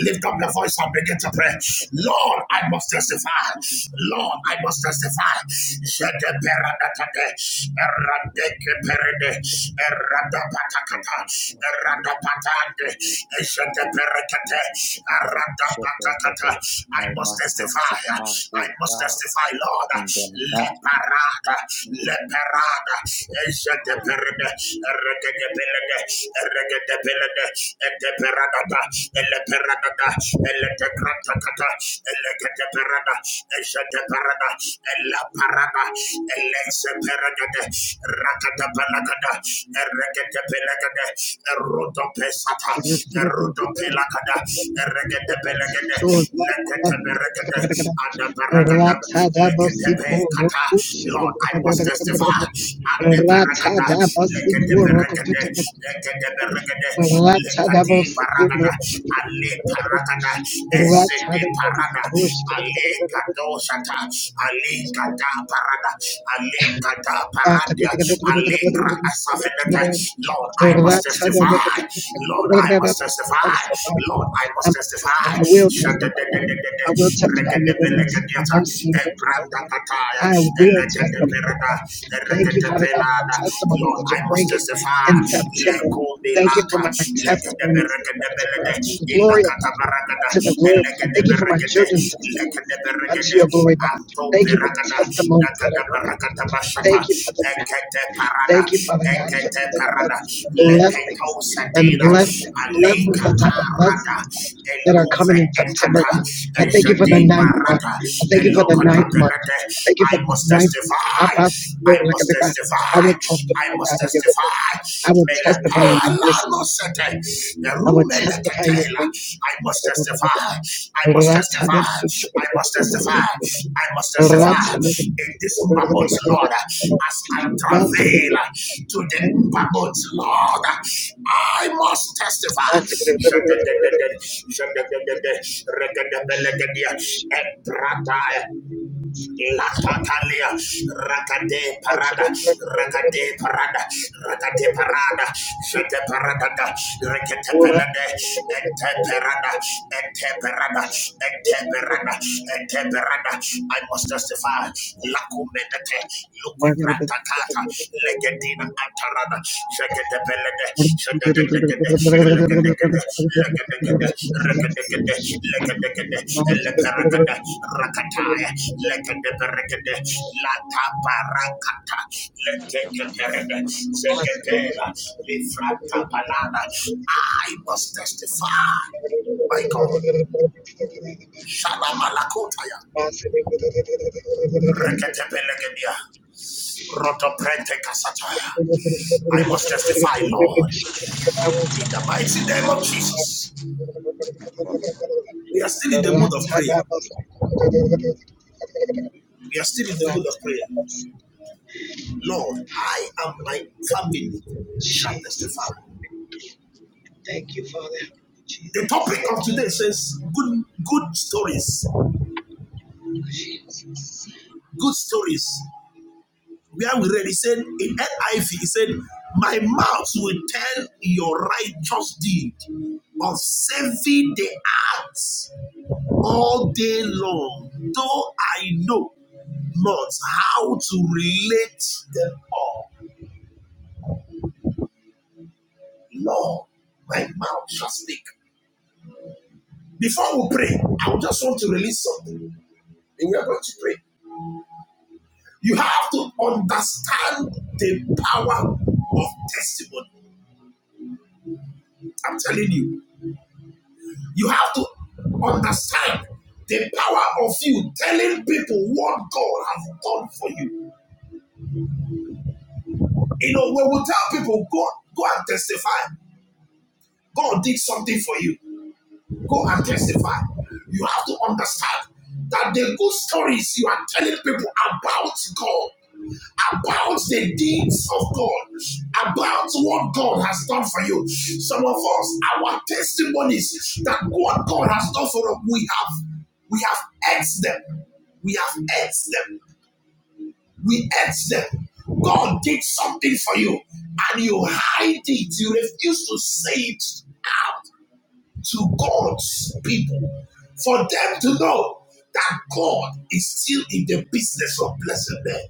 S2: Lift up your voice and begin to pray. Lord, I must testify. Lord, I must testify. I
S3: Our
S2: must
S3: masters
S2: testify. I
S3: oh
S2: must
S3: God,
S2: testify, Lord.
S3: and then not
S2: Leparada, leparada, eshete perede, eregede pelede, eregede pelede, ete peradada, ele peradada, ele te grata kata, ele te parada, ejete parada, ella parada, elense paragade, rakata palagada, erekete pelagade, eruto pesata, eruto pelagada, erekete pelagade, lekete peregade, and the lekete pekata. Lord, I must testify, and the lekete peregade, lekete peregade,
S1: I must
S2: lekati paragada, ale paragada, ezete parada, Alinka dosata, parada, alinka paradia, alinka asafenete. Lord, I must testify. Lord, I must testify. Lord, I must
S1: testify.
S2: testify.
S1: I will testify.
S2: Shadadadadadada,
S1: I will testify of your goodness,
S2: rekedebelekediata,
S1: mercy, and hope for my life.
S2: ebrandakataya,
S1: I will testify.
S2: elekedebereda,
S1: Thank you, Father God, for
S2: erekedebelada.
S1: testimonies
S2: Lord,
S1: that
S2: I
S1: you're
S2: must
S1: bringing
S2: testify.
S1: in September. Thank you for
S2: Lekobilaka,
S1: my testimonies in September.
S2: lekedeberekedebelede,
S1: To the glory of. to the glory of God. Thank you for my
S2: ilakatabarakada,
S1: children's testimonies unto your glory now. Thank you for the testimonies that are coming. Thank you for the thank you, Father God, for the, the- the blessings and the blessings, blessings on top of blessings that are coming in September, God. I thank you for the ninth month. I thank you for the ninth month. I thank you for
S2: I
S1: the
S2: must
S1: ninth month. I
S2: testify,
S1: ask you, Lord,
S2: I
S1: like a
S2: must
S1: big God, I will
S2: testify, I
S1: testify
S2: must
S1: out of your goodness.
S2: testify.
S1: I will testify of your mercy.
S2: no
S1: I will testify of
S2: I must
S1: your grace.
S2: testify, I must must
S1: Rats
S2: testify.
S1: Rats good.
S2: I must testify. I must testify
S1: Rats had it.
S2: in this Mbamot, Lord, as I travail to the Mbamot, Lord. I must testify.
S1: That's a great. That's
S2: Shadadadada, shadadadada, Rakade
S1: it.
S2: Parada, Rakade Parada, Rakade Parada, Shete Parada, Rekete Pelade, Ete Parada, Ete Parada. Eteberada, Eteberada, Eteberada. I must testify. Lacumenete,
S1: it.
S2: Lucubratakata,
S1: Ratchet
S2: Legatina Antarada, Sheketepelede,
S1: Racha
S2: Shedegedegede, Legedegede, Legedegede, Regedegede, Legedegede, Eleperagade, Rakataya, Legedeberegede, Latabarakata, Legedeberede, Zegedela, Lifrata Banana. I must testify. My God. Shalamalakotaya. Reketepelegedia. Rotoprente kasataya. I must testify, Lord, in the mighty name of Jesus. We are still in the mood of prayer. We are still in the mood of prayer. Lord, I and my family shall
S1: Jesus.
S2: testify.
S1: Thank you, Father.
S2: The
S1: Jesus.
S2: topic of
S1: Thank you,
S2: today says good good stories.
S1: Jesus.
S2: Good stories. where we read, he said, in NIV, he said, My mouth will tell your righteous deed of saving the earth all day long, though I know not how to relate them all. Lord, my mouth shall speak. Before we pray, I just want to release something. And we are going to pray. You have to understand the power of testimony. I'm telling you. You have to understand the power of you telling people what God has done for you. You know, when we tell people, God, go and testify, God did something for you. Go and testify. You have to understand that the good stories you are telling people about God, about the deeds of God, about what God has done for you. Some of us, our testimonies that what God has done for us, we have we have ate them. We have ate them. We ate them. God did something for you, and you hide it. You refuse to say it out to God's people for them to know that God is still in the business of blessing them.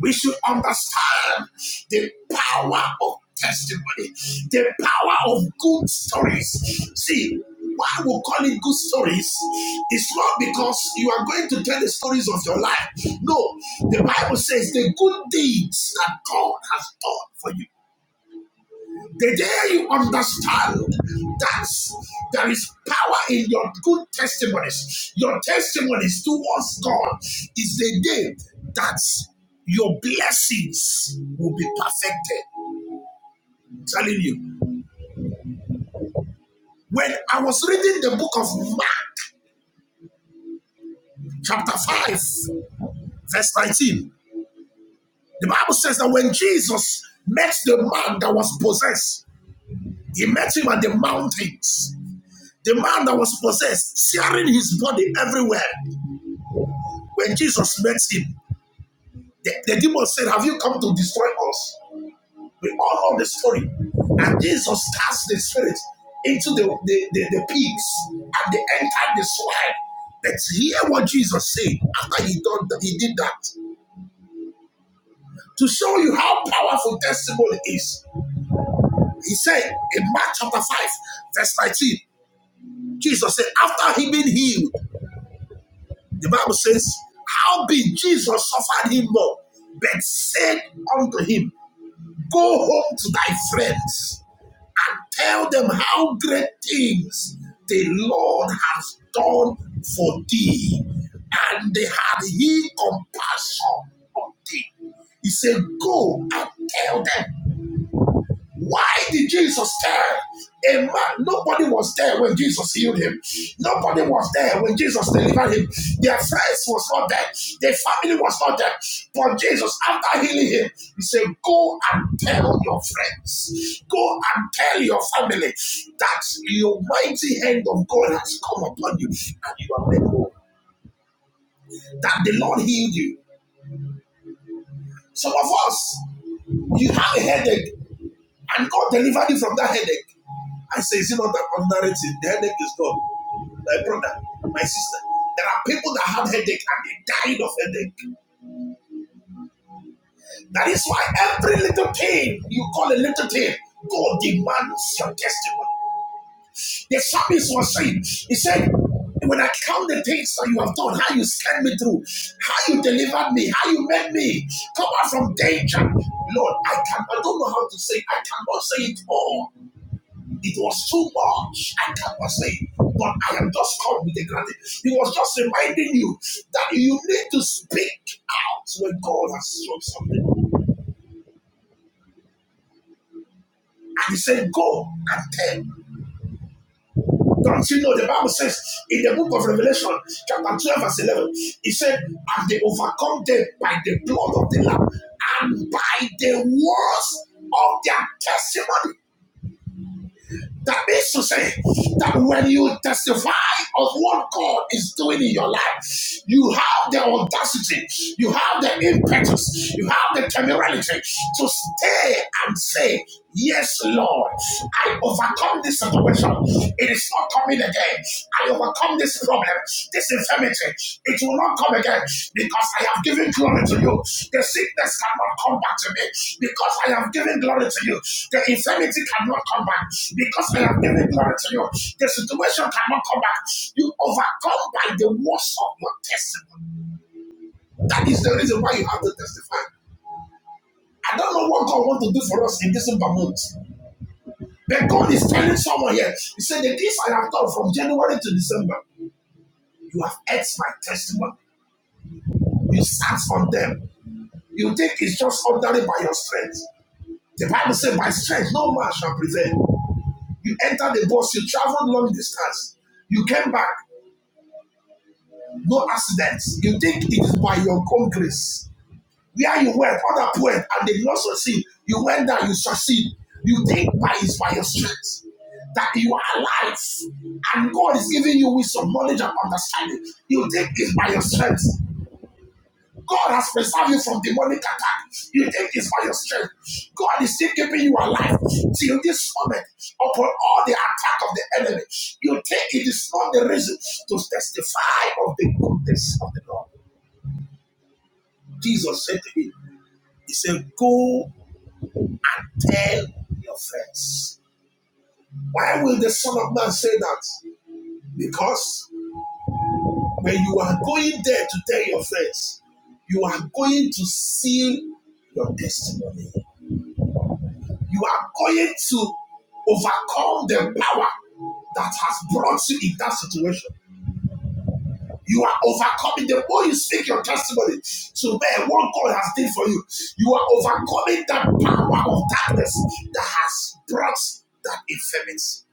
S2: We should understand the power of testimony, the power of good stories. See, why we call it good stories It's not because you are going to tell the stories of your life. No, the Bible says the good deeds that God has done for you. The day you understand that there is power in your good testimonies, your testimonies towards God is the day that your blessings will be perfected. I'm telling you. When I was reading the book of Mark, chapter 5, verse 19, the Bible says that when Jesus met the man that was possessed, he met him at the mountains. The man that was possessed, tearing his body everywhere. When Jesus met him, the, the demon said, Have you come to destroy us? We all know the story. And Jesus cast the spirit into the, the, the, the pigs and they entered the swine. Let's hear what Jesus said after he, done, he did that. To show you how powerful testimony is, he said in Mark chapter 5, verse 19, Jesus said, After he been healed, the Bible says, How Jesus suffered him not, but said unto him, Go home to thy friends and tell them how great things the Lord has done for thee. And they had he compassion on thee. He said, Go and tell them. Why did Jesus tell a man? Nobody was there when Jesus healed him. Nobody was there when Jesus delivered him. Their friends was not there. Their family was not there. But Jesus, after healing him, he said, Go and tell your friends. Go and tell your family that your mighty hand of God has come upon you and you are made whole. That the Lord healed you. Some of us, you have a headache. And God delivered you from that headache. I say, is it not an ordinary thing? The headache is gone. My brother, my sister. There are people that have headache and they died of headache. That is why every little thing you call a little thing, God demands your testimony. The psalmist was saying, he said, when I count the things that you have done, how you scared me through, how you delivered me, how you made me come out from danger. Lord, I can I don't know how to say it. I cannot say it all. It was too much. I cannot say, but I am just come with a granted. He was just reminding you that you need to speak out when God has shown something. And he said, Go and tell. Don't you know the Bible says in the book of Revelation, chapter 12, verse 11, he said, And they overcome them by the blood of the Lamb and by the words of their testimony. That means to say that when you testify of what God is doing in your life, you have the audacity, you have the impetus, you have the temerity to stay and say, Yes, Lord, I overcome this situation. It is not coming again. I overcome this problem, this infirmity. It will not come again because I have given glory to you. The sickness cannot come back to me because I have given glory to you. The infirmity cannot come back because I have given glory to you. The situation cannot come back. You overcome by the words of your testimony. That is the reason why you have to testify. I don't know what God wants to do for us in December month. But God is telling someone here, He said, The things I have done from January to December, you have ate my testimony. You start on them. You think it's just ordinary by your strength. The Bible says, by strength no man shall prevail. You enter the bus, you travel long distance. You came back, no accidents. You think it is by your own grace. Where you went, other point, and they did not succeed. You went down, you succeed. You think by it's by your strength that you are alive and God is giving you wisdom, knowledge, and understanding. You think it's by your strength. God has preserved you from demonic attack. You think it's by your strength. God is still keeping you alive till this moment upon all the attack of the enemy. You think it is not the reason to testify of the goodness of the Lord. Jesus said to him, He said, Go tell your friends. Why will the Son of Man say that? Because when you are going there to tell your friends, you are going to seal your testimony. You are going to overcome the power that has brought you in that situation. You are overcoming the more you speak your testimony to men what God has done for you. You are overcoming that power of darkness that has brought that infirmity.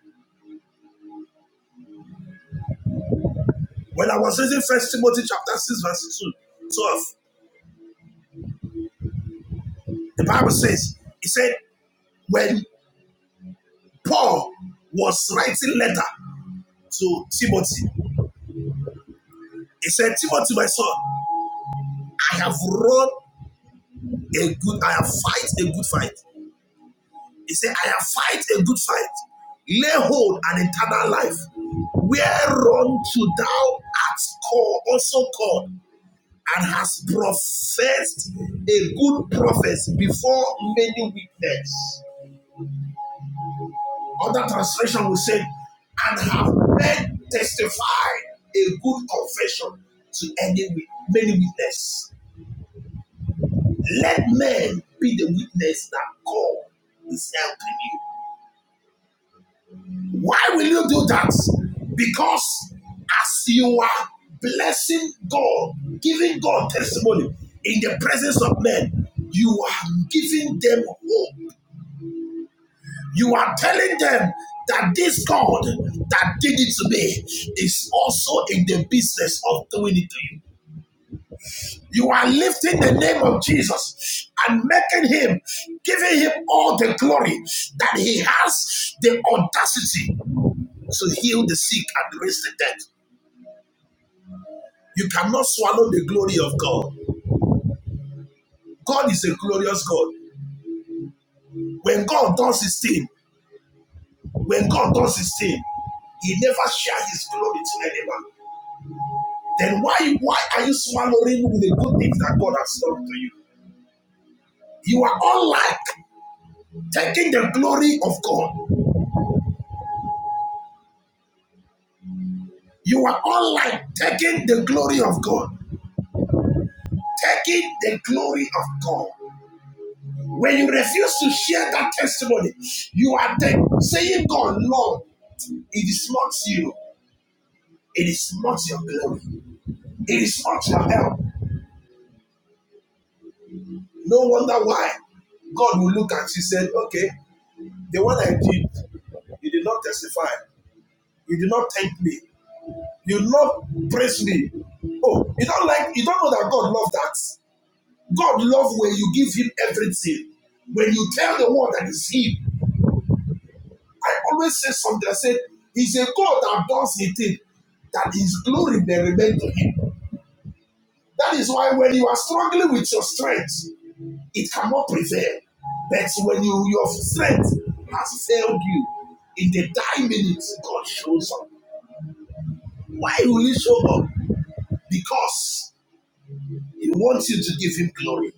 S2: When I was reading First Timothy chapter 6, verse 2, 12, the Bible says, it said, when Paul was writing letter to Timothy, he said, Timothy, my son, I have run a good I have fight a good fight. He said, I have fight a good fight. Lay hold an eternal life. Whereunto thou art called, also called, and has professed a good prophecy before many witnesses. Other translation will say, and have men testified a good confession to any many witnesses. Let men be the witness that God is helping you. Why will you do that? Because as you are blessing God, giving God testimony in the presence of men, you are giving them hope. You are telling them that this God that did it to me is also in the business of doing it to you. You are lifting the name of Jesus and making him, giving him all the glory that he has the audacity to heal the sick and raise the dead. You cannot swallow the glory of God. God is a glorious God. When God does his thing, when God does his thing, he never shares his glory to anyone. Then why why are you swallowing with the good things that God has done to you? You are all like taking the glory of God. You are all like taking the glory of God. Taking the glory of God. When you refuse to share that testimony, you are saying, God, Lord, it is not you. It is not your glory. It is not your help. No wonder why God will look at you and say, okay, the one I did, you did not testify. You did not thank me. You did not praise me. Oh, you don't like, you don't know that God loves that. God loves when you give him everything. When you tell the world that it's him. I always say something, I said, he's a God that does a thing that his glory may remain to him. That is why when you are struggling with your strength, It cannot prevail. But when you your strength has failed you, in the dying minutes, God shows up. Why will He show up? Because He wants you to give Him glory.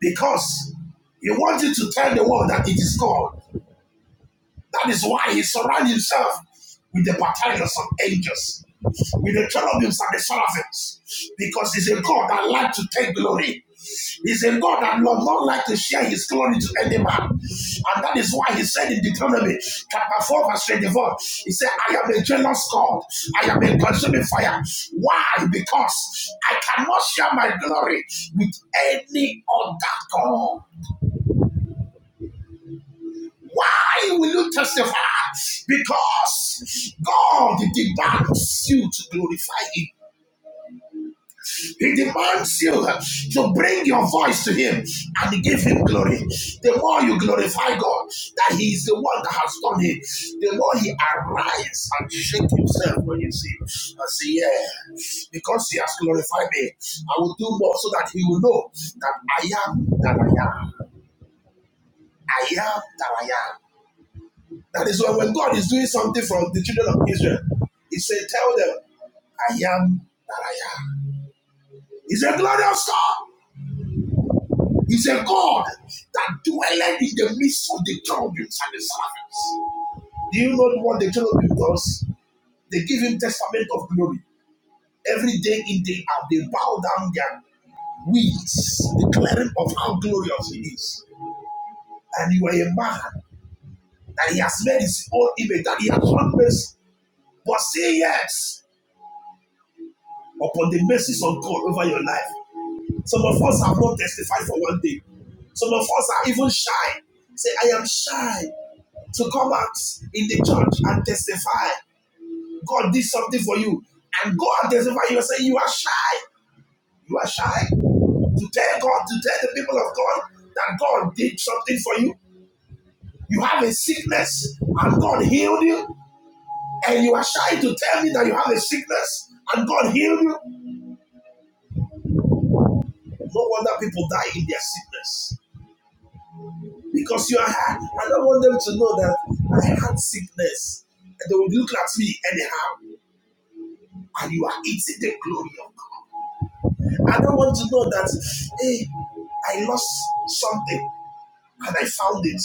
S2: Because He wants you to tell the world that it is God. That is why he surrounded himself with the battalions of angels, with the cherubims and the seraphims, because he's a God that likes to take glory. He's a God that does not like to share his glory to any man. And that is why he said in Deuteronomy chapter 4, verse 24, he said, I am a jealous God. I am a consuming fire. Why? Because I cannot share my glory with any other God. Why will you testify? Because God demands you to glorify Him. He demands you to bring your voice to Him and give Him glory. The more you glorify God, that He is the one that has done it, the more He arises and shakes Himself when you see Him. I say, Yeah, because He has glorified me, I will do more so that He will know that I am that I am. I am that I am. That is why when God is doing something for the children of Israel, He said, Tell them, I am that I am. He's a glorious God. He's a God that dwelleth in the midst of the cherubims and the seraphims. Do you know what the cherubim does? They give him testament of glory. Every day in day out, they bow down their wings, declaring of how glorious he is. And you are a man that he has made his own image, that he has not made. But say yes. upon the mercies of God over your life. Some of us have not testified for one day. Some of us are even shy. Say, I am shy to come out in the church and testify. God did something for you. And go and testify. You are saying you are shy. You are shy to tell God, to tell the people of God that God did something for you. You have a sickness and God healed you. And you are shy to tell me that you have a sickness and God healed you. No wonder people die in their sickness. because you are, I don't want them to know that I had sickness. And they will look at me anyhow, and you are eating the glory of God. I don't want to know that, hey, I lost something and I found it.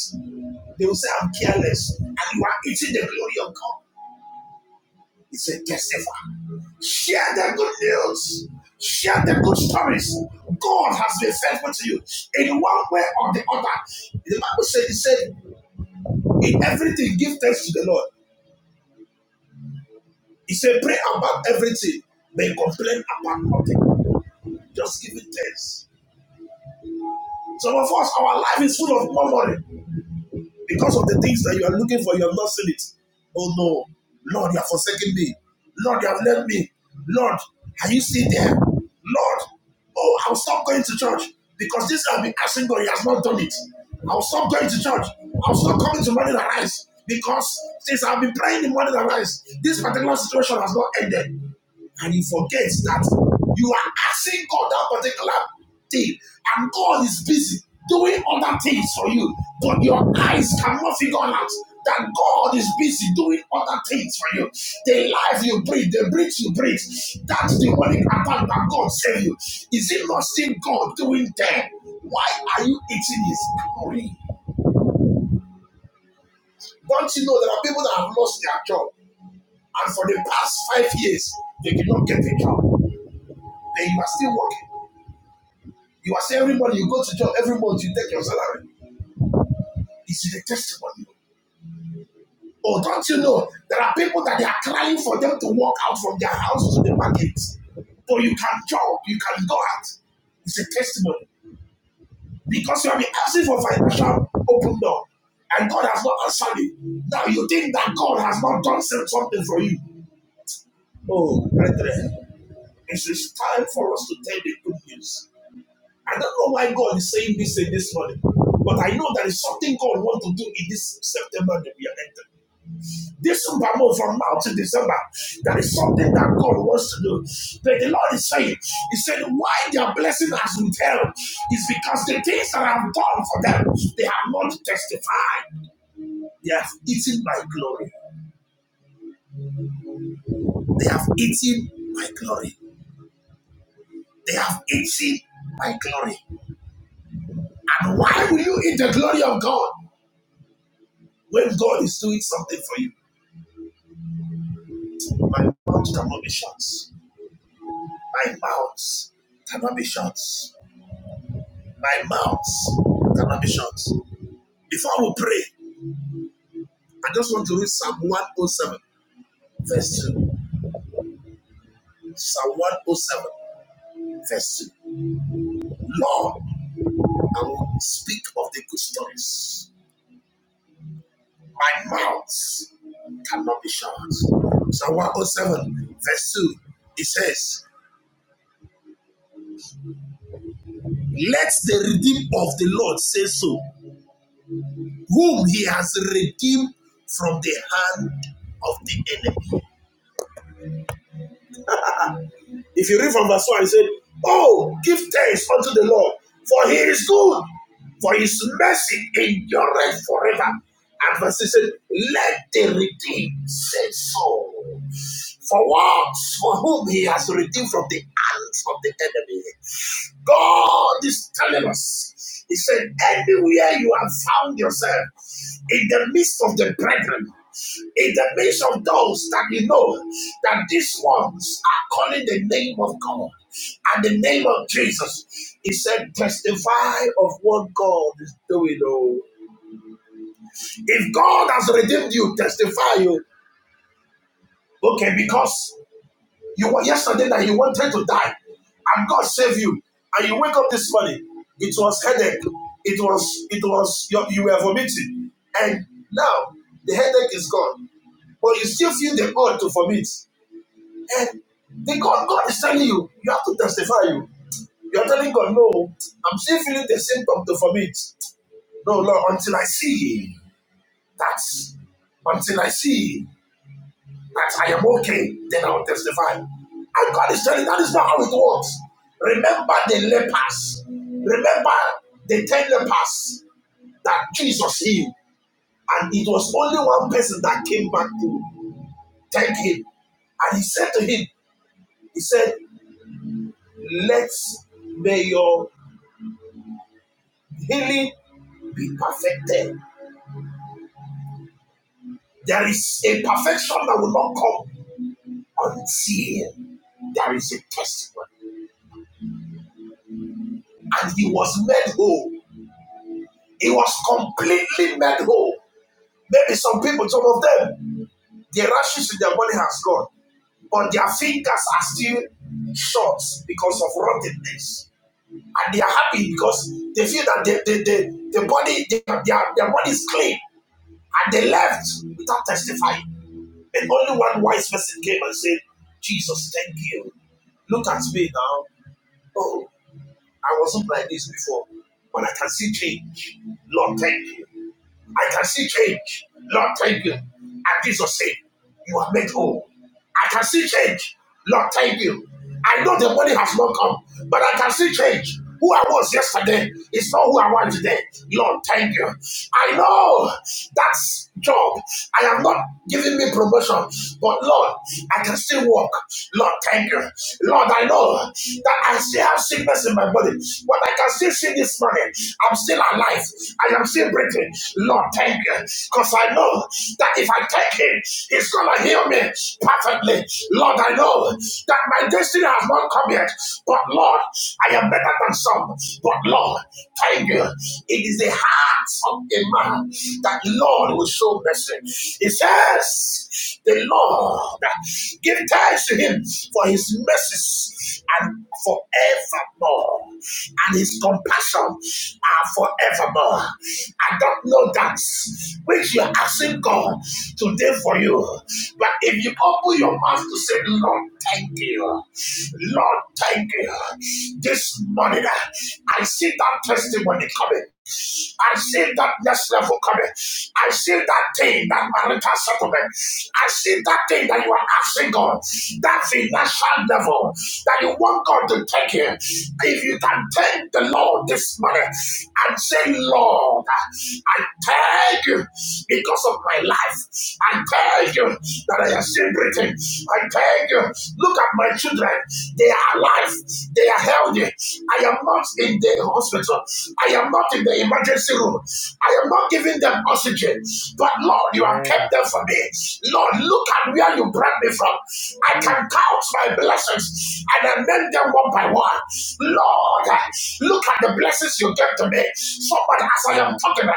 S2: They will say, I'm careless, and you are eating the glory of God. It's a testifier share the good news, share the good stories. God has been faithful to you in one way or the other. The Bible said, He said, in everything, give thanks to the Lord. He said, pray about everything, but complain about nothing. Just give it thanks. Some of us, our life is full of murmuring. Because of the things that you are looking for, you have not seen it. Oh no, Lord, you have forsaken me. Lord, you have left me. Lord, are you still there? Lord, oh, I'll stop going to church because this I've been asking God, He has not done it. I'll stop going to church. I'll stop coming to morning arise because since I've been praying in morning arise, this particular situation has not ended and you forget that you are asking God that particular thing, and God is busy doing other things for you, but your eyes cannot figure out that God is busy doing other things for you. The life you breathe, the breath you breathe, that's the only pattern that God saved you. Is it not still God doing them? Why are you eating his glory? Don't you know there are people that have lost their job, and for the past five years, they did not get a job. Then you are still working. You are saying every month you go to job every month, you take your salary. It's a testimony. Oh, don't you know? There are people that they are crying for them to walk out from their house to the market. But you can jog, you can go out. It's a testimony. Because you have been asking for financial open door. And God has not answered you. Now you think that God has not done some- something for you. Oh, brethren, it is time for us to tell the good news. I don't know why God is saying this in this morning, but I know there is something God wants to do in this September that we are entering. December move from now to December. That is something that God wants to do. But the Lord is saying, He said, why their blessing has withheld? is because the things that I've done for them, they have not testified. They have eaten my glory. They have eaten my glory. They have eaten my glory. And why will you eat the glory of God when God is doing something for you? My mouth cannot be shut. My mouth cannot be shut. My mouth cannot be shut. Before we pray, I just want to read Psalm 107, verse 2. Psalm 107, verse 2. Lord, I will speak of the good stories. My mouth cannot be shut. Psalm 107, verse 2, it says, Let the redeemed of the Lord say so, whom he has redeemed from the hand of the enemy. If you read from verse 1, it said, Oh, give thanks unto the Lord, for he is good, for his mercy endureth forever. And verse 6 said, Let the redeemed say so. For what? For whom he has redeemed from the hands of the enemy God is telling us. He said, anywhere you have found yourself in the midst of the brethren, in the midst of those that you know that these ones are calling the name of God and the name of Jesus, he said, testify of what God is doing. Oh, if God has redeemed you, testify you. Okay, because you were yesterday that you wanted to die, and God saved you. And you wake up this morning, it was headache, it was it was you, were vomiting, and now the headache is gone, but you still feel the urge to vomit. And the God God is telling you, you have to testify you. You are telling God, no, I'm still feeling the symptom to vomit. No, Lord, until I see that, until I see that I am okay, then I will testify. And God is telling you that is not how it works. Remember the lepers. Remember the ten lepers that Jesus healed. And it was only one person that came back to thank him. And he said to him, He said, Let may your healing be perfected. There is a perfection that will not come until there is a testimony. And he was made whole He was completely made whole. maybe some people, some of them, the rashes in their body has gone, but their fingers are still short because of rottenness. And they are happy because they feel that the, the, the, the body, their, their, their body is clean. And they left without testifying. And only one wise person came and said, Jesus, thank you. Look at me now. Oh, I wasn't like this before, but I can see change. Lord, thank you. I can see change. Lord, thank you. At Jesus' sake, you are made whole. I can see change. Lord, thank you. I know the money has not come, but I can see change. Who I was yesterday is not who I want today. Lord, thank you. I know that job. I am not giving me promotion, but Lord, I can still walk. Lord, thank you. Lord, I know that I still have sickness in my body, but I can still see this morning. I'm still alive life. I am still breathing. Lord, thank you. Because I know that if I thank Him, He's going to heal me perfectly. Lord, I know that my destiny has not come yet. But Lord, I am better than some. But Lord, thank you. It is the heart of a man that Lord will show mercy. He says, The Lord, give thanks to Him for His mercies and forevermore forevermore, and his compassion are forevermore. I don't know that which you're asking God today for you, but if you open your mouth to say, Lord, thank you, Lord, thank you, this morning I see that testimony coming. I see that next level coming. I see that thing, that marital settlement. I see that thing that you are asking God, that financial level that you want God to take you. If you can thank the Lord this morning and say, Lord, I thank you because of my life. I thank you that I have seen everything. I thank you. Look at my my children. They are alive. They are healthy. I am not in the hospital. I am not in the emergency room. I am not giving them oxygen. But Lord, you have kept them
S3: Yes.
S2: for me. Lord, look at where you brought me from. I
S3: Mm.
S2: can count my blessings and I name them one by one. Lord, look at the blessings you gave to me. Somebody, as I am talking,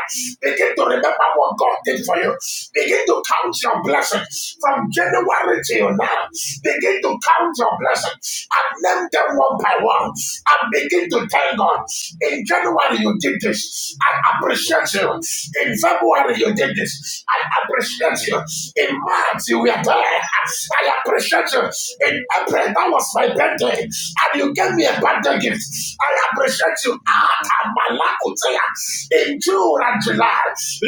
S2: begin to remember what God. God did for you. Begin to count your blessings from January till now. Begin to count your blessings and name them one by one. And begin to thank God. In January you did this. I appreciate you. In February you did this. I appreciate you. In March you were there. I appreciate you. In April that was my birthday, and you gave me a birthday gift gifts. I appreciate you. Ata Malakotea. In June and July,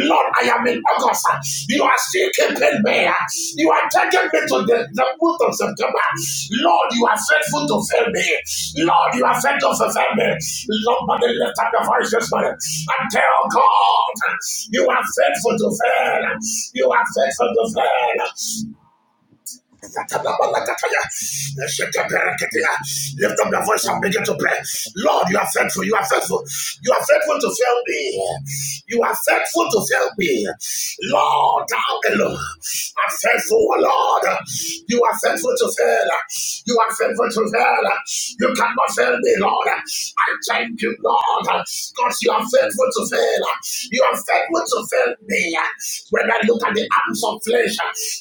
S2: Lord, I am in August. You are still keeping me. You are taking me to the, the month of September. Lord, you are faithful to fail me. Lord, you are faithful to fail me. Lord, but the lift up your voice this morning and tell God, you are faithful to fail. You are faithful to fail. Lift up your voice and begin to pray. Lord, you are faithful. You are faithful. You are faithful to fail me. You are faithful to fail me. Lord, thou alone are faithful, Lord. You are faithful to fail. You are faithful to fail. You cannot fail me, Lord. I thank you, Lord, because you are faithful to fail. You are faithful able to fail me. When I look at the arms of flesh,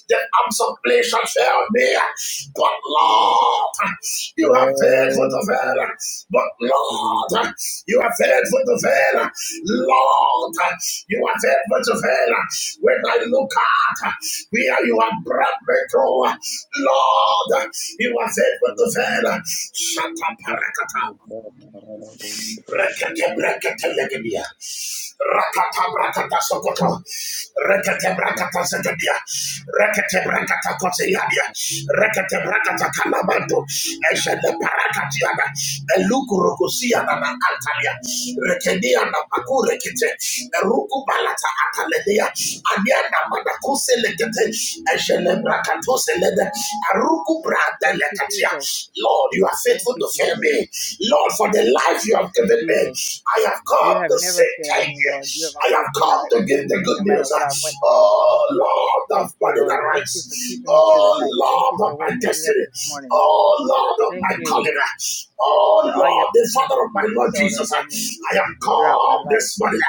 S2: the arms of flesh have failed me. But Lord, you have faithful to fail. But
S3: Yes,
S2: Lord, you are faithful to fail. Lord, you are faithful to fail. When I look at where you have brought me through, Lord, you are faithful to fail. Shut up, Parakata. Rekete brekete legedia. Rakata brakata sokoto. Rekete brakata zegedia. Rekete brakata koteyadia. Rekete brakata kalabando. Eshele parakatiana. Eluku rokosiana na antalia. Rekedia na pakure kite. Eruku balata ataledia. Aniana manakose legete. Eshele brakato selede. Aruku brata
S4: Thank you, Jesus.
S2: Lord, you are
S4: Thank
S2: faithful
S4: you,
S2: to fail
S4: Jesus.
S2: me. Lord, for the life you
S4: Thank
S2: have
S4: you,
S2: given me,
S4: Jesus.
S2: I have come
S4: You have
S2: to
S4: never
S2: say
S4: failed
S2: thank
S4: me,
S2: you.
S4: Lord. You have
S2: I
S4: always
S2: have
S4: been
S2: come
S4: right
S2: to
S4: with
S2: give the
S4: me,
S2: good
S4: no matter
S2: news.
S4: what I've went through.
S2: Oh, Lord of
S4: Thank you,
S2: money that
S4: Lord. Thank you
S2: rise.
S4: for keeping me through the
S2: Oh,
S4: night. Thank you
S2: Lord of
S4: for
S2: my
S4: waking me up
S2: destiny.
S4: this morning.
S2: Oh, Lord of
S4: Thank
S2: my
S4: you
S2: calling. Oh
S4: for all your
S2: Lord, the
S4: blessings that
S2: Father of
S4: you
S2: my Lord
S4: bestowed
S2: Jesus, uh,
S4: upon me
S2: I am
S4: throughout my
S2: come
S4: life.
S2: this morning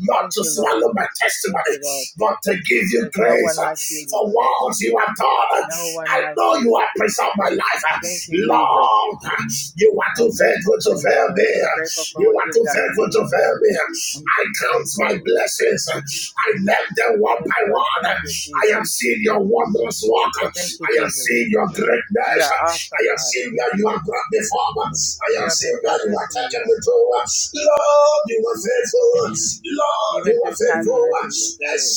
S2: not
S4: Thank
S2: to
S4: you, Lord.
S2: swallow my
S4: Thank
S2: testimony,
S4: you, Lord.
S2: but to give you
S4: There's no
S2: grace
S4: one
S2: uh,
S4: like you,
S2: for
S4: Lord.
S2: what you have done. uh,
S4: No
S2: I
S4: one like
S2: know you
S4: you.
S2: have preserved my life. uh,
S4: Thank you, Jesus.
S2: Lord, uh, you are too
S4: I'm grateful
S2: faithful
S4: for
S2: to
S4: you,
S2: fail
S4: Lord.
S2: me.
S4: I'm
S2: uh,
S4: grateful for
S2: You
S4: what
S2: are
S4: you've
S2: too
S4: done in my
S2: faithful to
S4: life.
S2: fail me.
S4: I'm
S2: uh, I count my
S4: grateful.
S2: blessings. uh, I name them one
S4: Yes,
S2: by
S4: Lord.
S2: one. uh,
S4: Thank you,
S2: I am
S4: Jesus.
S2: seeing your wondrous work. uh,
S4: Thank you,
S2: I am
S4: Jesus.
S2: seeing your greatness
S4: You are
S2: life. I
S4: awesome,
S2: have
S4: God.
S2: seen where you have brought me from. I
S4: You
S2: have
S4: have been
S2: seen
S4: so
S2: where you
S4: good
S2: have
S4: to me,
S2: taking
S4: Lord.
S2: me to. Lord, you are faithful. Lord,
S4: Even
S2: you
S4: through
S2: are
S4: times
S2: faithful.
S4: when I didn't deserve it,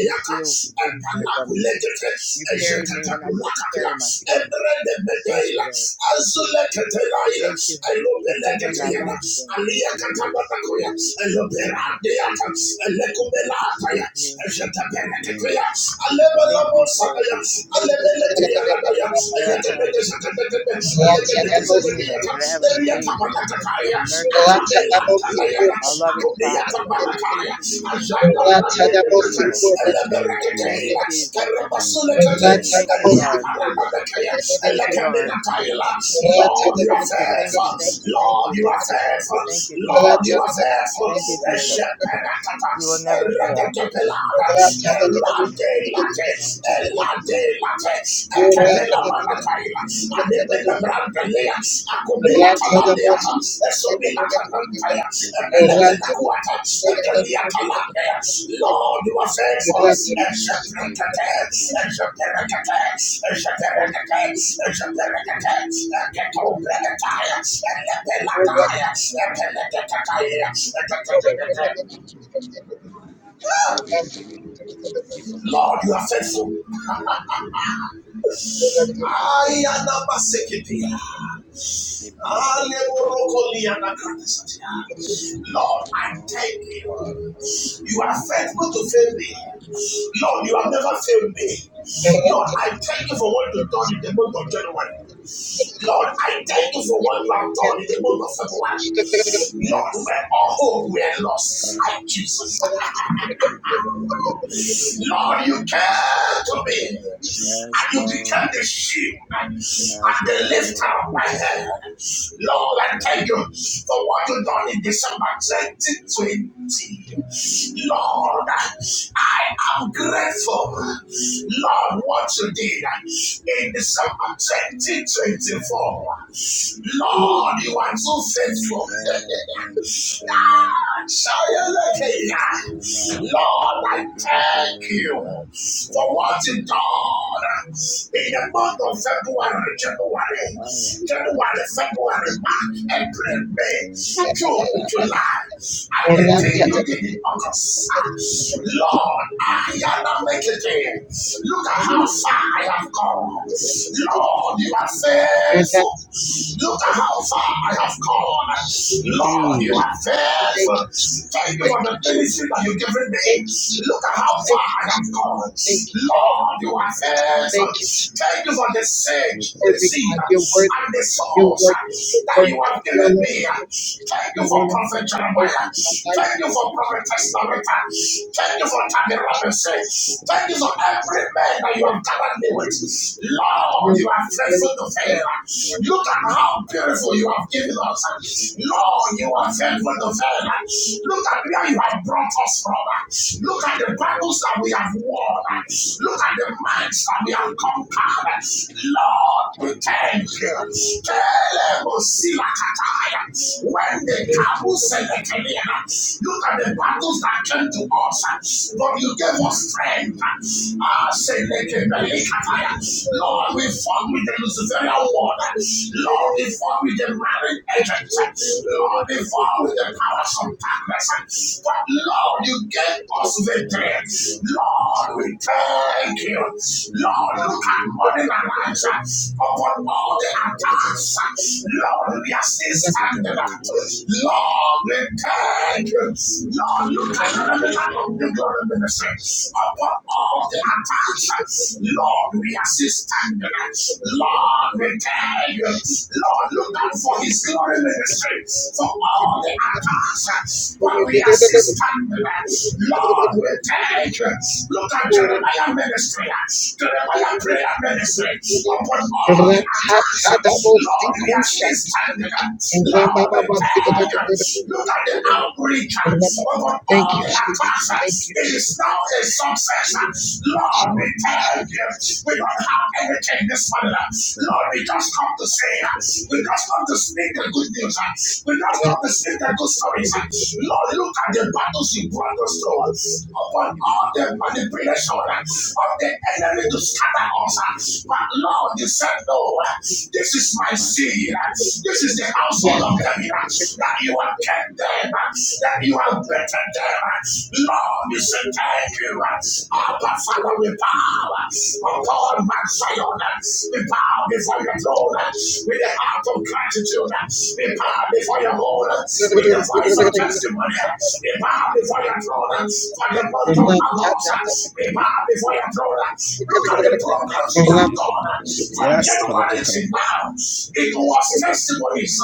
S4: you still been there for me.
S2: epanakulegete,
S4: You carried me when I couldn't
S2: esetetepulakatila,
S4: carry myself. I thank you,
S2: ebredebedeila,
S4: Lord.
S2: azuleketeila,
S4: I thank you for saving my
S2: elobelegeteyana,
S4: life, Lord.
S2: aliyakatababakoya,
S4: I
S2: eloberadeata,
S4: thank
S2: elekobelaataya,
S4: you.
S2: esetepereketeya,
S4: I thank you for that I have a Redeemer, that I have a Savior, a merciful Savior, a loving Father. Thank you, Jesus. Thank you, Jesus. Thank you, Jesus. Thank you, Lord. Thank you, Lord.
S2: Lord, you are
S4: Thank you, thank you,
S2: faithful,
S4: thank you, thank
S2: Lord,
S4: you,
S2: you
S4: thank
S2: are
S4: you, thank you,
S2: faithful,
S4: thank you, Jesus.
S2: Lord, you are faithful,
S4: Thank you, Jesus. You will never fail.
S1: Thank
S2: Elante
S4: You
S2: late, elante late,
S4: will never
S2: ekatela
S4: fail, Lord.
S2: manataila, anebenda brandelea, akumela talandeata, esomila tanantaya, ebelebela kuata, ekelia talandea. Lord, you are faithful. Esheperekete, esheperekete, esheperekete, esheperekete, eketobreketaya, elepelataya, epeleketetaya, eketetetete. Lord, you are faithful. Ayanabaseketea. Aleborokolianakatesatea. Lord, I thank you. You are faithful to fail me. Lord, you have never
S1: you.
S2: failed me. Lord,
S1: Thank
S2: I thank you for what you've done in the month of January. Lord, I thank you for what you have done in the month of February. Lord, where all hope we are lost, I, Jesus. Lord, you came to me, and you became the shield and the lifter of my head. Lord, I thank you for what you done in December 2020. Lord, I am grateful. Lord, what you did in December 2024.
S1: you.
S2: Lord, you are so faithful. Show Ah, Shayalakia. Lord, I thank you for what you done in the month of February, January, January, February, March, April, May, June, July, and the thing you did in August. Lord, I cannot make it in. Look at how far I have come. Lord, you are
S1: And
S2: faithful.
S1: that's Jesus.
S2: Look at how far I have come.
S1: Jesus,
S2: Lord, you are faithful.
S1: Thank you,
S2: Yes.
S1: Jesus.
S2: Thank you for
S1: Thank
S2: the
S1: you,
S2: ministry that you've
S1: Jesus.
S2: given me.
S1: Thank you,
S2: Look at
S1: Jesus.
S2: how far
S1: Thank
S2: I
S1: you,
S2: have come.
S1: Jesus. Thank you, Father.
S2: Lord, you are faithful.
S1: Thank you,
S2: Thank you
S1: Jesus.
S2: for the sage, the
S1: Worthy
S2: seed,
S1: God, you're worthy.
S2: and the
S1: You're
S2: souls
S1: worthy. You're
S2: that you have
S1: worthy. You're
S2: given
S1: worthy.
S2: me. Thank you
S1: You're
S2: for
S1: one of the
S2: Prophet
S1: worthy
S2: Jeremiah.
S1: of my life.
S2: Thank you for Prophetess Loretta. Thank you for Tammy Robinson.
S1: Jesus.
S2: Thank you for
S1: Jesus.
S2: every man
S1: You're
S2: that you have
S1: worthy.
S2: gathered me with.
S1: Jesus,
S2: Lord,
S1: You're
S2: you are
S1: worthy. you're
S2: faithful to fail.
S1: worthy,
S2: Look at how beautiful you have given us. Lord, you are faithful to fail. Look at where you have brought us from. Look at the battles that we have won. Look at the minds that we have conquered. Lord, we thank you. Telebosilataya. When the Kabu said that, look at the battles that came to us, but you gave us strength. Ah, Lord, we fought with the Luciferian water. Lord, Lord, they fall with the married agent. Lord, they
S1: Thank
S2: fall
S1: you.
S2: with the powers of darkness. But Lord, you
S1: Thank
S2: gave us victory. Lord, we thank you. Lord, look at morning and night upon all the attacks. Lord, we are still standing up. Lord, we thank you. Lord, look at the remnant of the glory ministry upon all the attacks. Lord, we are still standing up. Lord, we thank you. Lord, look out for his glory
S1: you.
S2: ministry, for all the attacks, but we are still standing. Lord, we thank you. Look at Jeremiah ministry, Jeremiah prayer ministry, upon all the attacks. Lord, we are still standing. Lord, we thank you. Look at the outreach upon
S1: Thank
S2: all
S1: you,
S2: the
S1: Jesus. Thank
S2: attacks.
S1: you,
S2: It is
S1: Jesus.
S2: now a
S1: Jesus,
S2: success. Lord, we
S1: Jesus,
S2: thank you
S1: Jesus,
S2: godparents. We don't
S1: Jesus.
S2: have anything this morning. Lord, we just come to say, we just come to speak the good news. We just come to speak the good stories. Lord, look at the battles you brought us through upon all the manipulation of the enemy to scatter us. But Lord, you said no. This is my seed. This is the household
S1: Yes. Yes.
S2: of David.
S1: Yes.
S2: That you have kept them. That you have bettered them. Lord, you said thank you. Abba, Father, we bow upon Mount Zion. We bow before your throne with a heart of gratitude. We bow before your throne with the voice of testimony. We bow before your throne for the month of August. We bow before your throne. Look at the progress we have done from
S3: Yes,
S2: January to now. It was testimonies.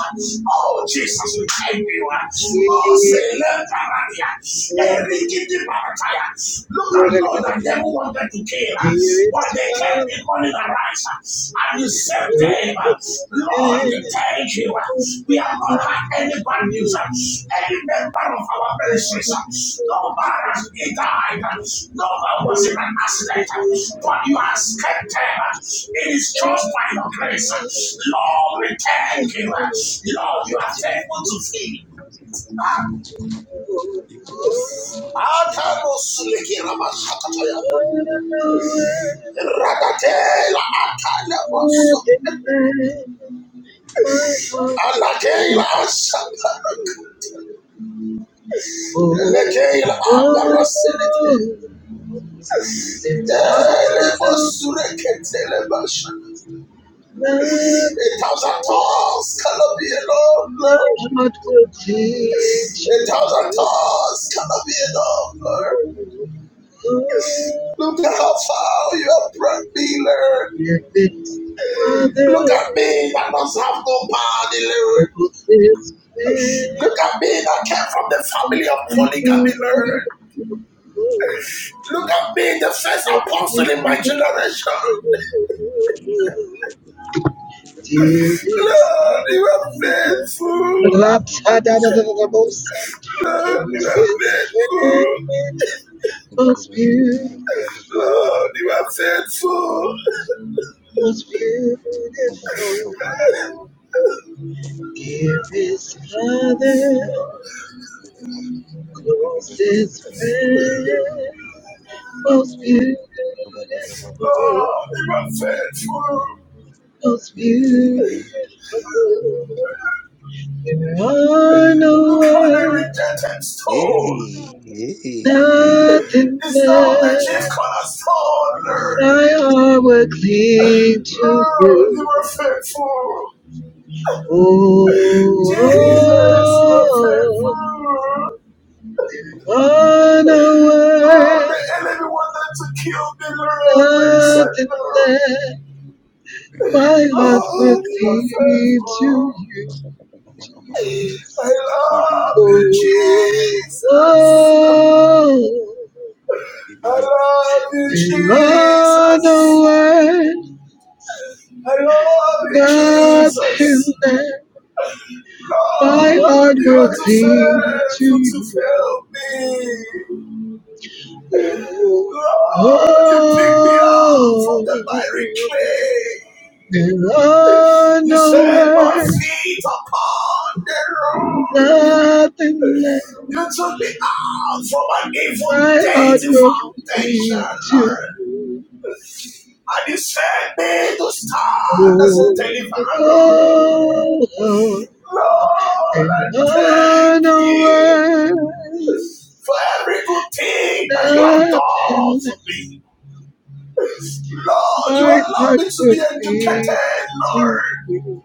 S2: Oh, Jesus, we thank you.
S1: Jesus.
S2: Oh, say, let Likiti
S1: There
S2: Marataya. Look at those that devil wanted to kill, uh, but
S1: is
S2: they kept
S1: one
S2: the morning arise, uh, and you saved
S1: who
S2: them. uh. Lord, we
S1: lives
S2: thank you. uh.
S1: Who's
S2: We have
S1: behind
S2: not had any bad news,
S1: you?
S2: uh, any member of our
S1: Who's
S2: ministries.
S1: behind
S2: uh. No man
S1: you?
S2: has been died, uh. no man was in an accident, uh, but you have kept them. uh. It is just by your grace. uh. Lord, we thank you. uh. Lord, you are faithful to feed. Um,
S1: My heart beats for you. Oh, oh, oh, there are no
S2: a
S1: Nothing
S2: thousand tongues cannot be alone, Lord.
S1: not will teach you. Oh, if it's Father, it is man. We do it. Let's give him the Dearest Lapsa da da da da da bosa, closest friend. Most beautiful,
S2: Lord, you are full,
S1: most beautiful. dearest Father, closest friend. Most beautiful,
S2: Lord. You are faithful.
S1: most beautiful. There are no
S2: Look how the
S1: words,
S2: rejected stone.
S1: nothing
S2: It's now the
S1: left.
S2: chief cornerstone, Lord.
S1: Thy heart will cling to
S2: Lord, you
S1: you.
S2: are faithful.
S1: Oh,
S2: Jesus, you
S1: oh,
S2: are
S1: oh,
S2: faithful. Lord,
S1: Runaway,
S2: the enemy wanted to kill me, Lord, but you said
S1: nothing
S2: no.
S1: left. My heart will
S2: Lord, you are
S1: cleave to
S2: faithful.
S1: you,
S2: I
S1: Jesus.
S2: love you,
S1: Oh,
S2: Jesus.
S1: oh,
S2: I love you,
S1: and run
S2: Jesus.
S1: away,
S2: I love you,
S1: nothing
S2: Jesus.
S1: left. My
S2: Lord,
S1: heart
S2: you
S1: will cling to
S2: are too faithful
S1: you.
S2: to fail me.
S1: Oh, oh,
S2: Lord, you pick me up from the miry
S1: oh.
S2: clay.
S1: There are
S2: You set
S1: no
S2: my
S1: words,
S2: feet upon the rock.
S1: Nothing left
S2: You took me out from an evil
S1: my heart
S2: dating
S1: will cling
S2: foundation,
S1: to. you.
S2: Lord. And you set me to stand as a
S1: Oh,
S2: deliverer, Lord.
S1: oh, oh.
S2: Lord, I
S1: and on
S2: thank
S1: a
S2: you
S1: word,
S2: for every good thing that you have done
S1: nothing
S2: for
S1: left
S2: me. Lord, you
S1: my
S2: allowed
S1: heart
S2: me to
S1: will
S2: be
S1: cling
S2: educated,
S1: to
S2: Lord.
S1: you.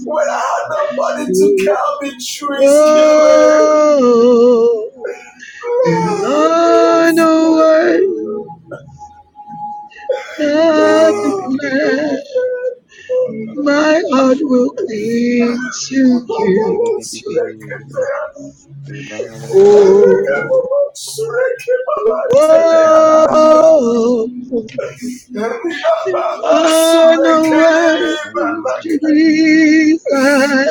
S2: When I had nobody to
S1: Oh,
S2: count me, trees killer.
S1: oh, oh. and
S2: Lord, you
S1: I know
S2: are
S1: I
S2: faithful.
S1: nothing
S2: Lord, you
S1: left. My heart will cling to you. Oh, oh, there are no words,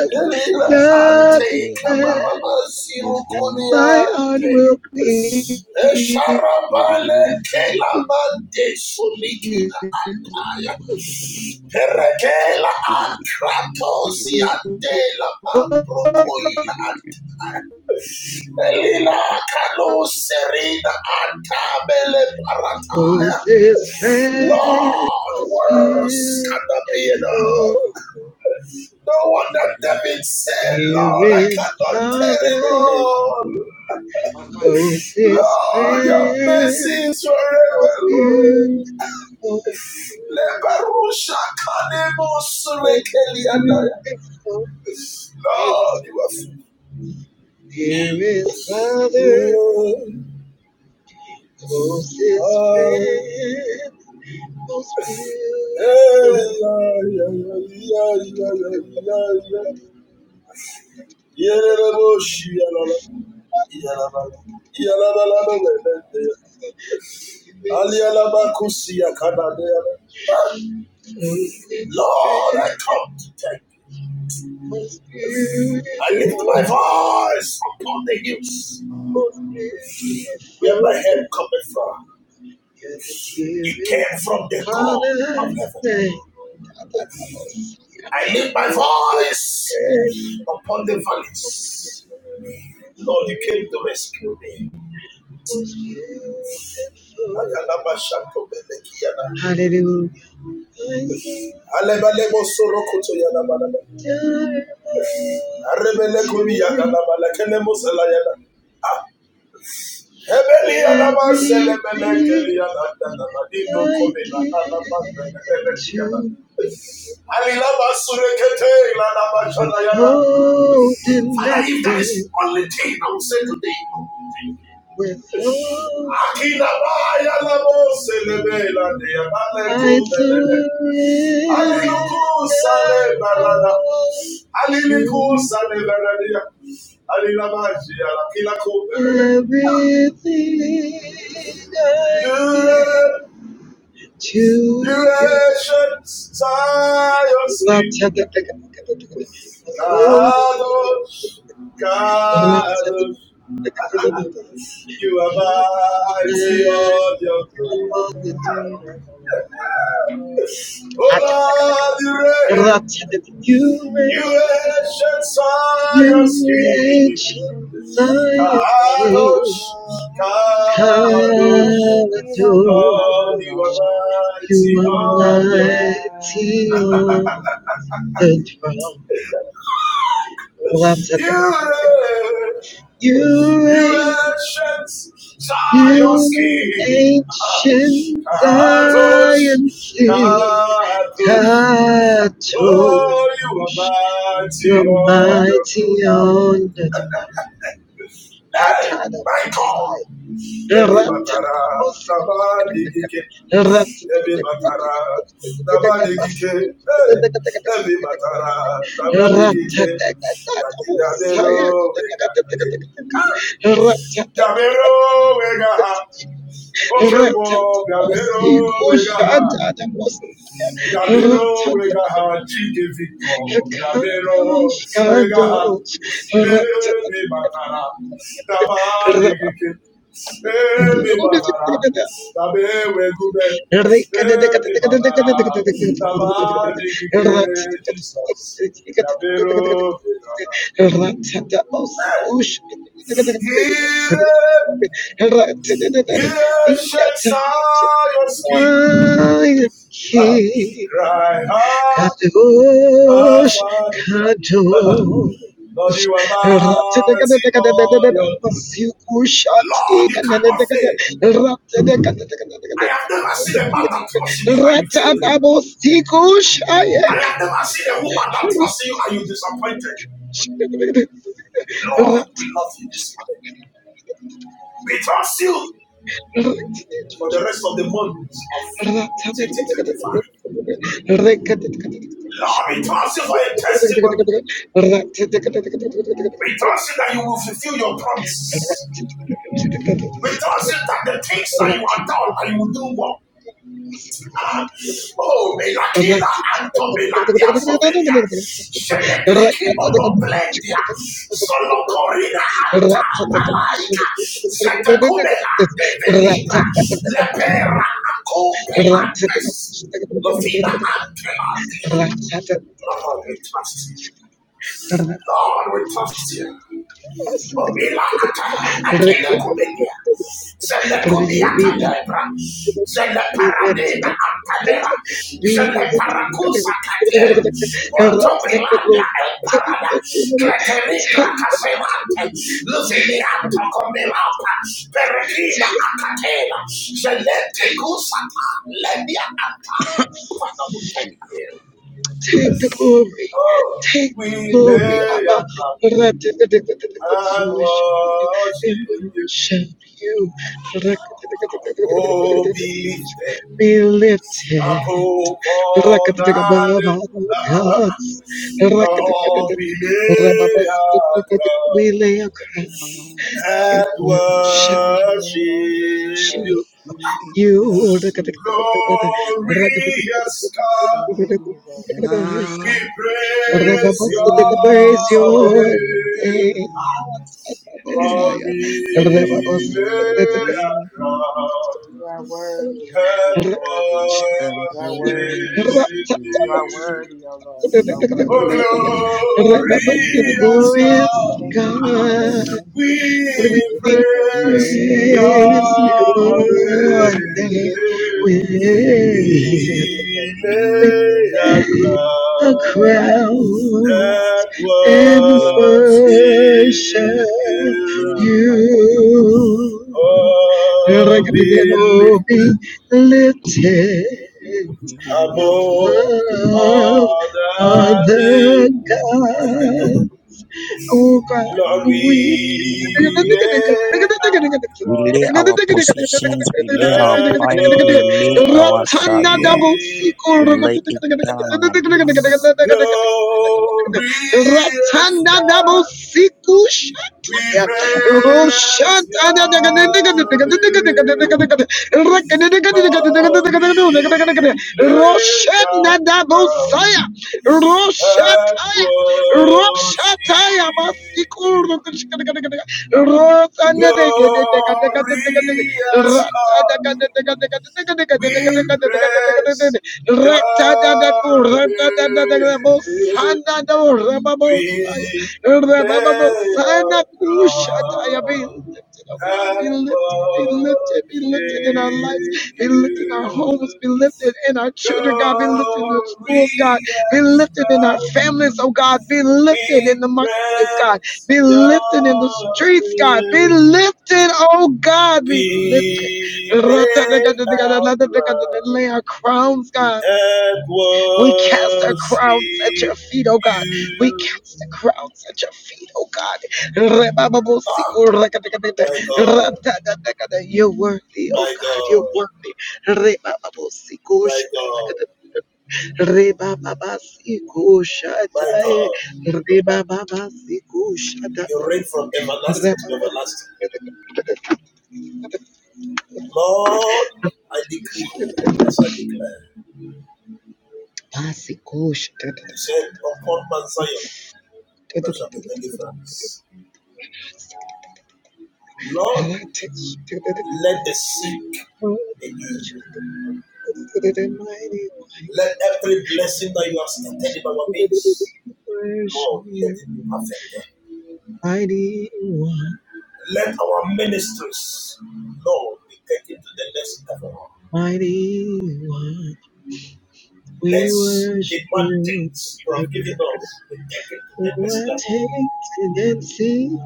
S2: are faithful.
S1: Nothing less. My heart will cling to
S2: Sharabale kelabande
S1: you.
S2: solikina
S1: Oh, this friend was beautiful. Dearest Father. Closest friend, most beautiful, most beautiful,
S2: Lord,
S1: dearest,
S2: you are free.
S1: dearest brother, closest friend, most beautiful, dearest brother, closest
S2: Lord, I
S1: friend,
S2: come to take.
S1: most
S2: I lift my
S1: beautiful.
S2: voice upon the hills where my
S1: beautiful.
S2: help cometh from.
S1: You're the
S2: You
S1: dearest
S2: came from the
S1: mother
S2: throne of heaven.
S1: that I most
S2: I lift my
S1: most
S2: voice upon the
S1: beautiful,
S2: valleys. Lord, you came to me.
S1: most beautiful. Hallelujah. I surrender adorable to you. everything I give to Withholding
S2: Father, if that is
S1: nothing,
S2: only thing I will say today.
S1: withhold.
S2: Akinabaya labo
S1: I surrender all to everything I give to
S2: You
S1: you.
S2: ancient Zion's
S1: Ratata-
S2: King,
S1: Ratata-
S2: Kadosh, Kadosh, you are
S1: You are
S2: mighty
S1: mine.
S2: on your throne.
S1: I'm
S4: I
S1: on the
S4: simply live
S1: throne.
S4: in the
S1: You
S2: Oh Lord, you reign. You
S1: reign,
S4: Lord.
S2: ancient Zion's
S1: you
S4: I
S2: King,
S1: ancient
S4: simply remain
S1: Zion
S4: like the
S1: King,
S2: Kadosh,
S4: Lord.
S2: Kadosh,
S4: Blessed
S1: Kadosh.
S4: be the name of
S2: Lord,
S4: the
S2: you
S4: Lord
S2: are
S1: You
S2: mighty
S1: are
S2: on
S4: Most
S2: your throne.
S1: mighty
S4: High.
S1: on the throne.
S2: You reign.
S1: You
S2: You
S1: reign,
S2: ancient
S1: you
S2: Zion's King.
S1: ancient
S2: Kadosh,
S1: Zion King,
S2: Kadosh. Oh, you are
S1: Kadosh.
S2: mighty
S1: You're
S2: on your
S1: mighty
S2: throne.
S1: on the throne. Hatada
S2: My God,
S1: Messiah.
S2: every batara, nabaligike, every batara, nabaligike, hey, every batara, nabaligike, that the Dabero Vega, Dabero
S1: Rattata,
S2: Vega, okay, boy, Dabero Vega. Dabero wegaha chike victor. Dabero wegaha ebi batara. Taba
S1: Hello,
S2: ebi batara. Tabe wegube ebi batara. Taba Jesus. Dabero wegaha. Here, here shakes Zion's king.
S1: I am king.
S2: Cry out,
S1: Kadosh,
S2: Father. Lord, you are mighty on your own. Lord, you cannot
S1: Kadosh.
S2: fail. I have never seen a man that trusts in you and you failed him. I have never seen a woman that trusts in you and you disappointed. Lord,
S1: Rat,
S2: we love you this morning. We trust you for the rest of the month of
S1: Thank
S2: 2025. Lord, we trust you for a testimony. We trust you that you will fulfill your promises. We trust you that the things that you have done, that
S1: you.
S2: you will do more.
S1: Did
S2: Ah, oh, Melakila Anto Melakia Sovelia, Sheleklikimono Plendia, Solocorina Anta Malaika, Zetekumela de Velibra, Lepera Acopelantes, Lovina Antelantes. Lord, we trust you. Lord, we trust you. Omilakata akelekumelia. Zelekubia kalebra.
S1: We live to
S2: Zeleparadena
S1: God.
S2: antalera.
S1: We live
S2: Zeleparakusa katel.
S1: to God. Take the
S2: Montobilanda
S1: glory.
S2: el
S1: Take
S2: parada.
S1: the glory.
S2: Kleterigra
S1: Take the
S2: kasemante. Luvinianta komilapa. Peregrina
S1: take,
S2: akatela. Zelete kusata. Lemia anta. Father, we thank you.
S1: take the glory,
S2: Oh,
S1: take
S2: we
S1: the glory.
S2: lay
S1: Abba.
S2: our crown and
S1: Jewish and
S2: worship
S1: we
S2: you.
S1: worship you.
S2: Oh, be lifted
S1: Be
S2: up,
S1: lifted.
S2: O
S1: Gods.
S2: God, and Lord, we lay our
S1: We
S2: crown
S1: lay our crown in
S4: Thank
S2: and
S4: you, Jesus.
S1: worship.
S4: Thank you,
S2: worship
S4: Jesus.
S2: you.
S4: Thank
S1: You
S4: you, Jesus. Thank
S1: Rakatikataka,
S4: you, Jesus.
S2: Glorious
S1: Rakatikataka,
S4: Thank you,
S2: God,
S4: Jesus.
S3: I
S2: we praise
S1: Rababas, the praise
S2: your
S1: your
S2: name. God, we lay
S3: believe
S2: our crown
S1: name.
S4: You are worthy, Lord. You
S2: and
S4: are worthy.
S3: and
S4: You are worthy.
S3: worship
S2: worship
S4: You are
S2: you.
S4: worthy, O Lord. You are worthy.
S2: Oh,
S4: Thank you,
S1: The
S4: Jesus.
S2: glorious
S1: Glorious
S2: God,
S4: Thank you, Jesus.
S1: God,
S2: we
S4: Thank you,
S1: we
S4: Jesus.
S2: praise
S3: you.
S1: praise
S2: your
S1: you
S4: Thank you, Jesus.
S1: one
S2: name.
S1: day with
S4: Thank you, Jesus.
S2: We lay
S1: a
S2: our crown
S1: crown
S2: and
S1: and
S3: Lay up a
S2: worship
S3: sister,
S1: worship
S3: lay up
S2: you.
S1: you.
S3: my God.
S4: Mm,
S2: Oh, be
S1: Be
S2: lifted
S1: lifted
S3: We
S2: above
S1: above,
S2: all the
S1: other
S2: name.
S1: God. Oh God, Oh,
S2: Glory,
S1: we.
S3: lay our positions, we lay our
S2: and
S3: pride, we lay our
S1: Ratana
S3: career,
S1: double
S2: worship
S1: sequel.
S3: we lay
S2: you.
S3: it
S1: Ratana
S3: down.
S2: Glorious
S1: double
S2: God,
S1: sequel.
S2: we praise your name. Glory,
S1: Roshana double sire.
S2: and
S1: Roshataya. Roshataya
S2: worship you.
S1: Masikuru
S2: Glorious God, We praise your name. We lay our crown and
S1: be lifted, be lifted, be lifted in our lives,
S2: worship
S1: be lifted in our
S2: you.
S1: homes, be lifted in our children, God, be lifted in the schools, God. Be
S2: Glorious
S1: lifted in our
S2: God,
S1: families, oh God. Be
S2: we
S1: lifted in the marketplace, God.
S2: praise
S1: Be lifted in the
S2: your
S1: streets, God. Be
S2: name.
S1: lifted, oh God.
S2: We
S1: Be lifted.
S2: lay our crown
S1: Lay our crowns, God.
S2: and
S1: We cast our crowns at your
S2: worship
S1: feet, oh God. We
S2: you.
S1: cast the crowns at your feet, oh God.
S2: My God,
S1: You're worthy, oh
S2: my
S1: God. You're
S2: God,
S1: worthy. Rebababosiko,
S2: my God,
S1: shatadakadada, rebababasiko,
S2: my
S1: shatai,
S2: God.
S1: rebababasiko,
S2: You reign
S1: shatadakadada,
S2: from everlasting to everlasting.
S1: rebababasiko,
S2: Lord, I decree as I declare.
S1: basiko,
S2: You said,
S1: shatadakadada.
S2: upon Mount Zion, there shall be deliverance. Lord, let the sick
S1: Mighty one, we
S2: be healed. Let every blessing that you have started in our midst,
S1: worship
S2: Lord, let
S1: you.
S2: it be perfected.
S1: Mighty one,
S2: Let our ministries, Lord, be taken to the next level.
S1: mighty one,
S2: Let
S1: we
S2: the
S1: worship you.
S2: mandates you have given us be taken to the
S1: For
S2: next
S1: I
S2: level.
S1: taste and see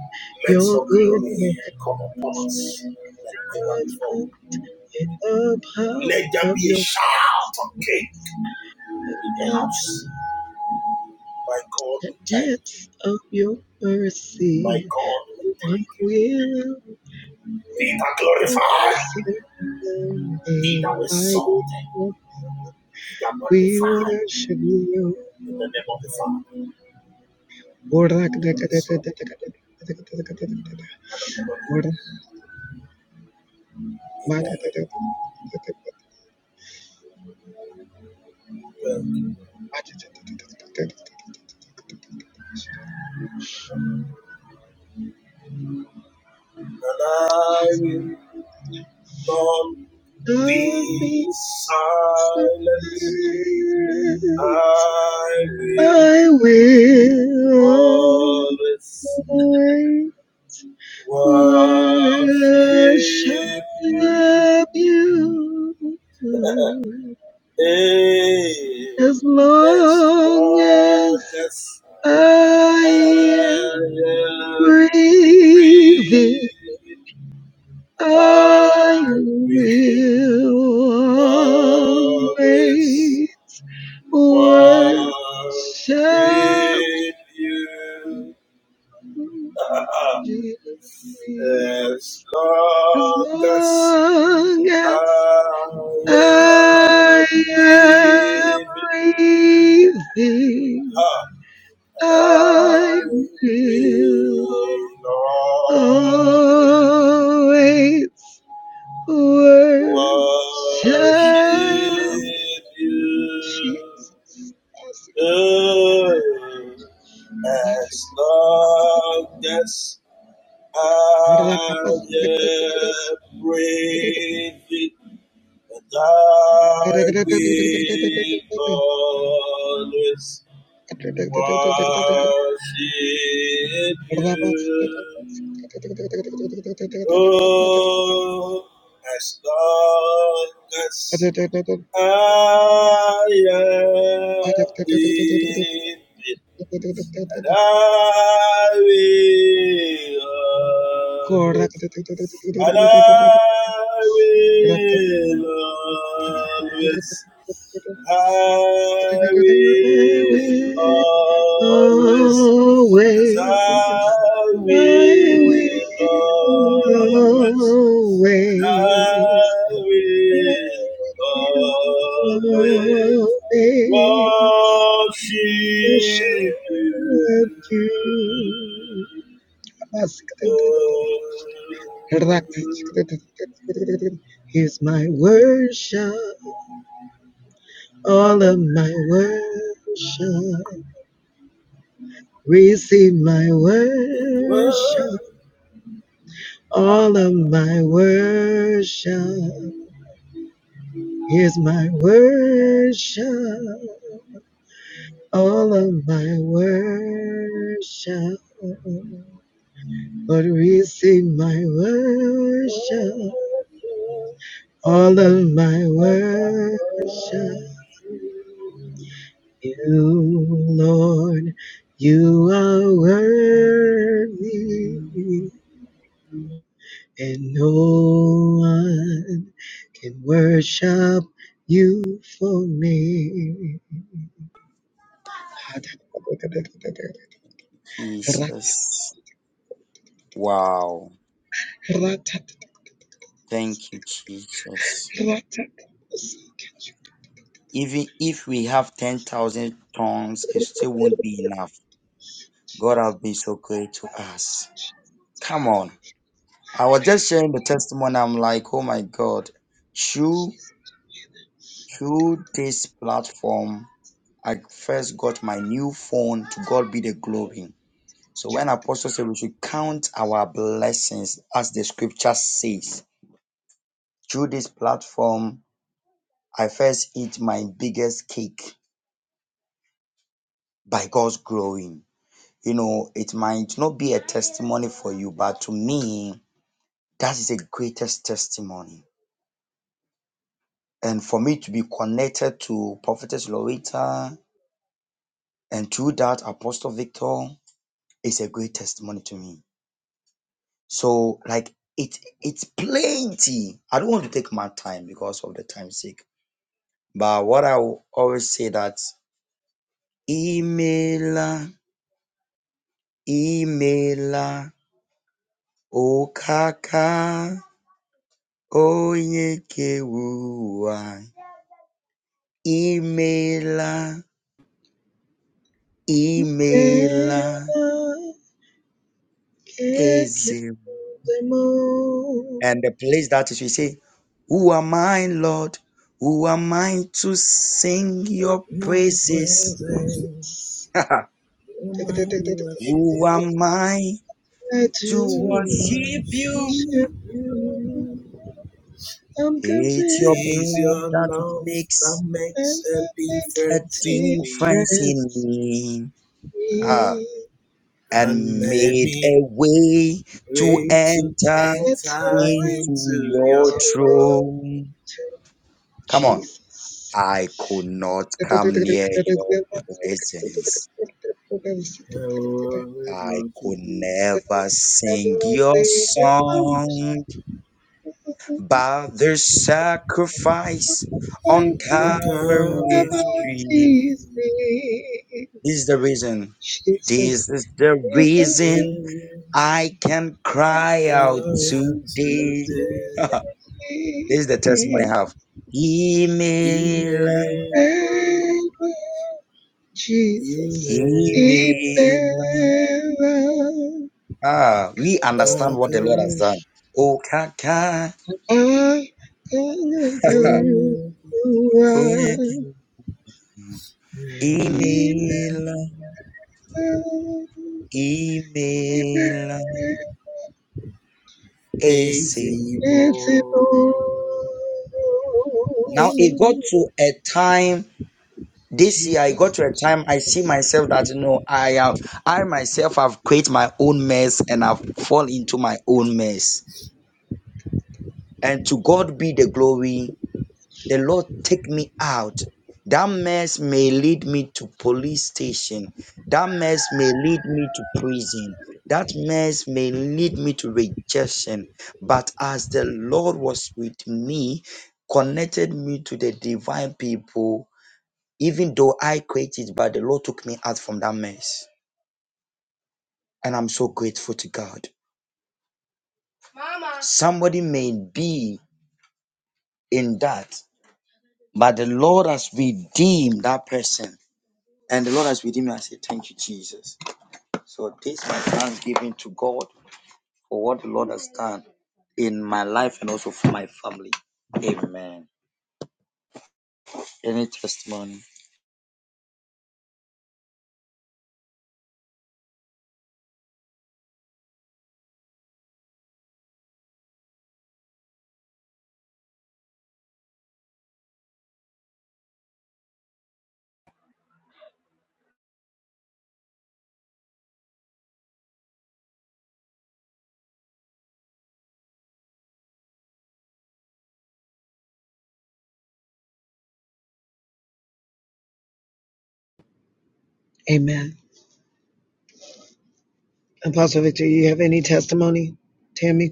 S2: Let
S1: your
S2: your
S1: goodness,
S2: glory come upon us like never before.
S1: in the power
S2: Let there
S1: of
S2: be a
S1: your presence,
S2: shout of cake in the
S1: at
S2: house. My God,
S1: the
S2: we thank you.
S1: depths of your
S2: My
S1: mercy.
S2: God, we
S1: What
S2: thank you.
S1: will I
S2: Be thou glorified. Be thou
S1: do.
S2: exalted. Be thou
S1: We
S2: magnified.
S1: worship you.
S2: In the name of the Father,
S1: Orak
S2: and of
S1: da
S2: the
S1: da da da
S2: Son,
S1: da da da
S2: and
S1: da da da da
S2: of the Holy
S1: Orak
S2: Ghost. Amen. Thank you.
S1: ma da da da da da da da da da
S2: And I will not
S1: Don't
S2: be
S1: be silent.
S2: silent. I will
S1: I will
S2: always
S1: always worship
S2: worship you.
S1: you. As
S2: Hey, as
S1: long
S2: long
S1: as
S2: as I
S1: I am
S2: am
S1: breathing,
S2: breathing, I
S1: I
S2: will
S1: will
S2: always
S1: always worship
S2: worship
S1: Jesus. As long as I am breathing, I
S2: you.
S1: will. always worship
S2: worship you
S1: Jesus.
S2: as long as I am breathing, and I will always worship you. Oh, as long as I am David, and I will always and I
S1: God,
S2: will
S1: I will
S2: always, I will always, yes, I
S1: always, I will
S2: will always, and I
S1: always, I
S2: will
S1: will
S2: always
S1: always
S2: worship you.
S1: worship you.
S2: Oh.
S1: Here's my worship. all of my worship. Receive my worship,
S2: Well,
S1: all of my worship. Here's my worship, all of my worship. Lord, receive my worship, all of my worship. You, Lord, you are worthy. and no one can worship you for me. Never can get
S3: Jesus. Even if we have 10,000 tons, it still won't be enough. God have been so great to us. Come on. I was just sharing the testimony. I'm like, oh my God. Through, through this platform, I first got my new phone. To God be the glory. So when Apostle said we should count our blessings, as the scripture says, through this platform, I first eat my biggest cake by God's growing. You know, it might not be a testimony for you, but to me, that is the greatest testimony and for me to be connected to Prophetess Loretta and through that Apostle Victor is a great testimony to me. So like it it's plenty. I don't want to take my time because of the time sake. But what I will always say that Imela, Imela, Okaka, Oyekewua, Imela, Imela, Eze.
S1: them all.
S3: And the Who am I, Lord? Who your
S2: presence. Almighty worship you,
S3: who am I
S1: I
S3: to
S1: do
S2: Lord.
S3: worship you?
S2: Worship
S1: I'm
S3: It's your
S1: committed.
S2: is your
S3: blood that
S2: that
S3: makes
S2: makes a
S1: Difference
S2: difference in me. Mm.
S3: ah,
S1: me
S2: And made
S3: it a
S2: me
S3: way to
S2: ready to
S3: enter
S1: It's
S2: enter
S1: hard
S3: into
S2: into
S3: your
S1: to
S2: your
S1: go
S2: call.
S3: throne.
S1: to
S3: Come
S2: Mm.
S3: on.
S1: Jesus.
S3: I could not
S1: Everything
S3: come near your
S1: you want,
S3: presence.
S2: I always
S3: I
S2: want to
S3: could
S2: be
S3: never sing your song. But the sacrifice on
S1: find
S2: No
S1: that ever
S3: Calvary's
S2: cover with
S3: tree.
S2: you.
S1: easy.
S3: This is the reason. This
S1: Jesus,
S3: is the
S1: it doesn't
S3: reason
S2: Every
S3: I can cry
S1: matter
S3: out
S2: Glory
S3: today.
S1: to
S2: today.
S3: this
S1: me.
S3: is the testimony I have. Email,
S2: Emmanuel,
S1: Amen. Jesus.
S2: Emmanuel.
S1: Amen.
S3: email. Ah, we understand what the Lord has
S2: Kakaroy
S3: done. Oh, kaka,
S1: I can tell you
S3: oh,
S1: why. Amen.
S3: email,
S1: Amen.
S3: email. Asim.
S2: Daisy
S1: It's a Lord.
S2: Mo.
S3: Now it got to a time. this year I got
S1: Jesus.
S3: to a time I see
S1: Jesus.
S3: myself that you know I have I myself have created my own mess and I've fallen into my own mess. And to God be the glory, the Lord take me out. That mess may lead me to police station. That mess may lead me to prison. That mess may lead me to rejection. But as the Lord was with me, connected me to the divine people, even though I created, but the Lord took me out from that mess. And I'm so grateful to God. Somebody may be in that, but the Lord has redeemed that person. And the Lord has redeemed me. I say, Thank you, Jesus. So this is my thanksgiving to God for what the Lord has done in my life and also for my family. Amen. Any testimony?
S1: Amen. Apostle Victor, you have any testimony? Tammy?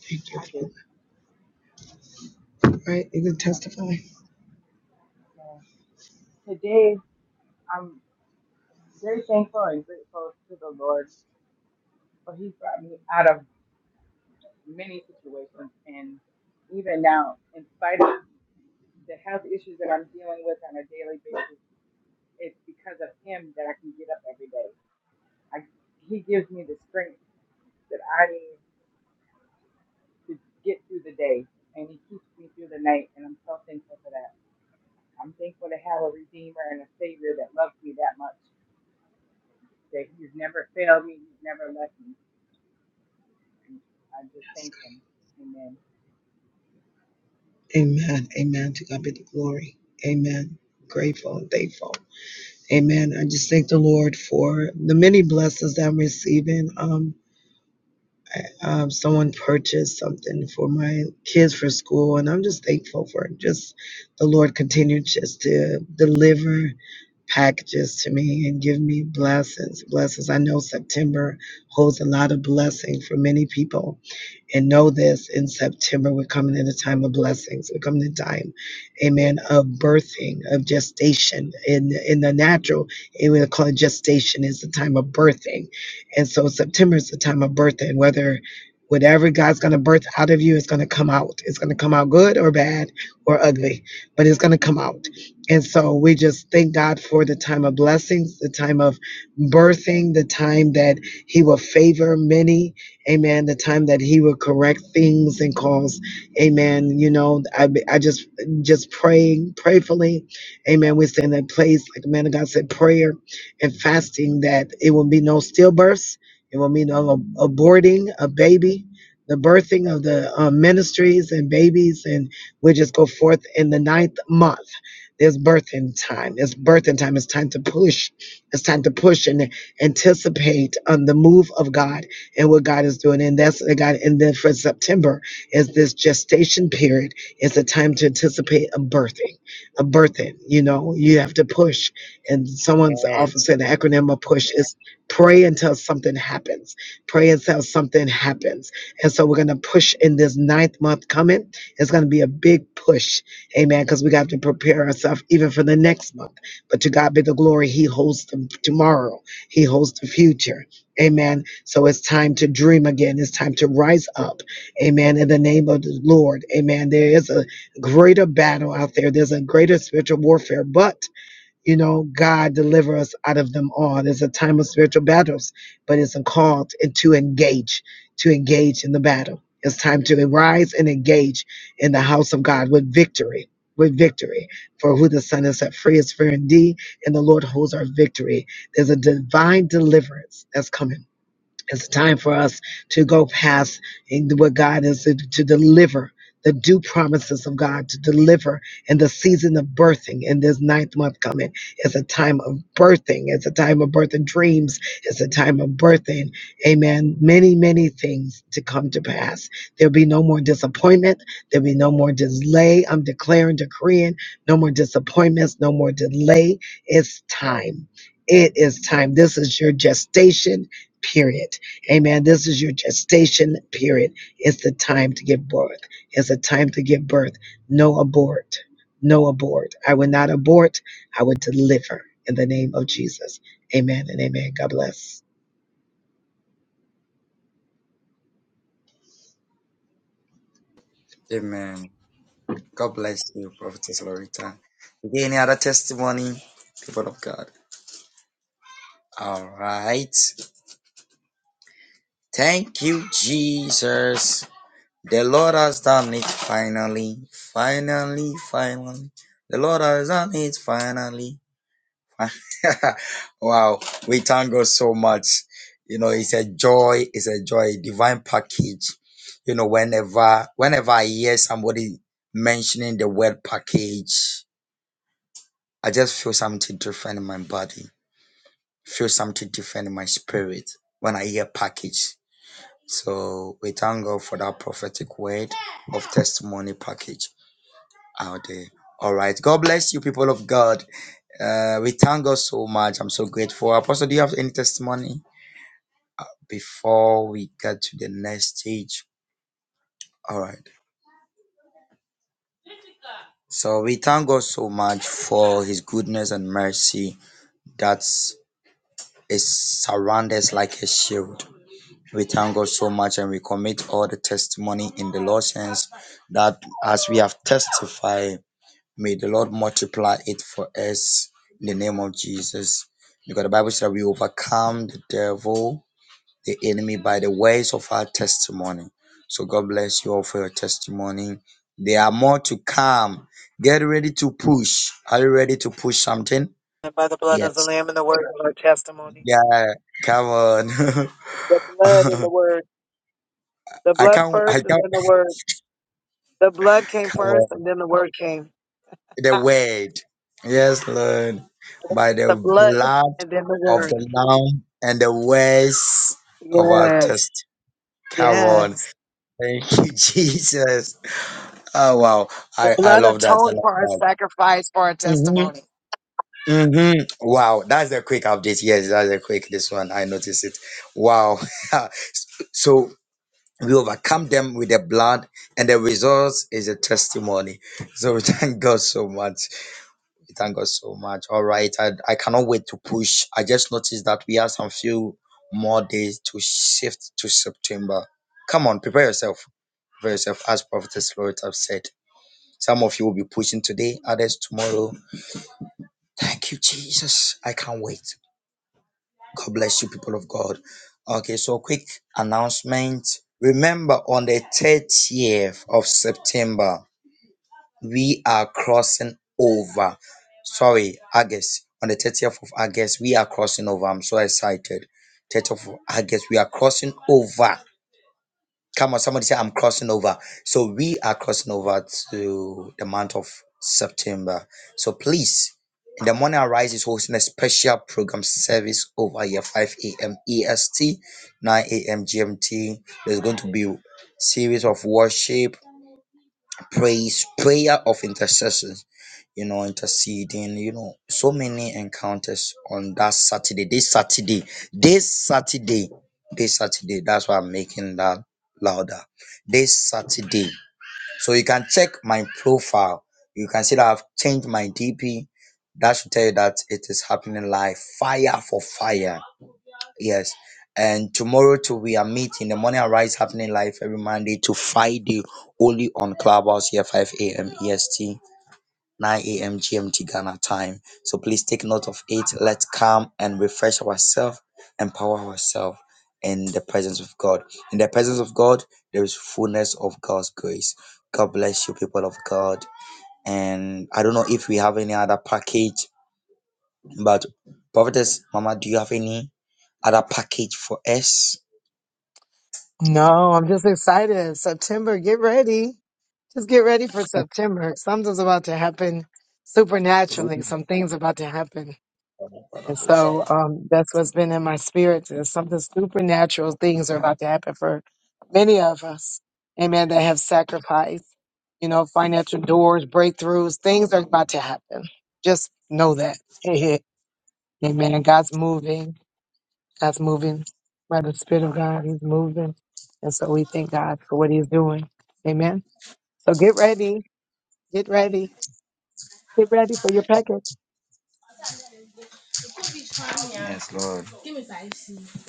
S1: Thank you,
S4: I
S1: Father.
S4: just,
S1: All right, you can
S4: um,
S1: testify.
S4: uh, today, I'm very thankful and grateful to the Lord for He brought me out of many situations, and even now, in spite of the health issues that I'm dealing with on a daily basis, it's because of Him that I can get up every day. I, he gives me the strength that I need to get through the day, and He keeps me through the night, and I'm so thankful for that. I'm thankful to have a Redeemer and a Savior that loves me that much, that He's never failed me, He's never left me. And I just thank Him. Amen.
S1: Amen. Amen. To God be the glory. Amen. Grateful and thankful. Amen. I just thank the Lord for the many blessings that I'm receiving. Um, I, um, someone purchased something for my kids for school, and I'm just thankful for it. Just the Lord continued just to deliver packages to me and give me blessings. Blessings. I know September holds a lot of blessing for many people. And know this in September, we're coming in a time of blessings. We're coming in time, amen, of birthing, of gestation. In in the natural, and we call it gestation is the time of birthing. And so September is the time of birthing, whether whatever God's gonna birth out of you is gonna come out. It's gonna come out good or bad or ugly, but it's gonna come out. And so we just thank God for the time of blessings, the time of birthing, the time that He will favor many amen the time that he will correct things and cause amen you know i, I just just praying prayerfully, amen we stand in that place like the man of god said prayer and fasting that it will be no stillbirths it will be no ab- aborting a baby the birthing of the uh, ministries and babies and we just go forth in the ninth month there's birthing time it's birthing time it's time to push it's time to push and anticipate on the move of god and what God is doing. And that's I got. And then for September is this gestation period. It's a time to anticipate a birthing, a birthing. You know, you have to push. And someone's often
S3: Yes.
S1: said the acronym of push is pray until something happens. Pray until something happens. And so we're gonna push in this ninth month coming. It's gonna be a big push, amen. Because we got to prepare ourselves even for the next month. But to God be the glory. He holds the tomorrow. He holds the future. Amen. So it's time to dream again. It's time to rise up. Amen. In the name of the Lord. Amen. There is a greater battle out there. There's a greater spiritual warfare, but you know, God deliver us out of them all. There's a time of spiritual battles, but it's a call to, to engage, to engage in the battle. It's time to rise and engage in the house of God with victory, with victory. For who the Son has set free is free indeed, and the Lord holds our victory. There's a divine deliverance that's coming it's time for us to go past what God is to, to deliver the due promises of God to deliver in the season of birthing in this ninth month coming. It's a time of birthing. It's a time of birthing dreams. It's a time of birthing. Amen. Many, many things to come to pass. There'll be no more disappointment. There'll be no more delay. I'm declaring, decreeing, no more disappointments, no more delay. It's time. It is time. This is your gestation period. Amen. This is your gestation period. It's the time to give birth. It's the time to give birth. No abort. No abort. I will not abort. I will deliver in the name of Jesus. Amen and amen. God bless.
S3: Amen. God bless you, Prophetess Lorita. Is there any other testimony, people of God? All right. Thank you, Jesus. The Lord has done it finally. Finally, finally. The Lord has done it finally. wow. We thank God so much. You know, it's a joy. It's a joy. Divine package. You know, whenever whenever I hear somebody mentioning the word package, I just feel something different in my body. Feel something different in my spirit when I hear package So we thank God for that prophetic word of testimony package out there. All right. God bless you, people of God. Uh, we thank God so much. I'm so grateful. Apostle, do you have any testimony before we get to the next stage? All right. So we thank God so much for his goodness and mercy that is surrounds like a shield. We thank God so much and we commit all the testimony in the Lord's hands that as we have testified May the Lord multiply it for us in the name of Jesus. Because the Bible says we overcome the devil, the enemy, by the words of our testimony. So God bless you all for your testimony. There are more to come. Get ready to push. Are you ready to push something?
S1: And by the blood of the
S3: Yes.
S1: Lamb and the word of our testimony.
S3: Yeah. Come on.
S1: The blood and the word. The
S3: I
S1: blood
S3: can't.
S1: first
S3: I
S1: and
S3: can't.
S1: then the word. The blood came
S3: Come
S1: first and then the word came.
S3: the
S1: Ah,
S3: word. Yes, Lord. By the
S1: The blood
S3: blood
S1: and then the
S3: of
S1: word.
S3: the Lamb and the words of our
S1: Yes.
S3: test. Come on.
S1: Yes.
S3: Thank you, Jesus. Oh, wow.
S1: The
S3: I, I
S1: blood
S3: love that. I
S1: atoned
S3: love
S1: for our
S3: that.
S1: sacrifice, for our
S3: Mm-hmm.
S1: testimony.
S3: Mm-hmm. Wow. That's a quick update. Yes, that's a quick this one. I noticed it. Wow. so we overcome them with the blood, and the result is a testimony. So we thank God so much. We thank God so much. All right. I, I cannot wait to push. I just noticed that we have some few more days to shift to September. Come on, prepare yourself. Prepare yourself, as Prophetess Lord have said. Some of you will be pushing today, others tomorrow. Thank you, Jesus. I can't wait. God bless you, people of God. Okay, so quick announcement. Remember, on the 30th of September, we are crossing over. Sorry, August. On the 30th of August, we are crossing over. I'm so excited. 30th of August, we are crossing over. Come on, somebody say, I'm crossing over. So we are crossing over to the month of September. So please, in the morning arise is hosting a special program service over here, 5 a.m. EST, 9 a.m. GMT. There's going to be series of worship, praise, prayer of intercession you know, interceding, you know, so many encounters on that Saturday, this Saturday, this Saturday, this Saturday. That's why I'm making that louder. This Saturday. So you can check my profile. You can see that I've changed my DP. That should tell you that it is happening live. Fire for fire. Yes. And tomorrow too, we are meeting. The morning arise happening live every Monday to Friday, only on Clubhouse here, 5 a.m. EST. 9 a.m. GMT Ghana time. So please take note of it. Let's come and refresh ourselves, empower ourselves in the presence of God. In the presence of God, there is fullness of God's grace. God bless you, people of God. And I don't know if we have any other package, but Prophetess Mama, do you have any other package for us?
S1: No, I'm just excited. September, get ready. Just get ready for September. Something's about to happen supernaturally. Some things about to happen. And so um, that's what's been in my spirit. Is something supernatural things are about to happen for many of us. Amen. That have sacrificed, you know, financial doors, breakthroughs, things are about to happen. Just know that. Amen. God's moving. God's moving by the Spirit of God. He's moving. And so we thank God for what He's doing. Amen. So get ready. Get ready. Get ready for your package.
S3: Yes, Lord.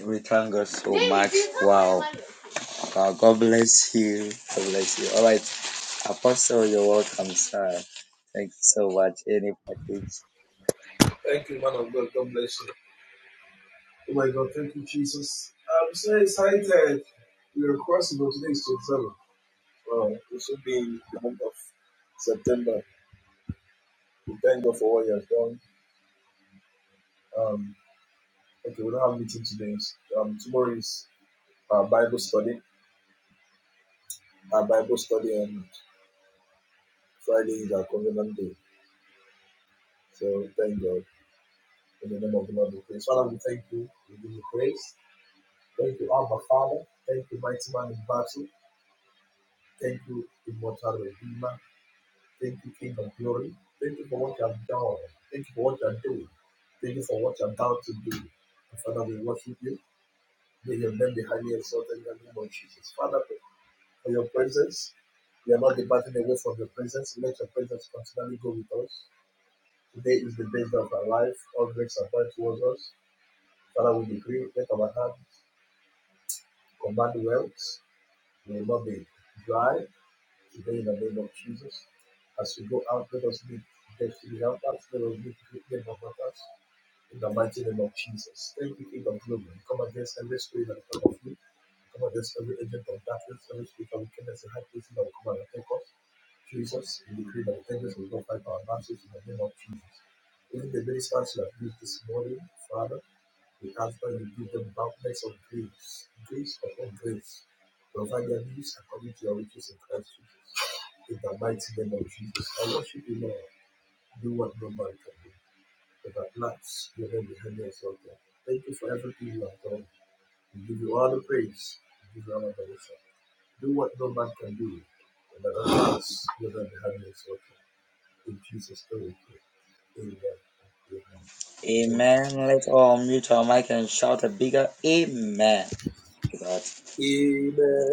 S3: We thank God so much. Wow. Wow. God bless you. God bless you. All right. Apostle, you're welcome, sir. Thank you so much. Any package
S2: Thank you, man of God. God bless you. Oh my God, thank you, Jesus. I'm so excited. We are crossing over today is 27. Wow, it should be the month of September. We thank God for what you have done. Um, okay, we don't have a meeting today. Um, tomorrow is our Bible study. Our Bible study and Friday is our covenant day. So thank God. in the name of the Lord we praise. Father, we thank you. We give you praise. Thank you, Abba Father. Thank you, mighty man in battle. Thank you, immortal.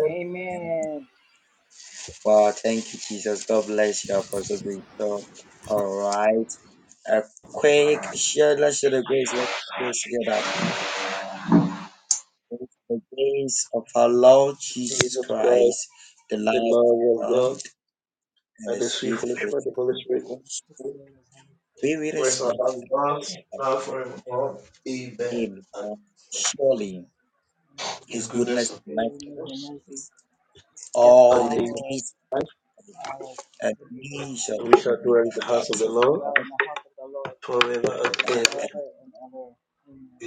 S4: Amen. Amen. Goodness and mercy shall follow us all the days of our life. And we shall dwell in the house of the Lord forever and ever. Amen.